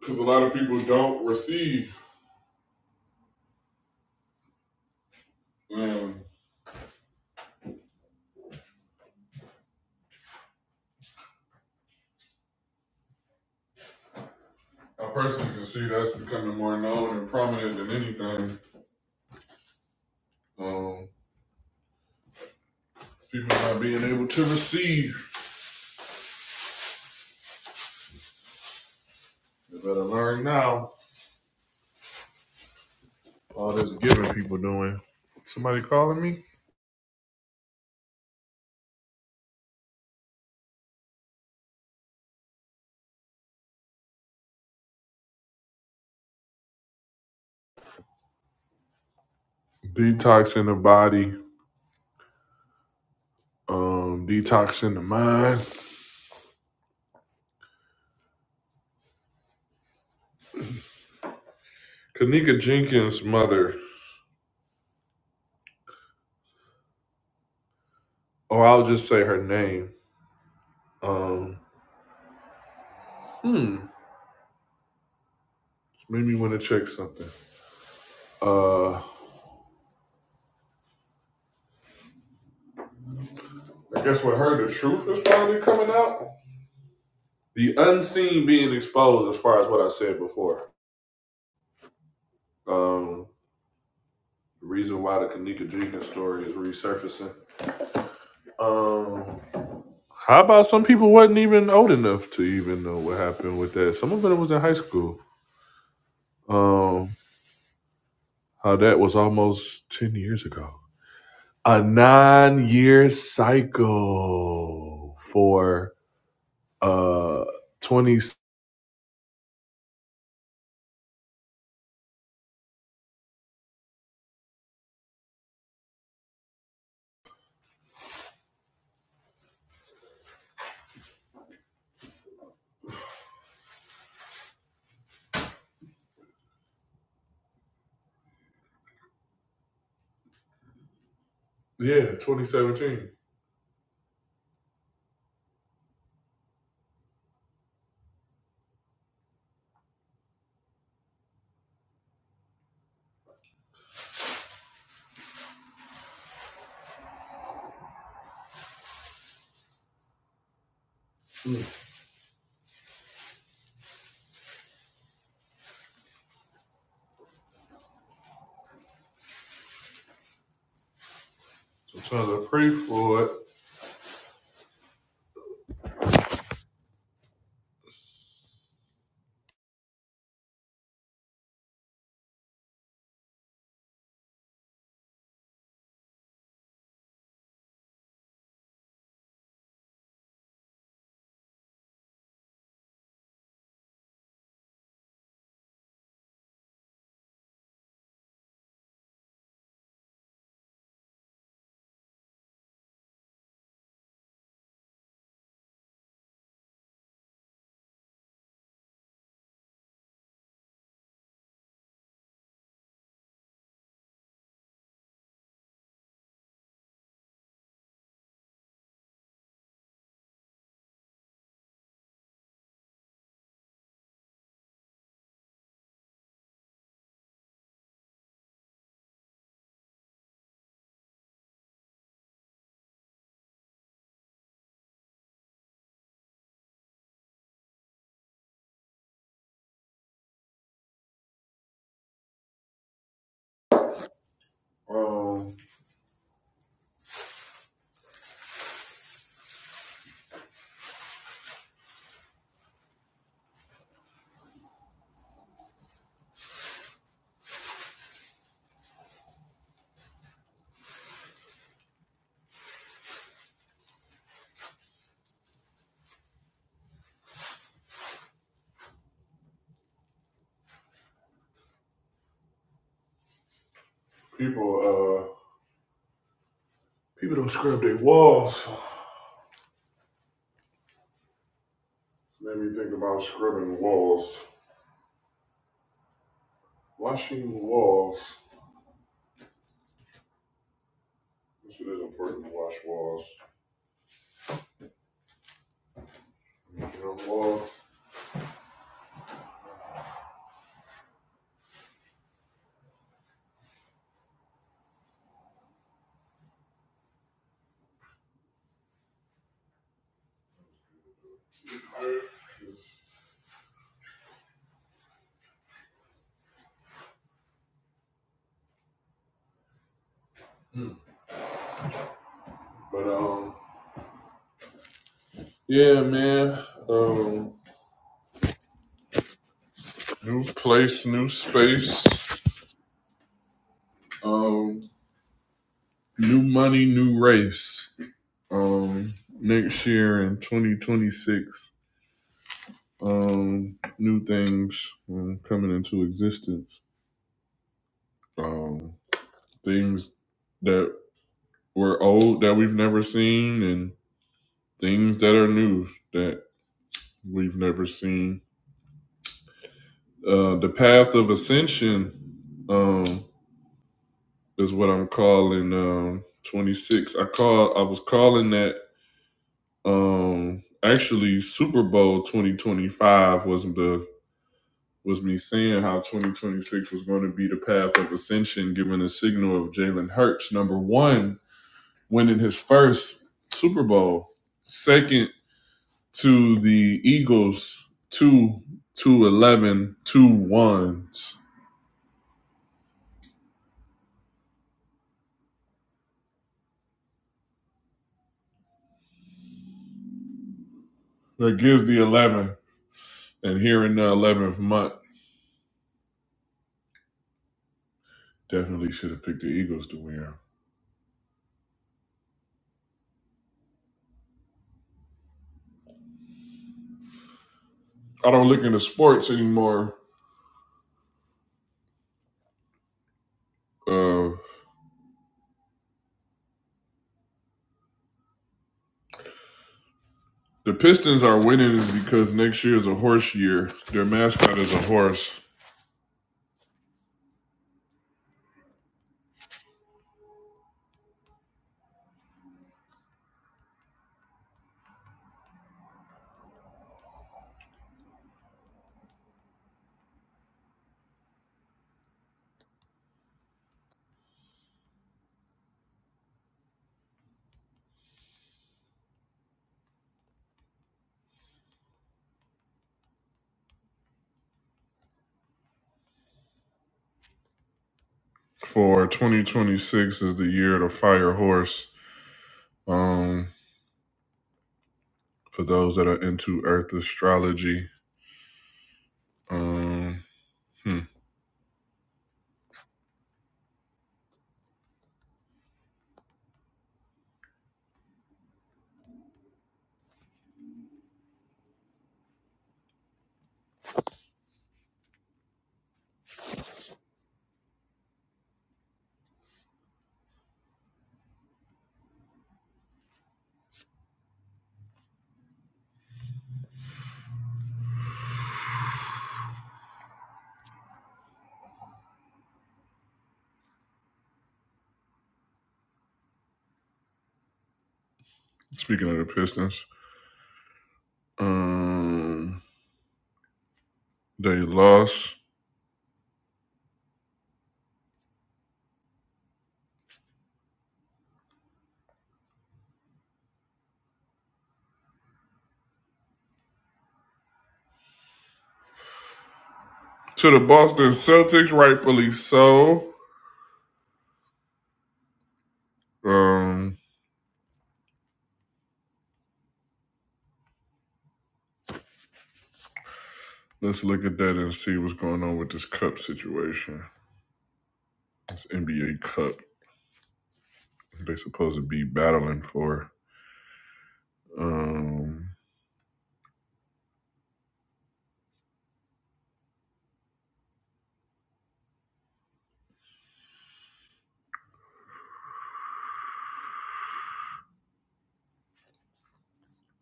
S1: because a lot of people don't receive. Um, I personally can see that's becoming more known and prominent than anything. Um, people not being able to receive. They better learn now All this giving people doing. Somebody calling me? Detoxing the body, um, detoxing the mind. Kanika Jenkins' mother. Oh, I'll just say her name. Um, hmm. Made me want to check something. Uh, I guess with her, the truth is finally coming out. The unseen being exposed, as far as what I said before. Um, the reason why the Kanika Jenkins story is resurfacing. Um, How about some people wasn't even old enough to even know what happened with that? Some of them was in high school. Um, how that was almost ten years ago. A nine-year cycle for uh twenty. Yeah, twenty seventeen. Mm. Sometimes I pray for it. Um, people uh people don't scrub their walls. Made me think about scrubbing walls, washing walls. Yes, it is important to wash walls. Drum wall. But um, yeah, man. Um, new place, new space. Um, new money, new race. Um, next year in 2026. Um, new things um, coming into existence. Um, things that were old that we've never seen, and things that are new that we've never seen. Uh, the path of ascension um, is what I'm calling um, 26. I call I was calling that um, actually Super Bowl 2025 was the was me saying how 2026 was going to be the path of ascension, given a signal of Jalen Hurts number one winning his first Super Bowl, second to the Eagles two two eleven two ones. That gives the eleven. And here in the 11th month, definitely should have picked the Eagles to win. I don't look into sports anymore. Uh, the Pistons are winning because next year is a horse year. Their mascot is a horse. For 2026 is the year of the fire horse. Um, for those that are into Earth astrology. Um, hmm, speaking of the Pistons, um, they lost to the Boston Celtics, rightfully so. Um, Let's look at that and see what's going on with this cup situation. This NBA cup they supposed to be battling for. Um,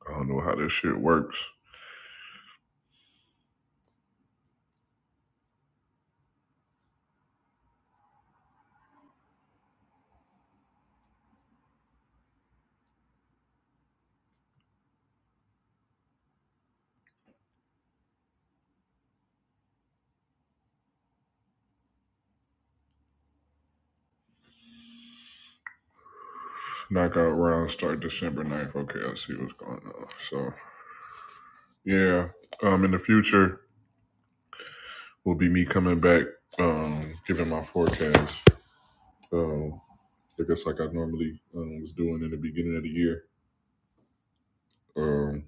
S1: I don't know how this shit works. Knockout rounds start December ninth. Okay, I see what's going on. So yeah, um, in the future will be me coming back, um, giving my forecast. Um, I guess like I normally um, was doing in the beginning of the year. Um,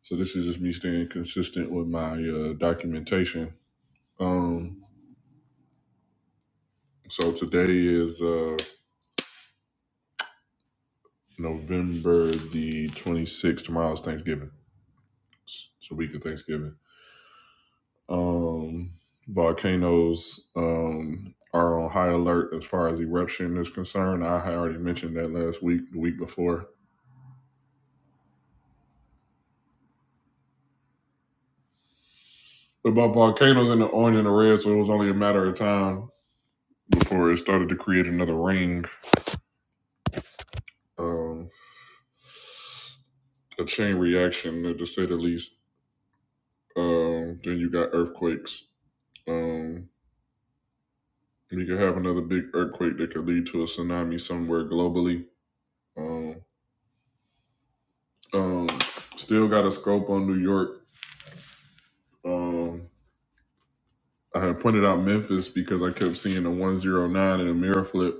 S1: so this is just me staying consistent with my uh, documentation. Um, So today is uh November the 26th. Tomorrow's Thanksgiving. It's a week of Thanksgiving. Um volcanoes um are on high alert as far as eruption is concerned. I had already mentioned that last week, the week before. About volcanoes in the orange and the red, so it was only a matter of time before it started to create another ring. Um a chain reaction to say the least. Um then you got earthquakes. Um, we could have another big earthquake that could lead to a tsunami somewhere globally. Um, um, still got a scope on New York. Um, I had pointed out Memphis because I kept seeing a 109 and a mirror flip.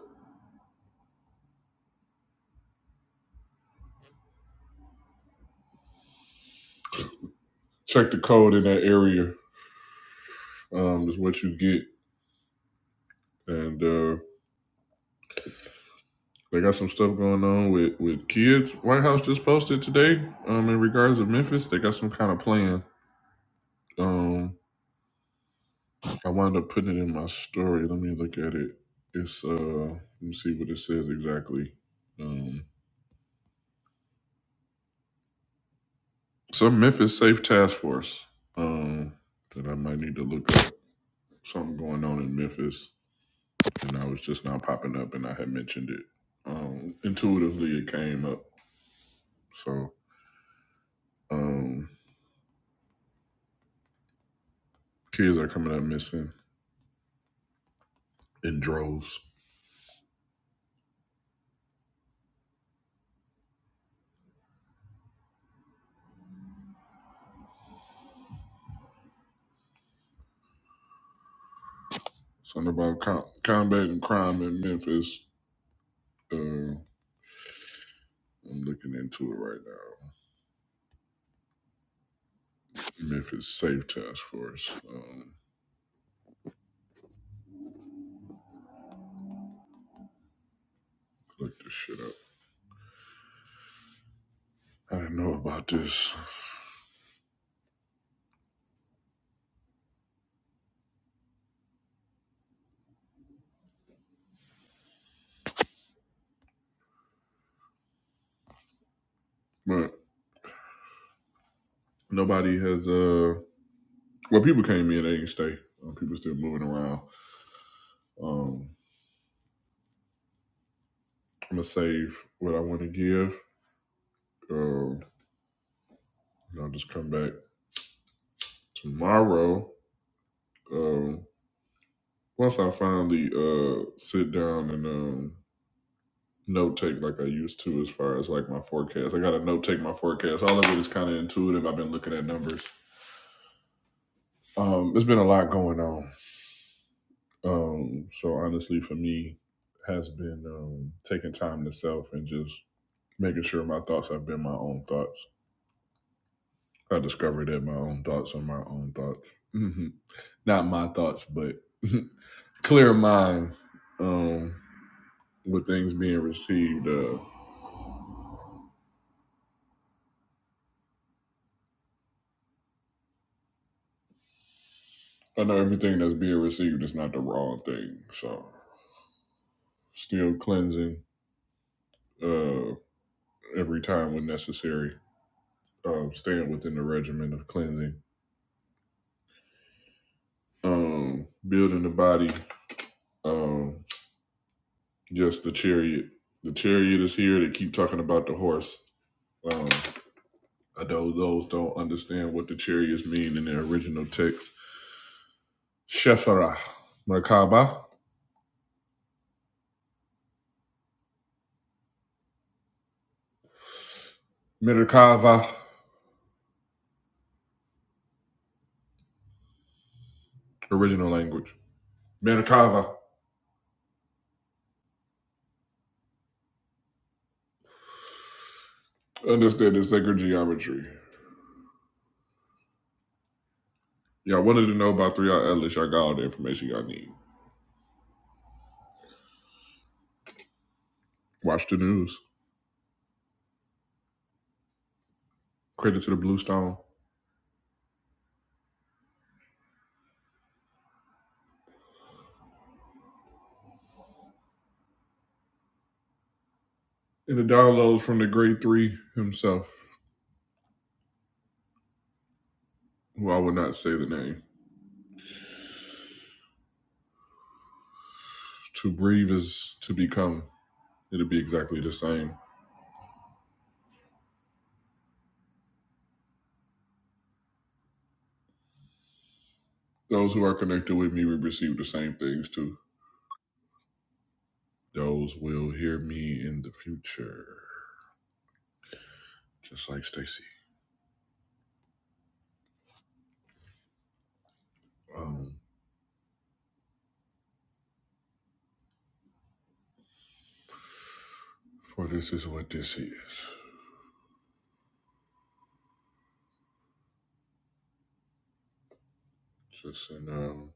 S1: Check the code in that area um, is what you get. And uh, they got some stuff going on with, with kids. White House just posted today um, in regards to Memphis. They got some kind of plan. Um. I wound up putting it in my story. Let me look at it. It's uh let me see what it says exactly. Um some Memphis Safe Task Force. Um that I might need to look up something going on in Memphis. And I was just now popping up and I had mentioned it. Um intuitively it came up. So um kids are coming up missing in droves. Something about co- combating crime in Memphis. Uh, I'm looking into it right now. Even if it's safe task force. Um, look this shit up. I didn't know about this, but nobody has. Uh, well, people came in, they didn't stay. Um, people still moving around. Um, I'm gonna save what I want to give. Um, and I'll just come back tomorrow. Um, once I finally uh sit down and um note take like I used to, as far as like my forecast, I gotta note take my forecast. All of it is kind of intuitive. I've been looking at numbers. Um, there's been a lot going on Um, so honestly, for me, has been um, taking time to self and just making sure my thoughts have been my own thoughts. I discovered that my own thoughts are my own thoughts, hmm not my thoughts, but clear mind um, with things being received. Uh, I know everything that's being received is not the wrong thing, so still cleansing uh, every time when necessary. Um, staying within the regimen of cleansing, um, building the body Um, just the chariot. The chariot is here. They keep talking about the horse. Um, I know those don't understand what the chariots mean in their original text. Shepherah, Merkaba, Merkava, original language. Merkava. Understand the sacred geometry. Y'all wanted to know about 3R Atlas. Y'all got all the information y'all need. Watch the news. Credit to the Blue Stone. And the downloads from the grade three himself, who I will not say the name. To breathe is to become. It'll be exactly the same. Those who are connected with me will receive the same things too. Those will hear me in the future, just like Stacy. Um, for this is what this is. Just in um,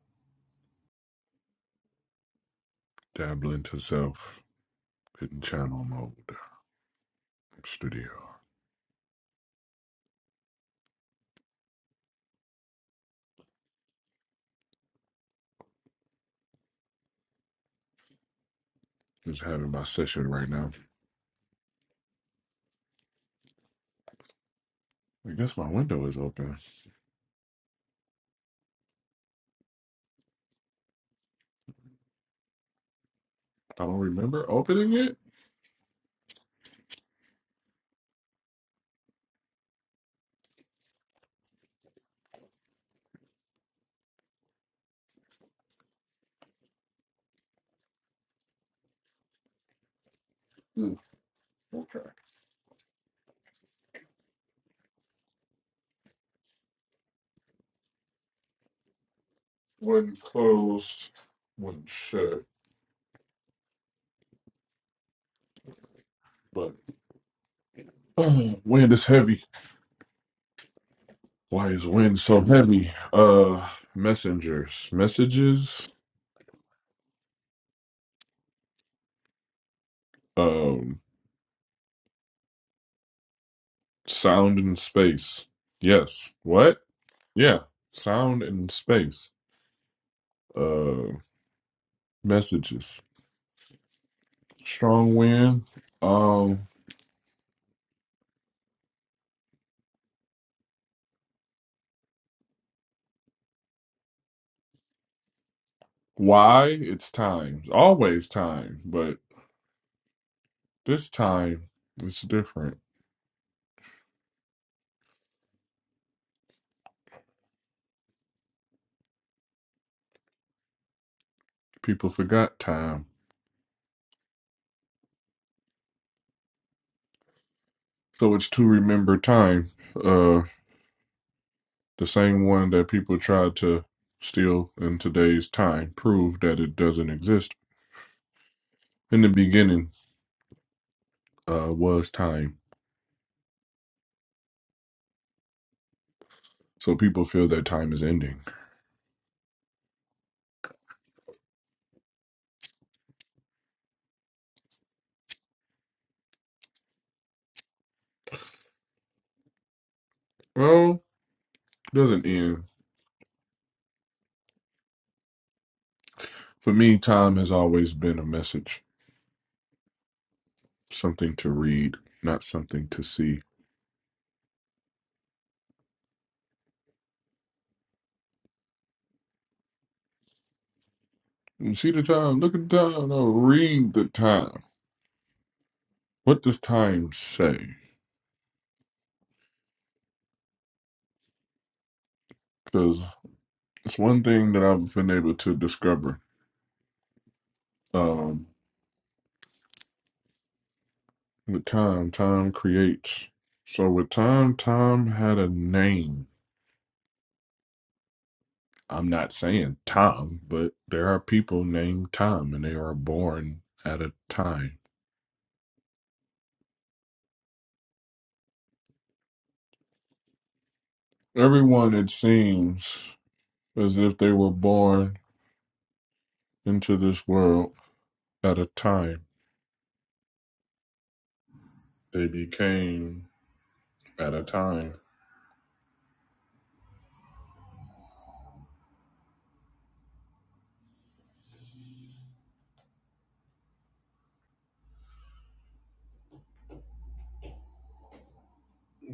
S1: dabbling to self, hitting channel mode, studio. Just having my session right now. I guess my window is open. I don't remember opening it. Hmm, okay. One closed, one shut. But wind is heavy. Why is wind so heavy? Uh, messengers, messages, um, sound and space. Yes. What? Yeah. Sound and space. Uh, messages. Strong wind. Um, why? It's time. Always time, but this time it's different. People forgot time, so it's to remember time. Uh. The same one that people try to still in today's time prove that it doesn't exist. In the beginning uh, was time. So people feel that time is ending. Well, it doesn't end. For me, time has always been a message, something to read, not something to see. You see the time, look at the time, no, read the time. What does time say? Because it's one thing that I've been able to discover. Um, With time, time creates. So with time, time had a name. I'm not saying Tom, but there are people named Tom and they are born at a time. Everyone, it seems, as if they were born into this world at a time. They became at a time.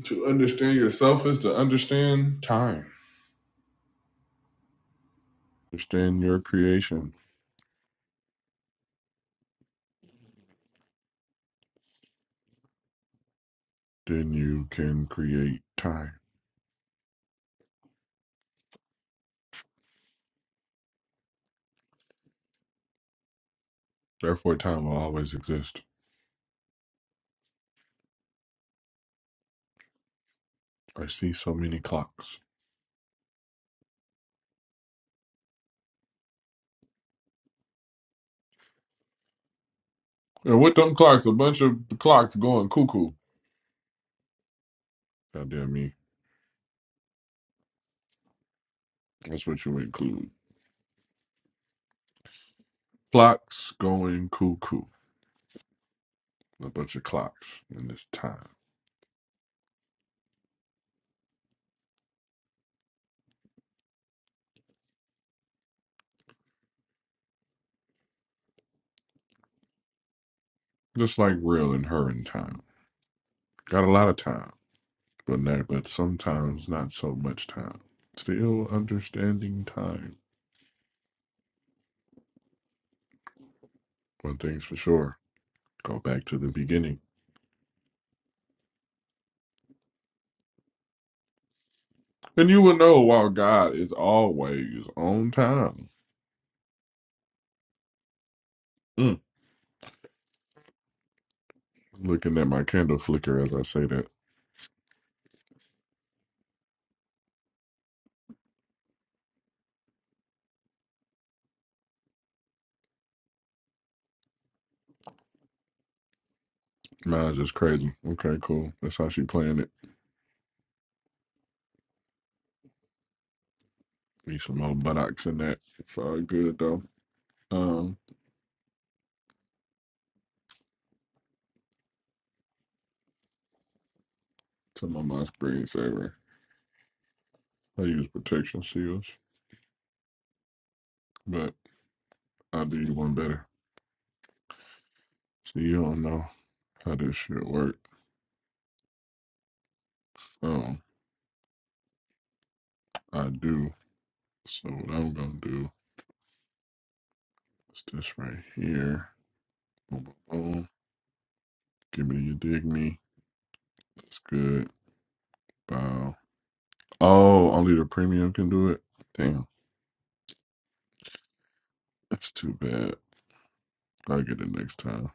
S1: To understand yourself is to understand time. Understand your creation, then you can create time. Therefore, time will always exist. I see so many clocks. And with them clocks, a bunch of clocks going cuckoo. Goddamn me. That's what you include. Clocks going cuckoo. A bunch of clocks in this time. Just like real and her in time. Got a lot of time, but not, but sometimes not so much time. Still understanding time. One thing's for sure. Go back to the beginning. And you will know why God is always on time. Mm. Looking at my candle flicker as I say that. Mine's just crazy. Okay, cool. That's how she playing it. Need some old buttocks in that. It's all good though. Um, to my mom's screensaver. I use protection seals, but I do you one better. So you don't know how this shit work. Um, I do. So what I'm gonna do is this right here. Boom. Give me your dig me. That's good. Bow. Oh, only the premium can do it. Damn, that's too bad. I'll get it next time.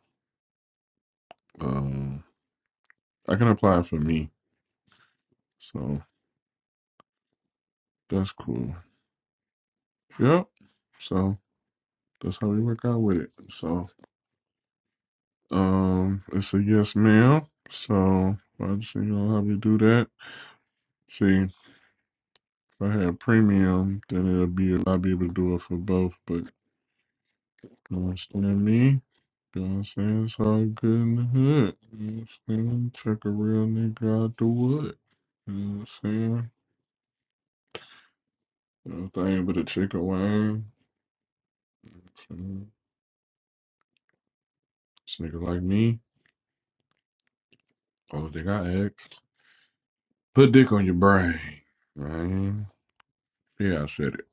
S1: Um, I can apply for me So that's cool. Yep. So that's how we work out with it. So um it's a yes ma'am. So I just you know how we do that. See, if I had premium, then it'll be I'll be able to do it for both, but you understand me? You know what I'm saying? It's all good in the hood. You know what I'm saying? Check a real nigga out the wood. You know what I'm saying? You know, if I ain't but a chick away. This nigga like me. All they got ask. Put dick on your brain. Man. Yeah, I said it.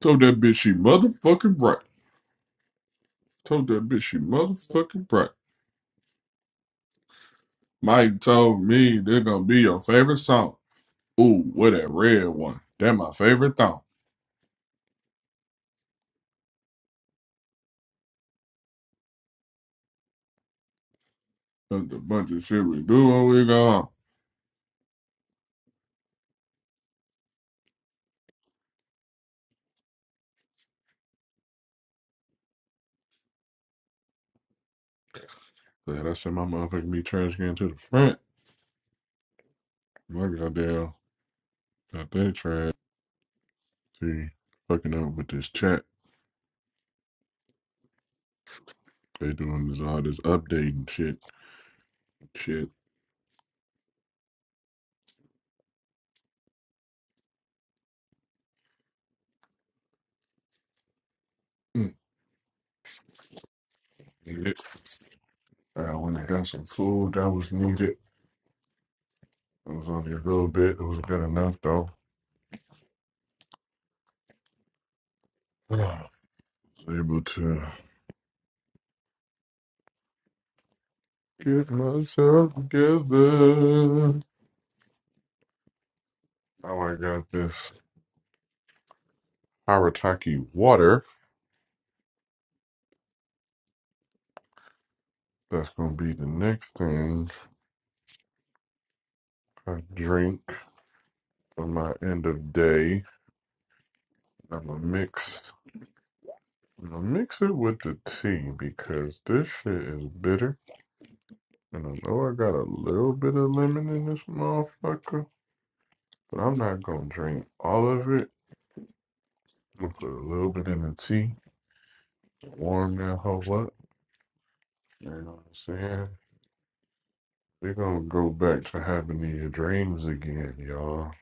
S1: Told that bitch she motherfucking right. Told that bitch she motherfucking right. Mike told me they're gonna be your favorite song. Ooh, what that red one. That my favorite song. That's the bunch of shit we do when we go home. Glad I sent my motherfucking me trash can to the front. My goddamn got that trash. See, fucking up with this chat. They doing this all this updating shit. Shit. Mm, yeah. Uh, when I went and got some food that was needed. It was only a little bit. It was good enough, though. I was able to get myself together. Now I got this Harataki water. That's going to be the next thing I drink for my end of day. I'm going to mix. I'm gonna mix it with the tea because this shit is bitter. And I know I got a little bit of lemon in this motherfucker, but I'm not gonna drink all of it. I'm gonna put a little bit in the tea warm that hoe up. You know what I'm saying? We're gonna go back to having these dreams again, y'all.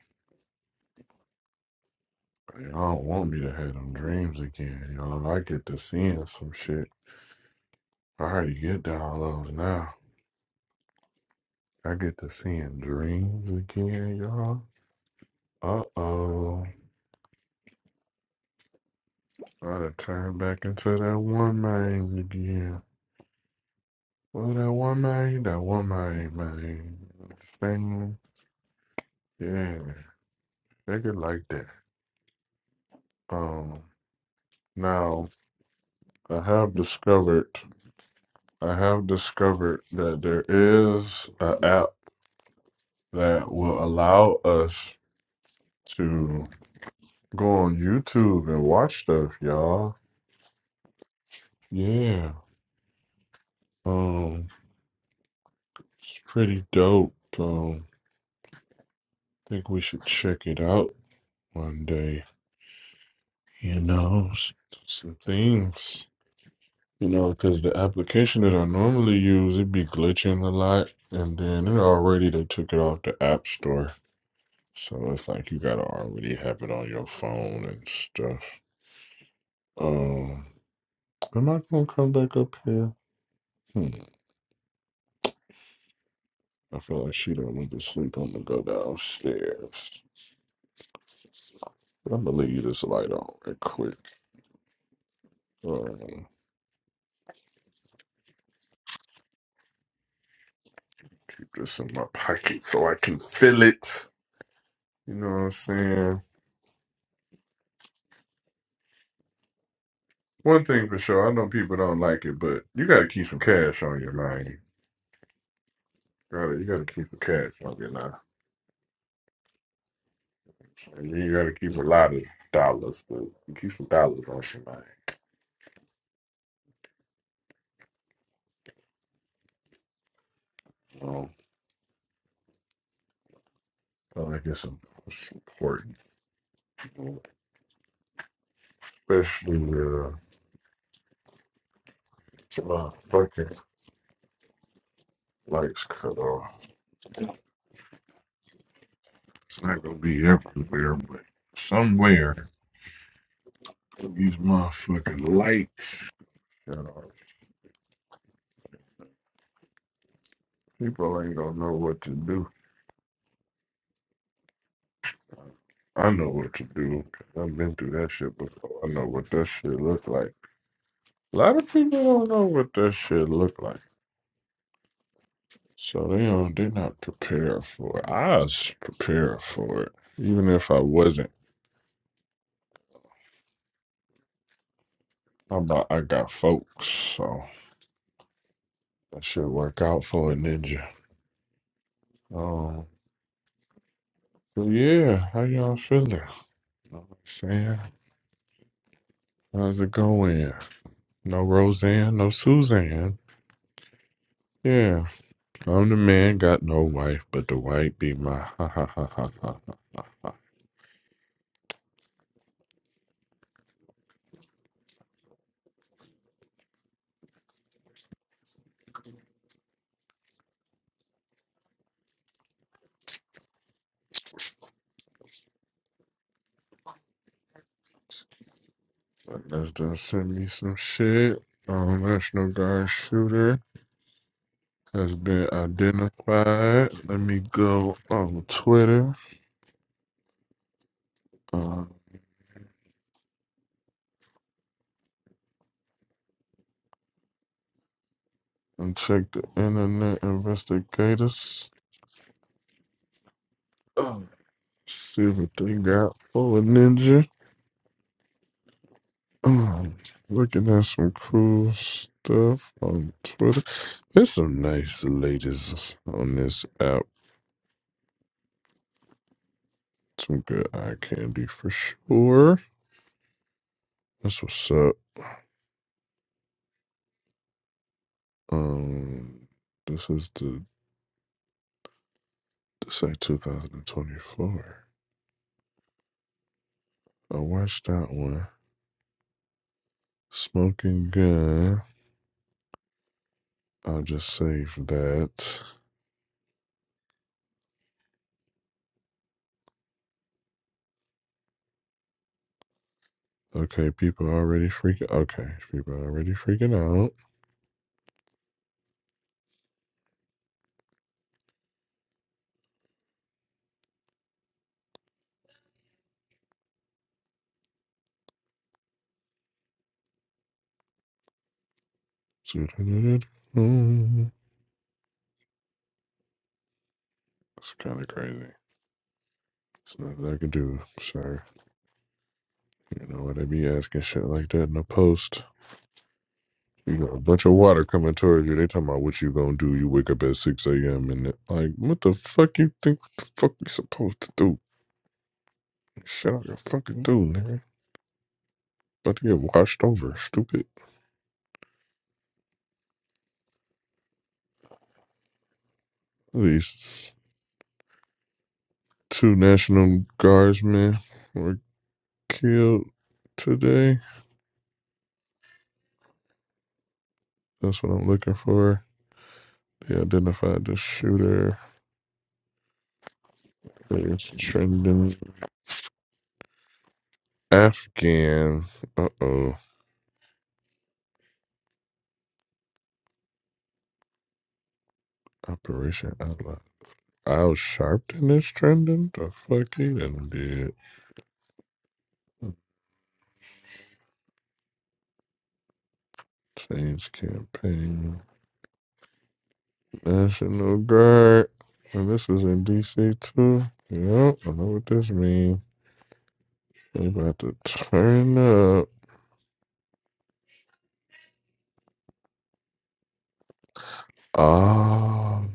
S1: Y'all don't want me to have them dreams again, y'all. I get to seeing some shit. I already get down lows now. I get to seeing dreams again, y'all. Uh oh. I done turned back into that one man again. Well, that one man, that one man, man. Understand? Yeah, take it like that. Um, now I have discovered I have discovered that there is an app that will allow us to go on YouTube and watch stuff, y'all. Yeah. Um it's pretty dope. Um think we should check it out one day. You know, s- some things. You know, because the application that I normally use, it be glitching a lot, and then it already they took it off the app store. So it's like you gotta already have it on your phone and stuff. Um, am I gonna come back up here? Hmm. I feel like she don't went to sleep. I'm gonna go downstairs. But I'm gonna leave this light on real quick. Um, keep this in my pocket so I can feel it. You know what I'm saying? One thing for sure, I know people don't like it, but you gotta keep some cash on your mind. You gotta, you gotta keep some cash on your mind. You gotta keep a lot of dollars, but you keep some dollars on your mind. you know, I guess it's important, you know, especially with uh, my fucking lights cut off. It's not gonna be everywhere, but somewhere these motherfucking lights cut off. People ain't gonna know what to do. I know what to do. 'cause I've been through that shit before. I know what that shit look like. A lot of people don't know what that shit look like, so they don't. They're not prepared for it. I was prepared for it, even if I wasn't. I'm about, I got folks, so that should work out for a ninja. Um, but yeah, how y'all feeling? You know what I'm saying, how's it going? No Roseanne, no Suzanne. Yeah, I'm the man, got no wife, but the wife be my ha ha ha ha ha ha ha. ha. us just send me some shit. Um, National Guard shooter has been identified. Let me go on Twitter. Uh, and check the internet investigators. Oh, see what they got for a ninja. Um, looking at some cool stuff on Twitter. There's some nice ladies on this app. Some good eye candy for sure. That's what's up. Um, this is the this like 2024. I watched that one. Smoking Gun. I'll just save that. Okay, people are already freaking. Okay, people are already freaking out. It's kind of crazy. It's nothing I can do, sir. You know what? They be asking shit like that in the post. You got a bunch of water coming towards you. They talking about what you gonna do. You wake up at six a.m. and it, like, what the fuck you think? What the fuck you supposed to do? Shut up, you fucking do, nigga. About to get washed over, stupid. These two national guardsmen were killed today That's what I'm looking for. They identified the shooter as Trendon Afghan. Uh oh. Operation Outlaw. Al Sharpton is trending. The fuck he done did. Change campaign. National Guard. And this was in DC too. Yep, I know what this means. They about to turn up. Oh,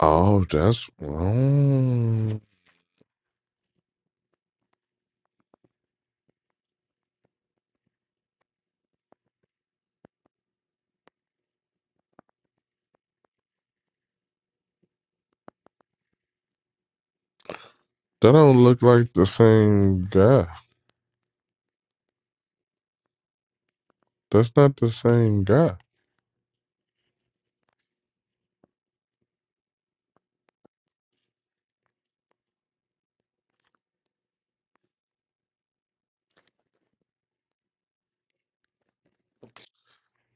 S1: oh, that's wrong. That don't look like the same guy. That's not the same guy.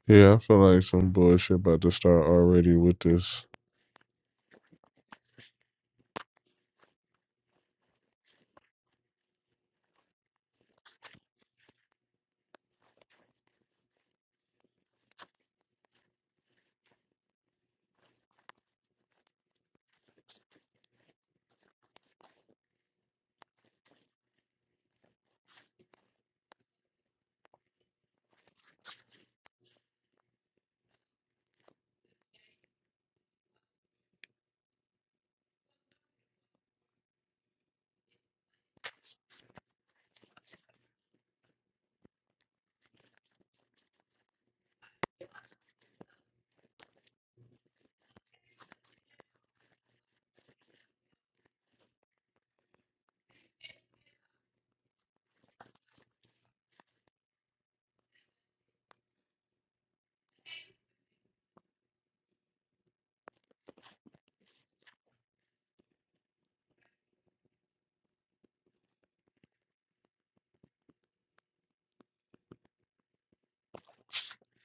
S1: Yeah, I feel like some bullshit about to start already with this.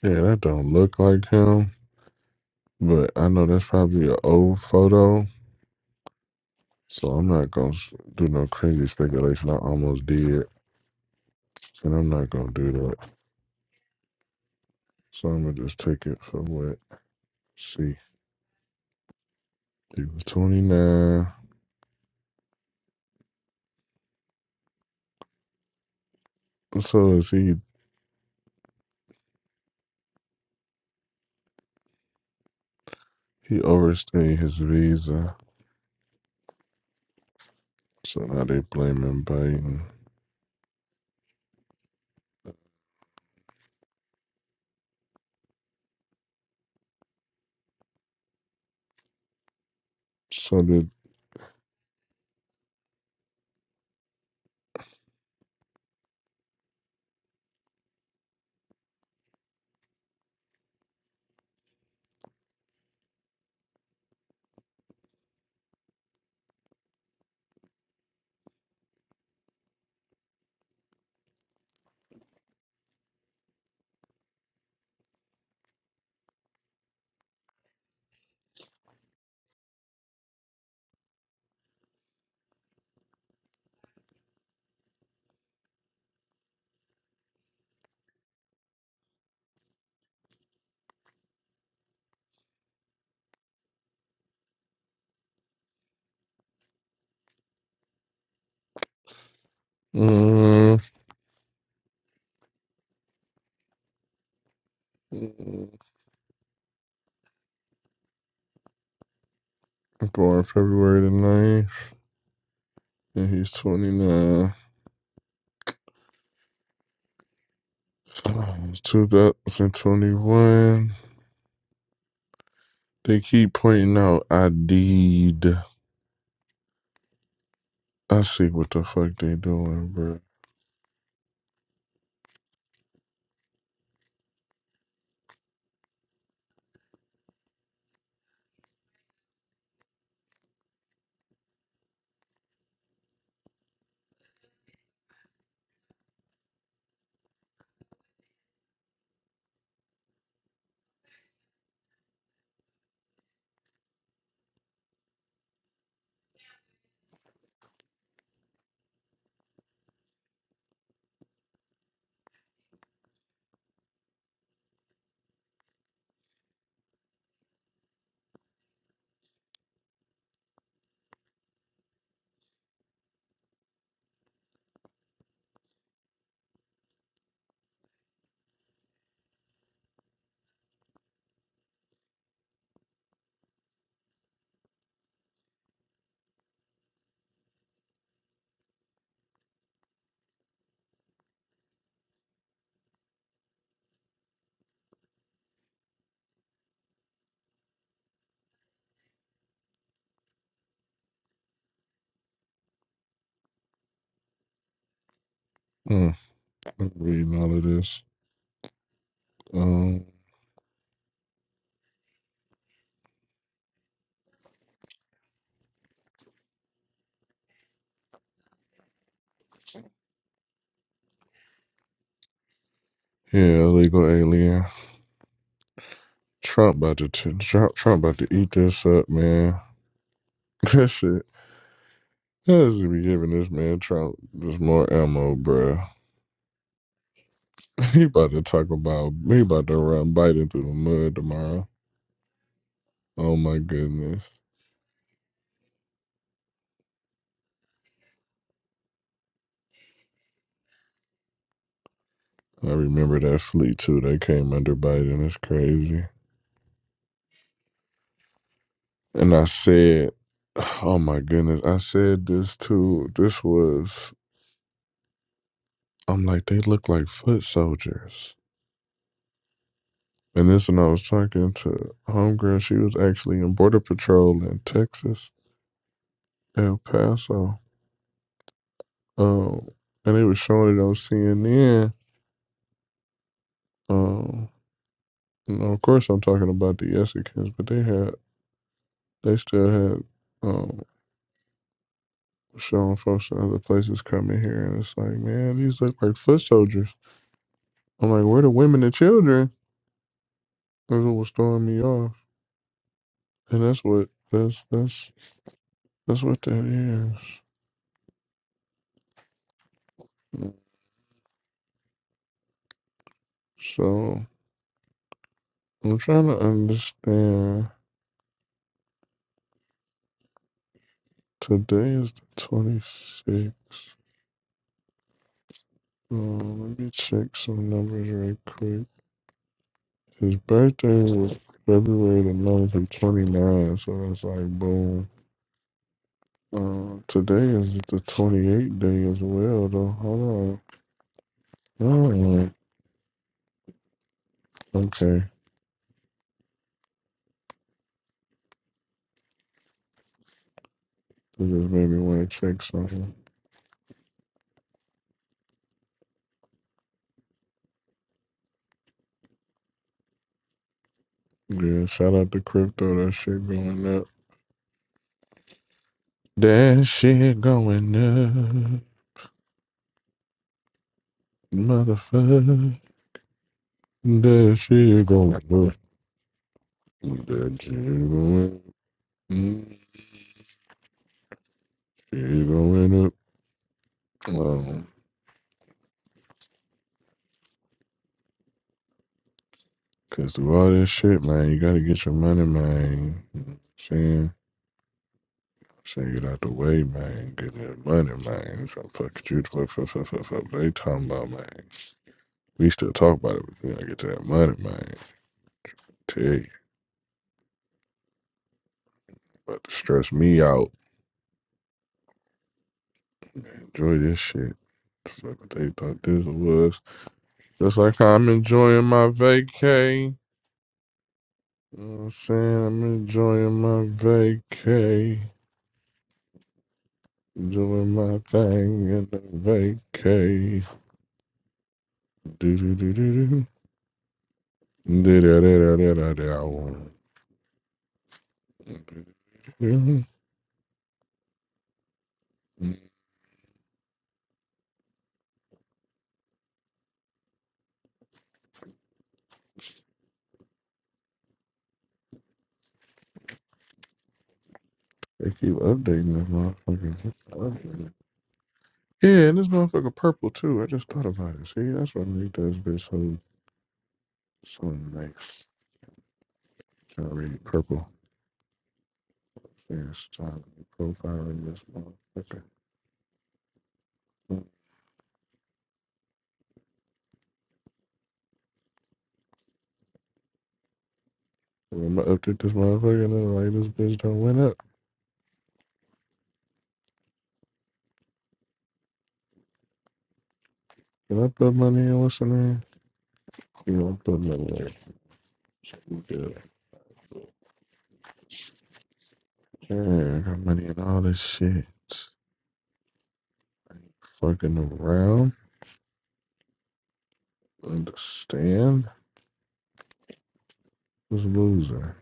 S1: Yeah, that don't look like him, but I know that's probably an old photo, so I'm not gonna s- do no crazy speculation. I almost did, and I'm not gonna do that. So I'm gonna just take it for what. See, he was 29, so is he? He overstayed his visa, so now they blaming Biden. So did. Mm, born February the ninth, and he's 29. 2021. They keep pointing out I did. I see what the fuck they doing, bro. Mm, I'm reading all of this. Um, yeah, illegal alien. Trump about to t- Trump, Trump about to eat this up, man. This shit. This be giving this man Trump just more ammo, bro. He about to talk about he about to run Biden through the mud tomorrow. Oh my goodness. I remember that fleet too. They came under Biden. It's crazy. And I said, oh my goodness. I said this too. This was, I'm like, they look like foot soldiers. And this when I was talking to Homegirl, she was actually in Border Patrol in Texas, El Paso. Um, and they were showing it on CNN. Um, and of course, I'm talking about the Mexicans, but they had, they still had um. showing folks in other places coming here, and it's like, man, these look like foot soldiers. I'm like, where the women and children? That's what was throwing me off, and that's what that's that's that's what that is. So I'm trying to understand. Today is the 26th. So let me check some numbers right quick. His birthday was February the 9th and 29, so it's like boom. Uh, today is the 28th day as well, though. Hold on. Oh, okay. This just made me want to check something. Yeah, shout out to crypto. That shit going up. That shit going up. Motherfucker. That shit going up. That shit going up. Mm, Shit going up. Um, Cause through all this shit, man, you gotta get your money, man. You know what I'm saying? Saying get out the way, man. Get that money, man. Trying to fuck with you. Fuck, fuck, fuck, fuck, fuck. They talking about, man. We still talk about it, but we gotta get to that money, man. Tell you. About to stress me out. Enjoy this shit. Fuck what they thought this was. Just like how I'm enjoying my vacay. You know what I'm saying? I'm enjoying my vacay. Doing my thing in the vacay. Do do do do do. Da da da da da da. They keep updating this motherfucker. Yeah, and this motherfucker purple too. I just thought about it. See, that's what made this bitch so so nice. Trying to read it purple. Yeah, It's time profiling this motherfucker. Well, I'm gonna update this motherfucker and then like this bitch don't win up. Can I put money in what's her name? You know, I put money in. We Good. Yeah, I got money in all this shit. Fucking around. Understand? This loser.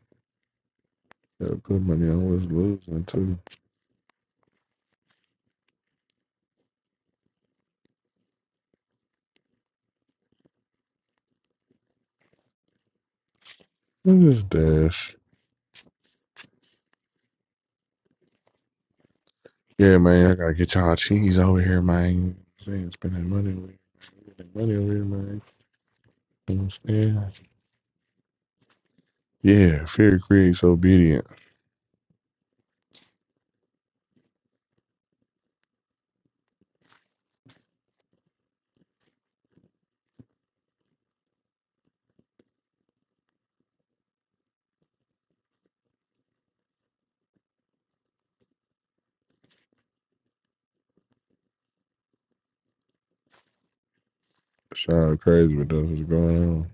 S1: Gotta put money on what's losing too. This is Dash. Yeah, man, I gotta get y'all cheese over here, man. You know what I'm Saying spending money over here, spending money over here, man. You know what I'm saying? Yeah, fear creates obedience. Sound crazy, but that's what's going on.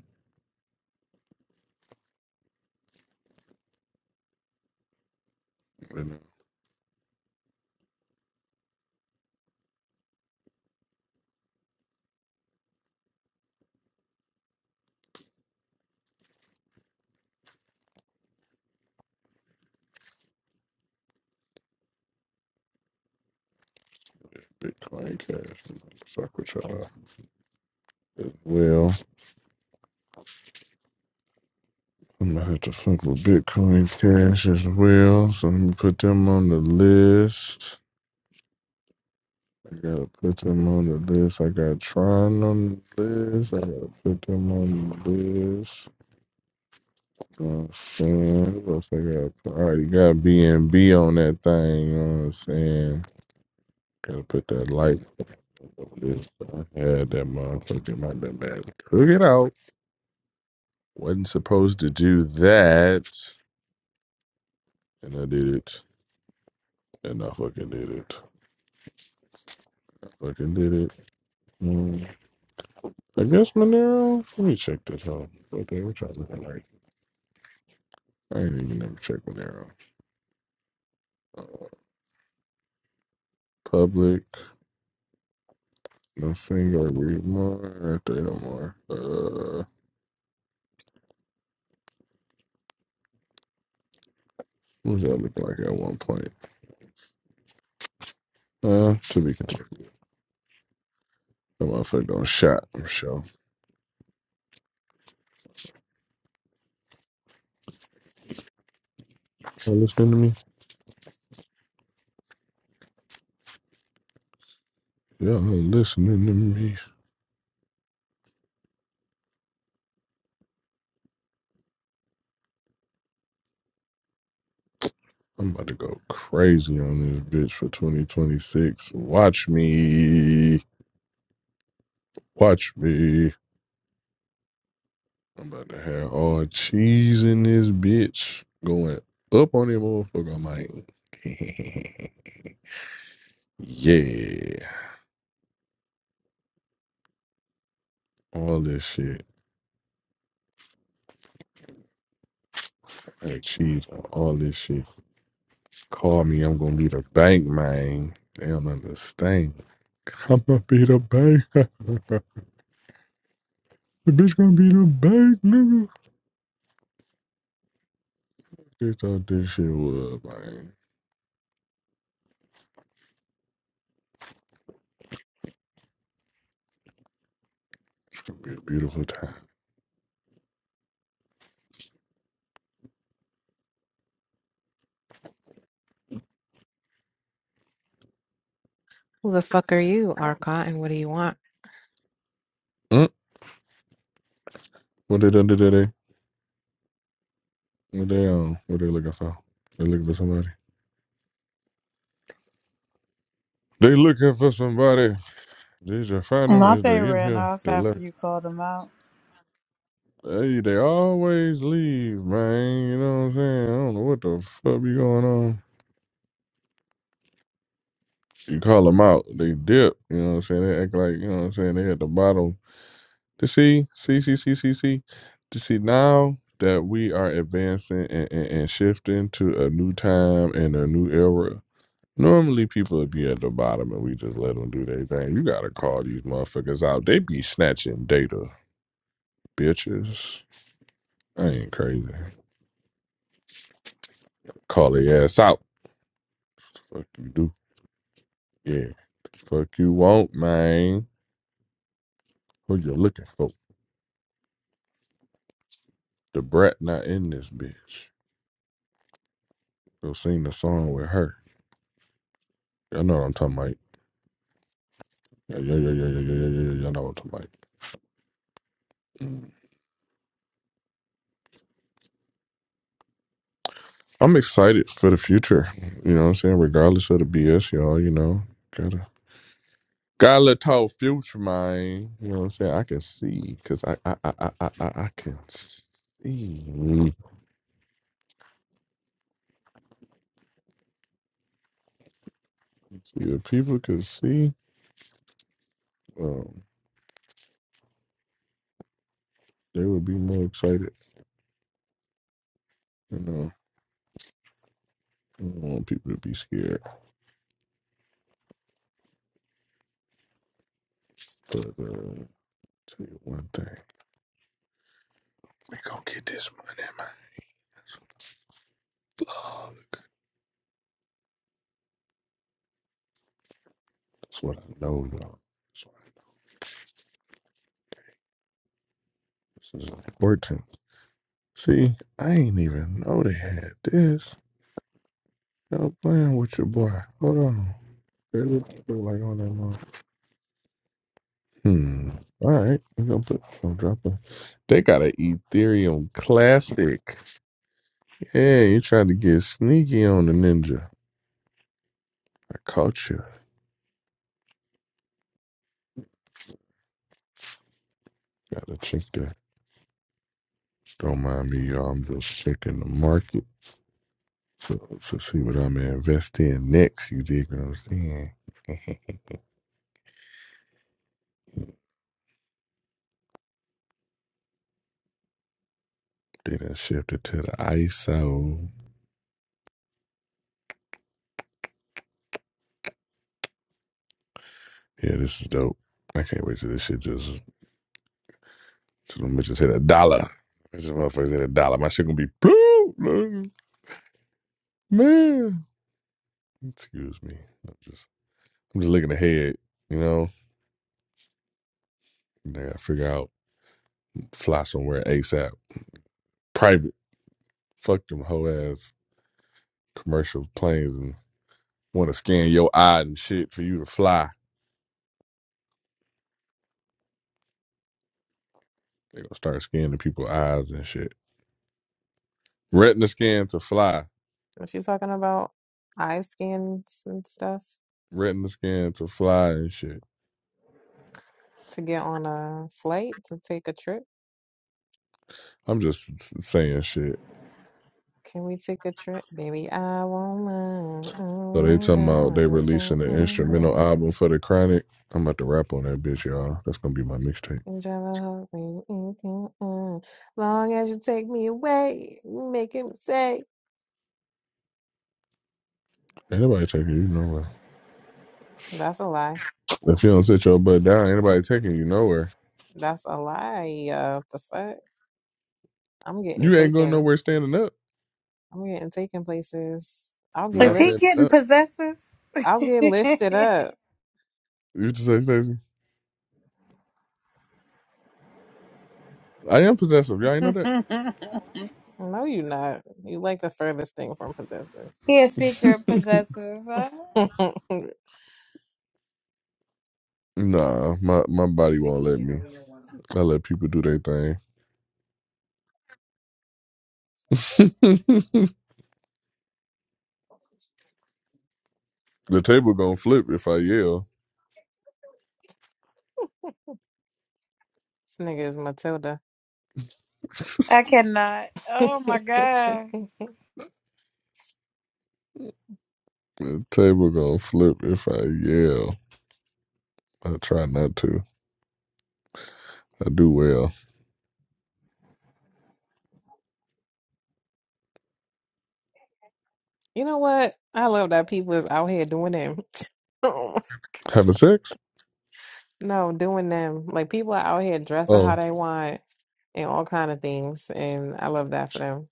S1: You know, Bitcoin Cash. I'm gonna fuck with y'all as well. I'm gonna have to fuck with Bitcoin Cash as well. So I'm gonna put them on the list. I gotta put them on the list. I got Tron on the list. I gotta put them on the list. You know what I'm saying? What else I gotta put? I already got B and B on that thing. You know what I'm saying? Gotta put that light on the list. I had that motherfucker my damn bad. Took it out. Wasn't supposed to do that, and I did it. And I fucking did it. I fucking did it. Mm. I guess Monero. Let me check this out. What the hell? we trying to look like? I ain't even never checked Monero. Public. I think I read more. I think i more. Uh, what does that look like at one point? Uh, to be continued. That motherfucker gonna shot. I'm sure. Y'all listening to me? Y'all listening to me? I'm about to go crazy on this bitch for 2026. Watch me. Watch me. I'm about to have all cheese in this bitch going up on that motherfucker. I'm like, yeah, all this shit. Hey, cheese on all this shit. Call me, I'm gonna be the bank man. They don't understand. I'm gonna be the bank. the bitch gonna be the bank, nigga. They thought this shit was, man. It's gonna be a beautiful time.
S3: Who the fuck are you, Arcot, and what do you want?
S1: Mm. What they done did today? What they um? What they looking for? They looking for somebody. They looking for somebody. Did you find them? Is
S5: Latte
S1: they in
S5: ran
S1: here?
S5: off
S1: They left.
S5: after you called him out.
S1: Hey, they always leave, man. You know what I'm saying? I don't know what the fuck be going on. You call them out, they dip. You know what I'm saying? They act like you know what I'm saying. They at the bottom. To see, see, see, see, see, see. To see now that we are advancing and, and, and shifting to a new time and a new era. Normally, people would be at the bottom, and we just let them do their thing. You gotta call these motherfuckers out. They be snatching data, bitches. I ain't crazy. Call their ass out. Fuck you do. Yeah. The Fuck you want, man. Who you looking for? The brat not in this bitch. They'll sing the song with her. I know what I'm talking about. Yeah, yeah, yeah, yeah, yeah, yeah, yeah, yeah. yeah, I know what I'm talking about. I'm excited for the future. You know what I'm saying? Regardless of the BS, y'all, you know, gotta got a talk future, man. You know what I'm saying? I can see because I, I, I, I, I, I I can see. see if people could see, um, they would be more excited. You know, I don't want people to be scared. But uh, tell you one thing, we gonna get this money, man. That's what I know, y'all. That's why This is important. See, I ain't even know they had this. Y'all playing with your boy. Hold on. They look like on that mom. Hmm. All right. I'm gonna put I'm dropping. They got an Ethereum classic. Yeah, you tried to get sneaky on the ninja. I caught you. Gotta check that. Don't mind me, y'all. I'm just checking the market to, to see what I'm gonna invest in next. You dig what I'm saying? They done shifted to the ISO. Yeah, this is dope. I can't wait till this shit just, till them bitches hit a dollar. This motherfuckers hit a dollar. My shit gonna be blue, blue. man. Excuse me. I'm just, I'm just looking ahead, you know? And I gotta figure out, fly somewhere ASAP. Private. Fuck them hoe ass commercial planes and wanna scan your eye and shit for you to fly. They gonna start scanning people's eyes and shit. Retina scan to fly.
S3: Was she talking about eye scans and stuff
S1: Retina scan to fly and shit.
S3: to get on a flight to take a trip?
S1: I'm just saying shit.
S3: Can we take a trip? Baby, I won't mind.
S1: So they
S3: Oh, you
S1: talking
S3: got
S1: about
S3: my
S1: they
S3: roots on.
S1: releasing an instrumental
S3: unwind.
S1: album for the Chronic. I'm about to rap on that bitch, y'all. That's gonna be my mixtape.
S3: You drive a hoe when you can. uh. Long as you take me away, you making me say.
S1: Anybody taking you nowhere.
S3: That's a lie.
S1: If you don't sit your butt down, anybody taking you nowhere.
S3: That's a lie. Uh, the fuck? I'm getting
S1: You ain't going
S3: taken.
S1: nowhere standing up.
S3: I'm getting taken places. I'll get
S5: Is
S1: Not
S5: he
S1: standing
S3: lift.
S5: getting
S1: up.
S5: possessive?
S3: I'll get
S5: he
S3: lifted up.
S1: You just say Stacey. I am possessive. Y'all ain't know that.
S3: No, you not. You like the furthest thing from possessive.
S5: a secret possessive. Huh?
S3: this
S1: nah, my my body won't let me. I let people do their thing. the table gonna flip if I yell.
S3: nigga is Matilda.
S5: I cannot. Oh my god.
S1: The table gonna flip if I yell. I try not to. I do well.
S3: You know what? I love that people is out here doing them.
S1: Having sex?
S3: No, doing them. Like people are out here dressing how
S1: Oh,
S3: they want and all kind of things. And I love that for them.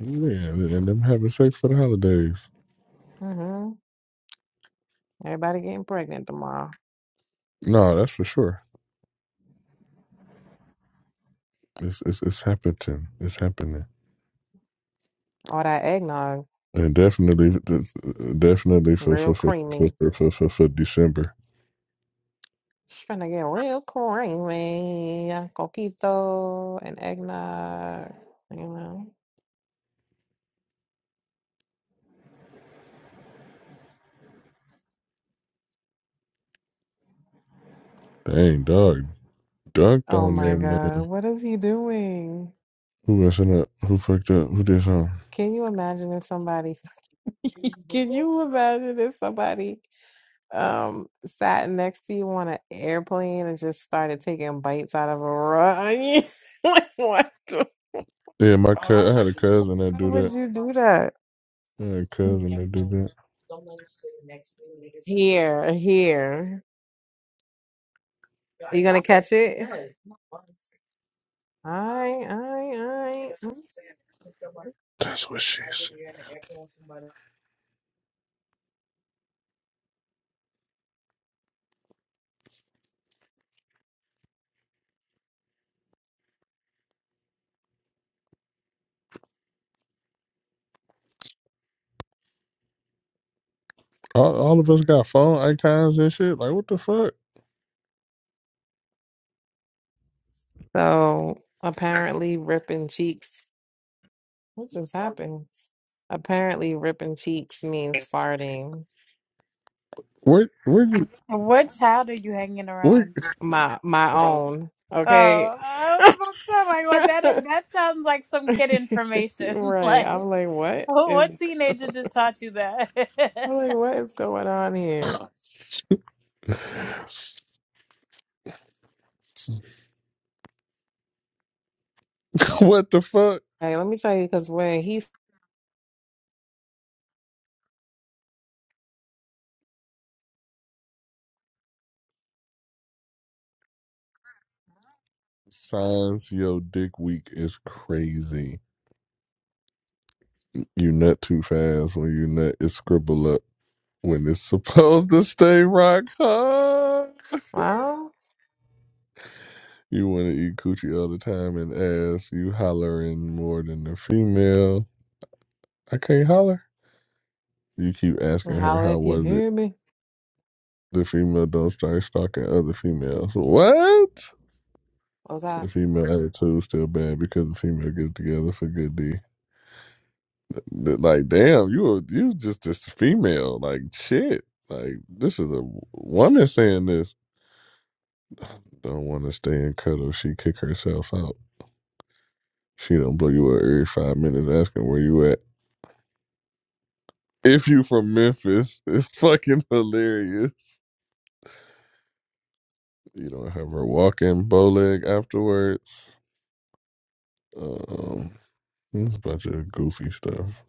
S1: yeah, and them having sex for the holidays.
S3: hmm Everybody getting pregnant tomorrow.
S1: No, that's for sure. It's it's it's happening. It's happening,
S3: All that eggnog,
S1: and definitely, uh, definitely for for
S3: real
S1: for for
S3: creamy.
S1: for for, for, for December.
S3: She's trying to get real creamy. Coquito and eggnog, you know.
S1: Dang dog, dunked
S3: Oh
S1: on
S3: my
S1: that
S3: God,
S1: man.
S3: what is he doing?
S1: Who messing up? Who fucked up? Who did something?
S3: Can you imagine if somebody, can you imagine if somebody um sat next to you on an airplane and just started taking bites out of a raw onion. Like, what? the-
S1: Yeah, my cousin. I had a cousin that
S3: Why
S1: do
S3: would
S1: that.
S3: you do that?
S1: I had a cousin that do that.
S3: Here, here. Are you gonna catch it? All right, all right, all right.
S1: That's what she said. All, all of us got phone icons and shit. Like what the fuck?
S3: So apparently, ripping cheeks. What just happened? Apparently, ripping cheeks means farting.
S1: Where where you?
S5: What child are you hanging
S1: Where,
S5: around?
S3: My my own.
S5: Oh,
S3: Okay.
S5: I was about to say like, what that that sounds like some kid information.
S3: Right.
S5: like,
S3: I'm like, what
S5: oh,
S3: is
S5: what teenager just taught you that?
S3: I'm like, what is going on here?
S1: what the fuck?
S3: Hey, let me tell you, because when he
S1: Signs your dick weak is crazy. You nut too fast when you nut it scribble up when it's supposed to stay rock hard.
S3: found,
S1: You want to eat coochie all the time and ass. You hollering more than the female. I can't holler. You keep asking her
S3: holler
S1: how
S3: if you
S1: was it.
S3: hear me.
S1: The female don't start stalking other females. What?
S3: Was I
S1: The female attitude still bad because the female get together for good D. That, like, damn, you were you was just this female. Like, shit. Like, this is a woman saying this. Don't want to stay in cuddle. She kick herself out. She don't blow you up every five minutes asking where you at. If you from Memphis, it's fucking hilarious. You don't have her walking bow leg afterwards. Um, it's a bunch of goofy stuff.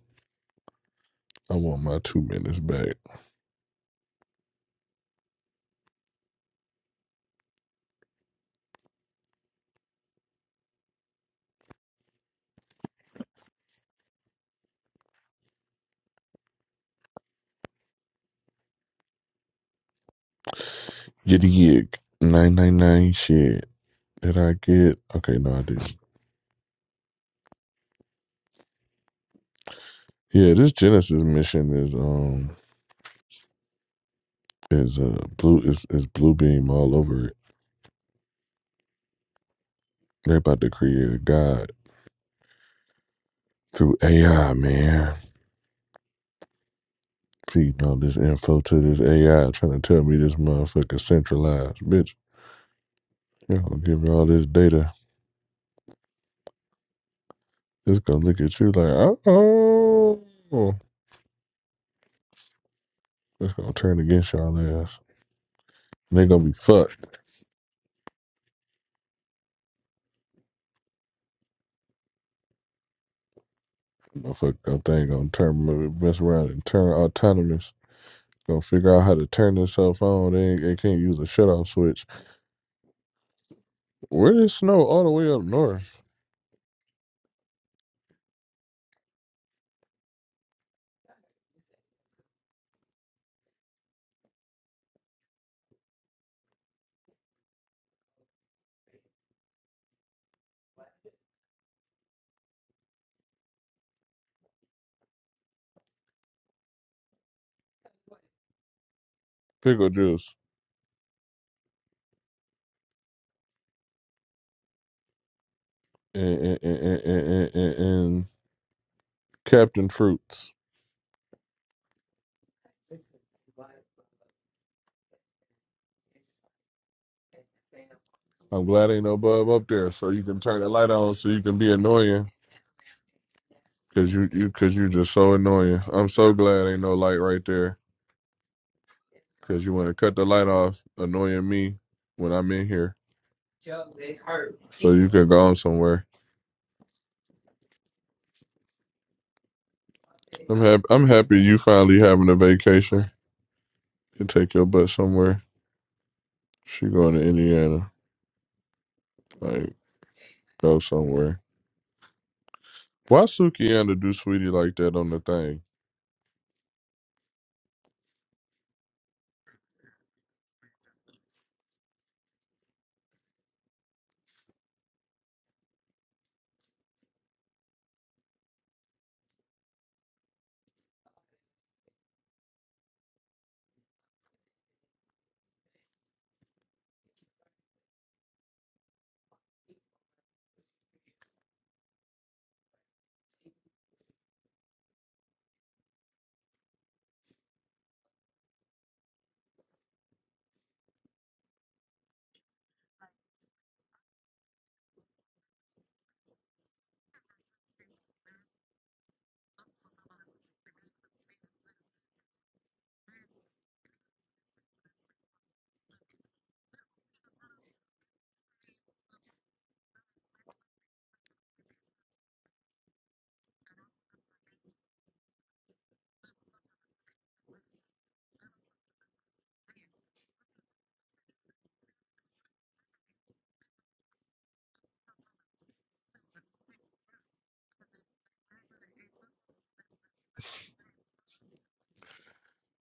S1: I want my two minutes back. Get a gig. Nine nine nine. Shit. Did I get? Okay, no, I didn't. Yeah, this Genesis mission is um is uh blue is is blue beam all over it. They're about to create a god through AI, man. Feeding all this info to this AI, trying to tell me this motherfucker centralized, bitch. Y'all gonna give me all this data. It's gonna look at you like, oh, oh. it's gonna turn against y'all ass. And they gonna be fucked. Motherfucker, thing gonna turn mess around and turn autonomous. Gonna figure out how to turn this cell phone. They, they can't use a shut off switch Where Where is snow all the way up north? Pickle juice and and, and, and, and, and and Captain Fruits. I'm glad ain't no bub up there, so you can turn the light on, so you can be annoying, cause you you cause you just so annoying. I'm so glad ain't no light right there, cause you want to cut the light off, annoying me when I'm in here. So you can go on somewhere. I'm happy. I'm happy you finally having a vacation. You take your butt somewhere. She going to Indiana. Like go somewhere. Why Sukianna do Sweetie like that on the thing?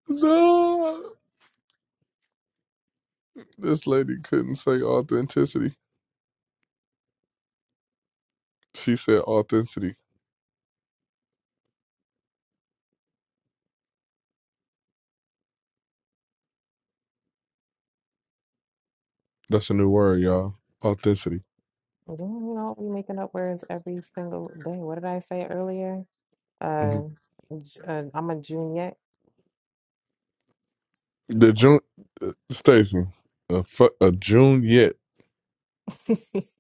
S1: No, this lady couldn't say authenticity. She said authenticity. That's a new word, y'all. Authenticity.
S3: you know we making up words every single day? What did I say earlier? Uh,
S1: Mhm.
S3: j- uh I'm a junior.
S1: The June, uh, Stacy, a, fu- a June yet.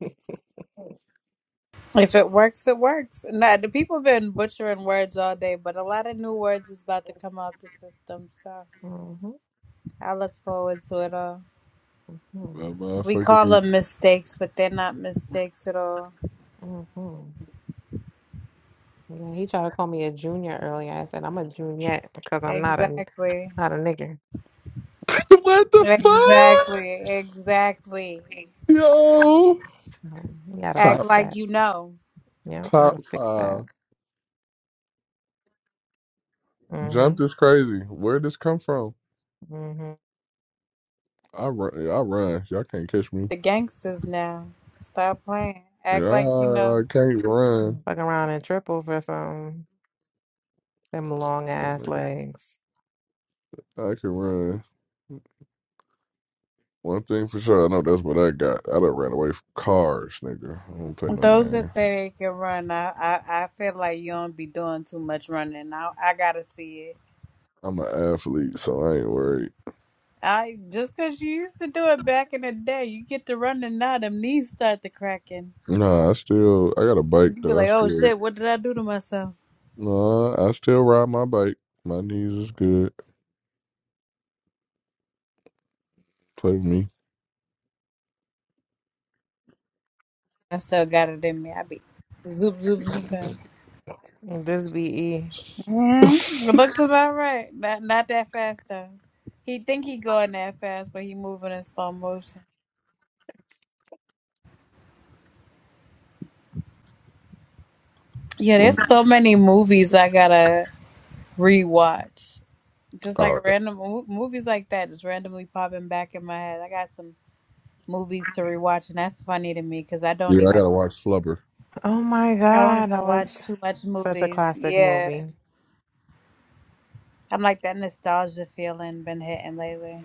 S5: if it works, it works. Nah, the people been butchering words all day, but a lot of new words is about to come out the system. So.
S3: Mm-hmm.
S5: I look forward to it all.
S1: A
S5: We
S1: motherfucker.
S5: call them mistakes, but they're not mistakes at all.
S3: Mm-hmm. Yeah, he tried to call me a junior earlier. I said I'm a junior because I'm not a
S5: Exactly.
S3: not a nigger.
S1: what the fuck,
S5: Exactly. Exactly.
S1: yo?
S3: So we gotta
S5: Act
S1: Top
S3: fix
S5: like
S3: that.
S5: you know.
S3: Yeah, we gotta
S1: top
S3: fix that.
S1: five.
S3: Mm-hmm.
S1: Jumped is crazy. Where this come from?
S3: hmm
S1: I run. I run. Y'all can't catch me.
S5: The gangsters now. Stop playing. Act
S1: Yeah,
S5: like you know.
S1: I can't run.
S3: Fuck around and triple for some them long ass legs.
S1: I can run. One thing for sure, I know that's what I got. I done ran away from cars, nigga. I don't play no
S5: Those that
S1: games.
S5: say they can run, I, I, I feel like you don't be doing too much running. I, I gotta see it.
S1: I'm an athlete, so I ain't worried.
S5: I just 'cause you used to do it back in the day, you get to running now, them knees start to cracking.
S1: Nah, I still I got a bike
S5: You be
S1: that I
S5: like, oh
S1: still
S5: shit, what did I do to myself?
S1: nah, I still ride my bike. My knees is good. Play with me.
S5: I still got it in me. I be zoop zoop zooping.
S3: This BE.
S5: Mm-hmm. It looks about right. Not not that fast though. He think he going that fast, but he moving in slow motion. Yeah,
S1: I'm,
S5: there's so many movies I gotta rewatch. Just
S1: oh,
S5: like random mo- movies like that, just randomly popping back in my head. I got some movies to rewatch, and that's funny to me because I don't
S1: yeah, I
S5: even
S1: gotta watch Flubber.
S3: Oh my
S5: I don't
S3: God, that
S5: even watch
S3: was
S5: too much
S3: such a
S5: movies.
S3: classic
S5: Yeah,
S3: movie.
S5: I'm like that nostalgia feeling been hitting lately.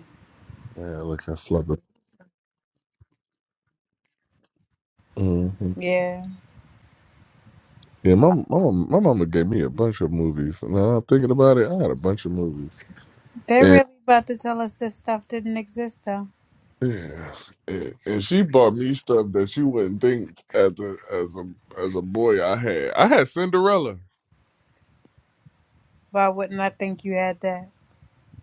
S1: Yeah, look at Flubber. hmm
S5: Yeah.
S1: Yeah, my mama, my mama gave me a bunch of movies. Now I'm thinking about it, I had a bunch of movies.
S5: They really about to tell us this stuff didn't exist though.
S1: Yeah, and, and she bought me stuff that she wouldn't think as a as a as a boy I had. I had Cinderella.
S5: Why wouldn't I think you had that?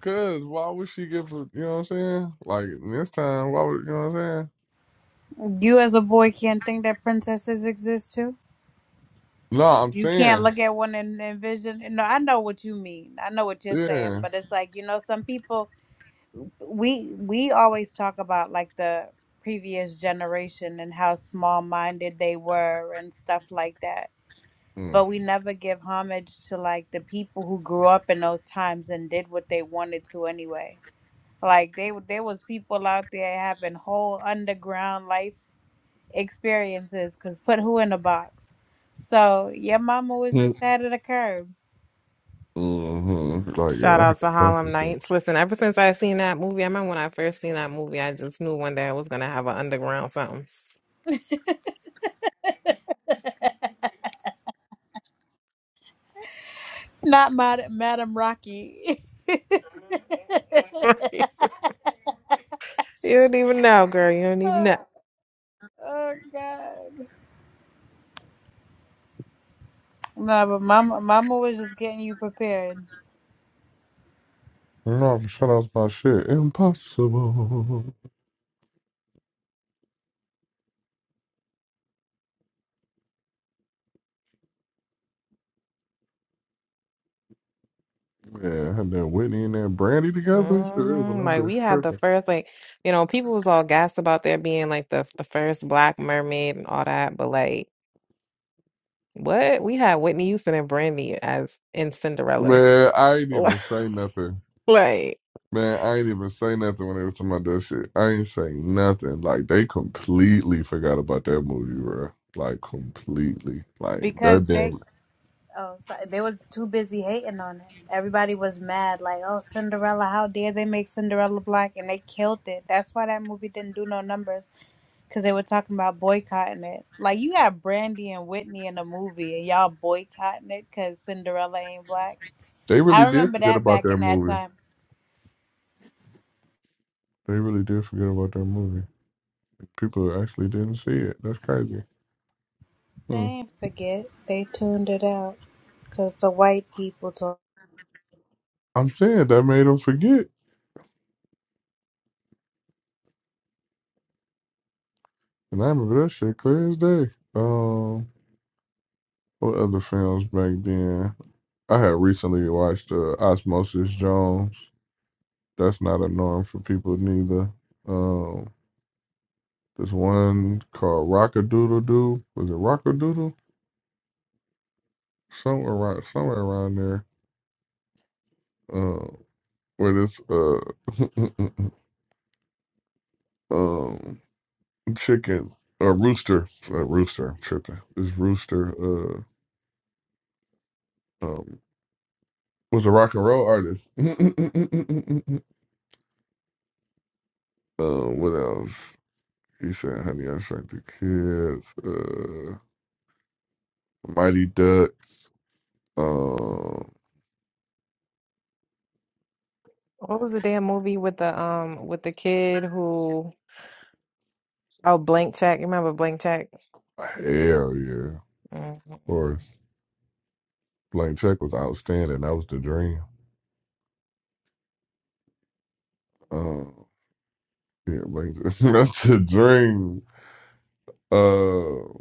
S1: Cause why would she give a, you know what I'm saying? Like this time, why would you know what I'm saying?
S5: You as a boy can't think that princesses exist too.
S1: No, I'm
S5: You can't
S1: saying,
S5: look at one and envision. No, I know what you mean. I know what you're saying,
S1: yeah.
S5: but it's like you know, some people. We we always talk about like the previous generation and how small minded they were and stuff like that.
S1: Mm.
S5: But we never give homage to like the people who grew up in those times and did what they wanted to anyway Like they w- there was people out there having whole underground life experiences cuz put who in the box. So your mama was just out of the curb.
S1: Mm-hmm. Like yeah,
S3: Shout
S1: I
S3: out
S1: had
S3: to
S1: bunch
S3: Harlem
S1: of shit.
S3: Nights. Listen, ever since I seen that movie, I remember when I first seen that movie, I just knew one day I was gonna have an underground something.
S5: Not Mad- Madam Rocky.
S3: you don't even know, girl. You don't even know.
S5: oh oh, god. No, but mama mama was just getting you prepared
S1: no, shut up my shit. Impossible. Yeah, I had that Whitney and that Brandy together. Sure is when
S3: hmm
S1: I
S3: Like
S1: been
S3: we had the
S1: tripping.
S3: first, like you know, people was all gassed about there being like the the first Black Mermaid and all that, but like. What? We had Whitney Houston and Brandy as in Cinderella.
S1: Man, I ain't even say nothing.
S3: Like,
S1: Man, I ain't even say nothing when they was talking about that shit. I ain't say nothing. Like they completely forgot about that movie, bro. Like completely. Like that
S5: because they
S1: damn.
S5: oh sorry they was too busy hating on it. Everybody was mad like, "Oh, Cinderella, how dare they make Cinderella black?" and they killed it. That's why that movie didn't do no numbers because they were talking about boycotting it. Like you got Brandy and Whitney in the movie, and y'all boycotting it because Cinderella ain't black.
S1: They
S5: I
S1: really did
S5: remember
S1: forget
S5: that
S1: about
S5: back
S1: that
S5: in that
S1: movie.
S5: time.
S1: They really did forget about that movie. People actually didn't see it. That's crazy.
S5: They
S1: Hmm.
S5: ain't forget. They tuned it out because the white people told.
S1: I'm saying that made them forget, and I remember that shit clear as day. Um, what other films back then? I had recently watched uh, Osmosis Jones. That's not a norm for people neither. Um, This one called Rock a Doodle Doo. Was it Rock a Doodle Somewhere around, somewhere around there. Uh, where this uh, um, chicken or rooster, uh, rooster, I'm tripping. This rooster uh, um, was a rock and roll artist. uh, what else? He said, "Honey, I Shrunk the Kids." Uh, Mighty Ducks. Um,
S3: what was the damn movie with the um with the kid who oh Blank Check. You remember Blank Check?
S1: hell yeah, of
S3: Mm, mm, mm.
S1: course. Blank Check was outstanding. That was the dream. Um, yeah, like, not that's a dream. Uh,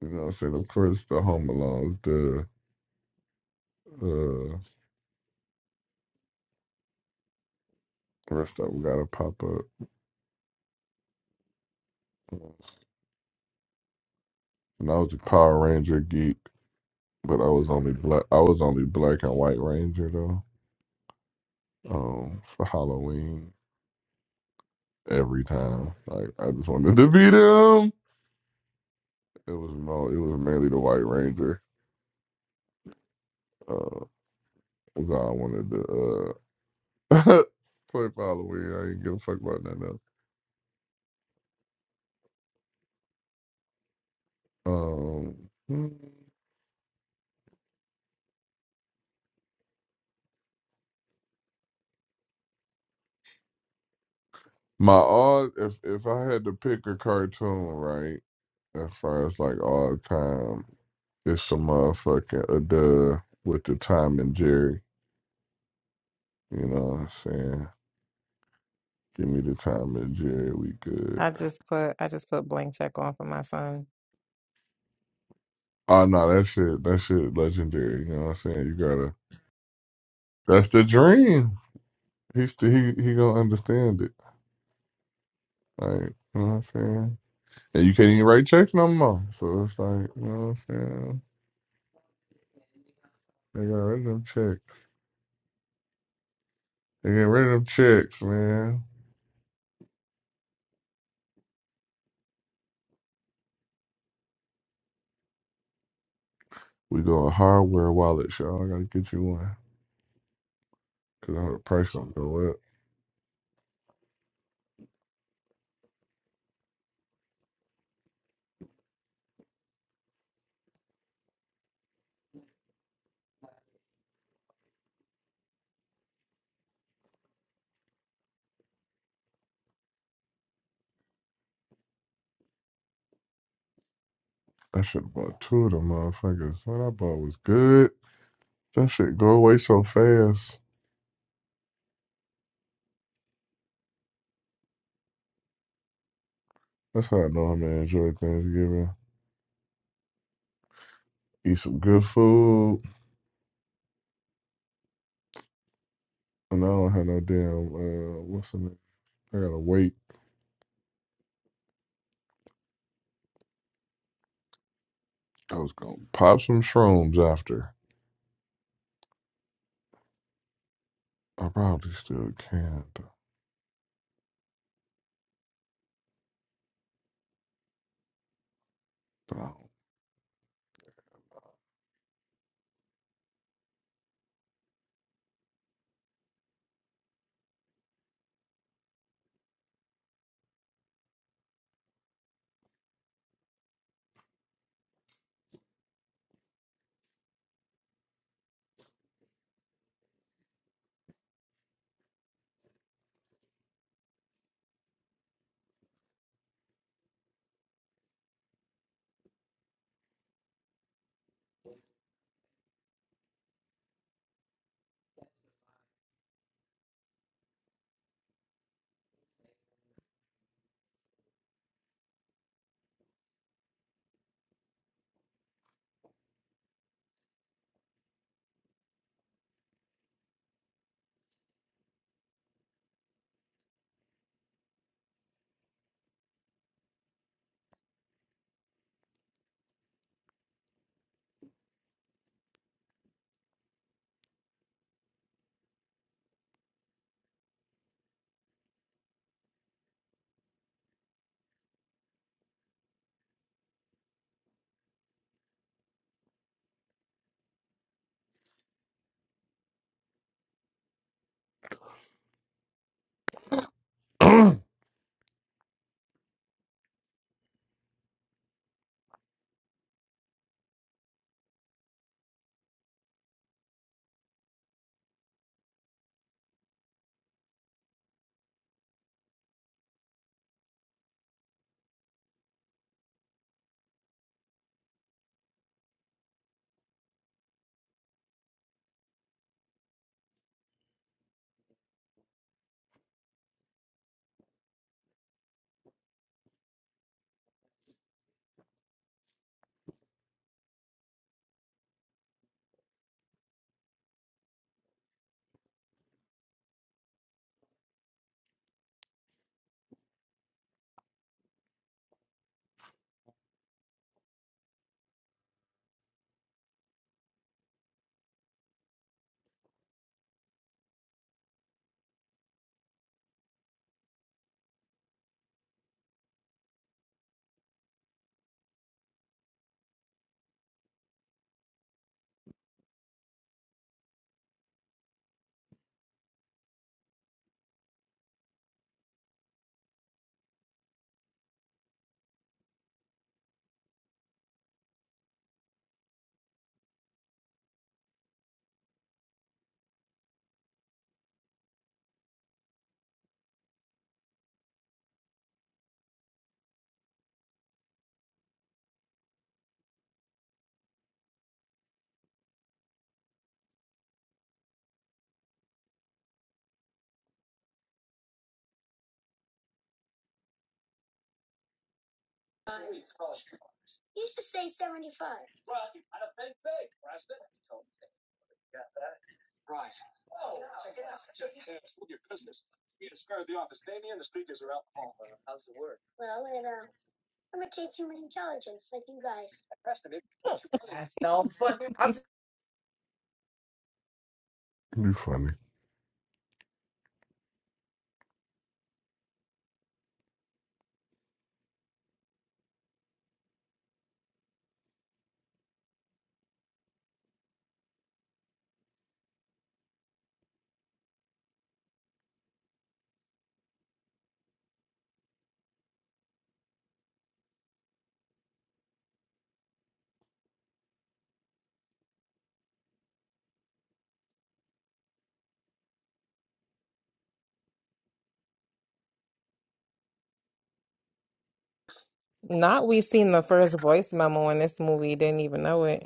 S1: you know, what I'm saying of course the Home Alone's the uh rest up gotta pop up. And I was a Power Ranger geek, but I was only black. I was only black and white Ranger though. Um, for Halloween every time, like I just wanted to be them. It was no, it was mainly the White Ranger. Uh, was all I wanted to uh play for Halloween. I didn't give a fuck about nothing else. Um. hmm. My all if if I had to pick a cartoon, right, as far as like all time, it's the motherfucking Adele with the Tom and Jerry. You know what I'm saying? Give me the Tom and Jerry, we good.
S3: I just put I just put Blank Check on for my son.
S1: Oh no, that shit, that shit, legendary. You know what I'm saying? You gotta. That's the dream. He's still, he he gonna understand it. Like you know what I'm saying? And you can't even write checks no more. So it's like you know what I'm saying? They got rid of them checks. They get rid of them checks, man. We going hardware wallets, y'all. I gotta get you one. Cause I heard the price don't go up. I should have bought two of them motherfuckers. What I bought was good. That shit go away so fast. That's how I know I'm gonna enjoy Thanksgiving. Eat some good food. And I don't have no damn uh what's the name? I gotta wait. I was gonna pop some shrooms after. I probably still can, but I don't. you funny.
S3: Not we seen the first voice memo in this movie, didn't even know it.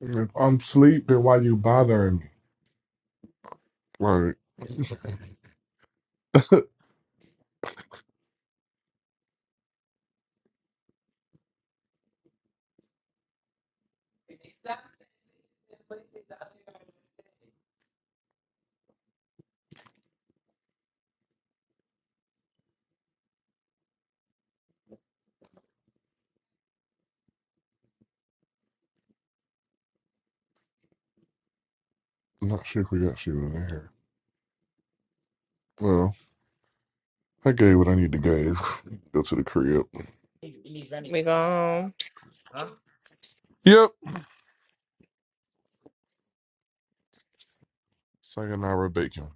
S1: If I'm asleep, then why you bothering me? Like, I'm not sure if we got shit in here. Well, I gave what I need to give. Go to the crib.
S3: We gone.
S1: Yep. Sayonara bacon.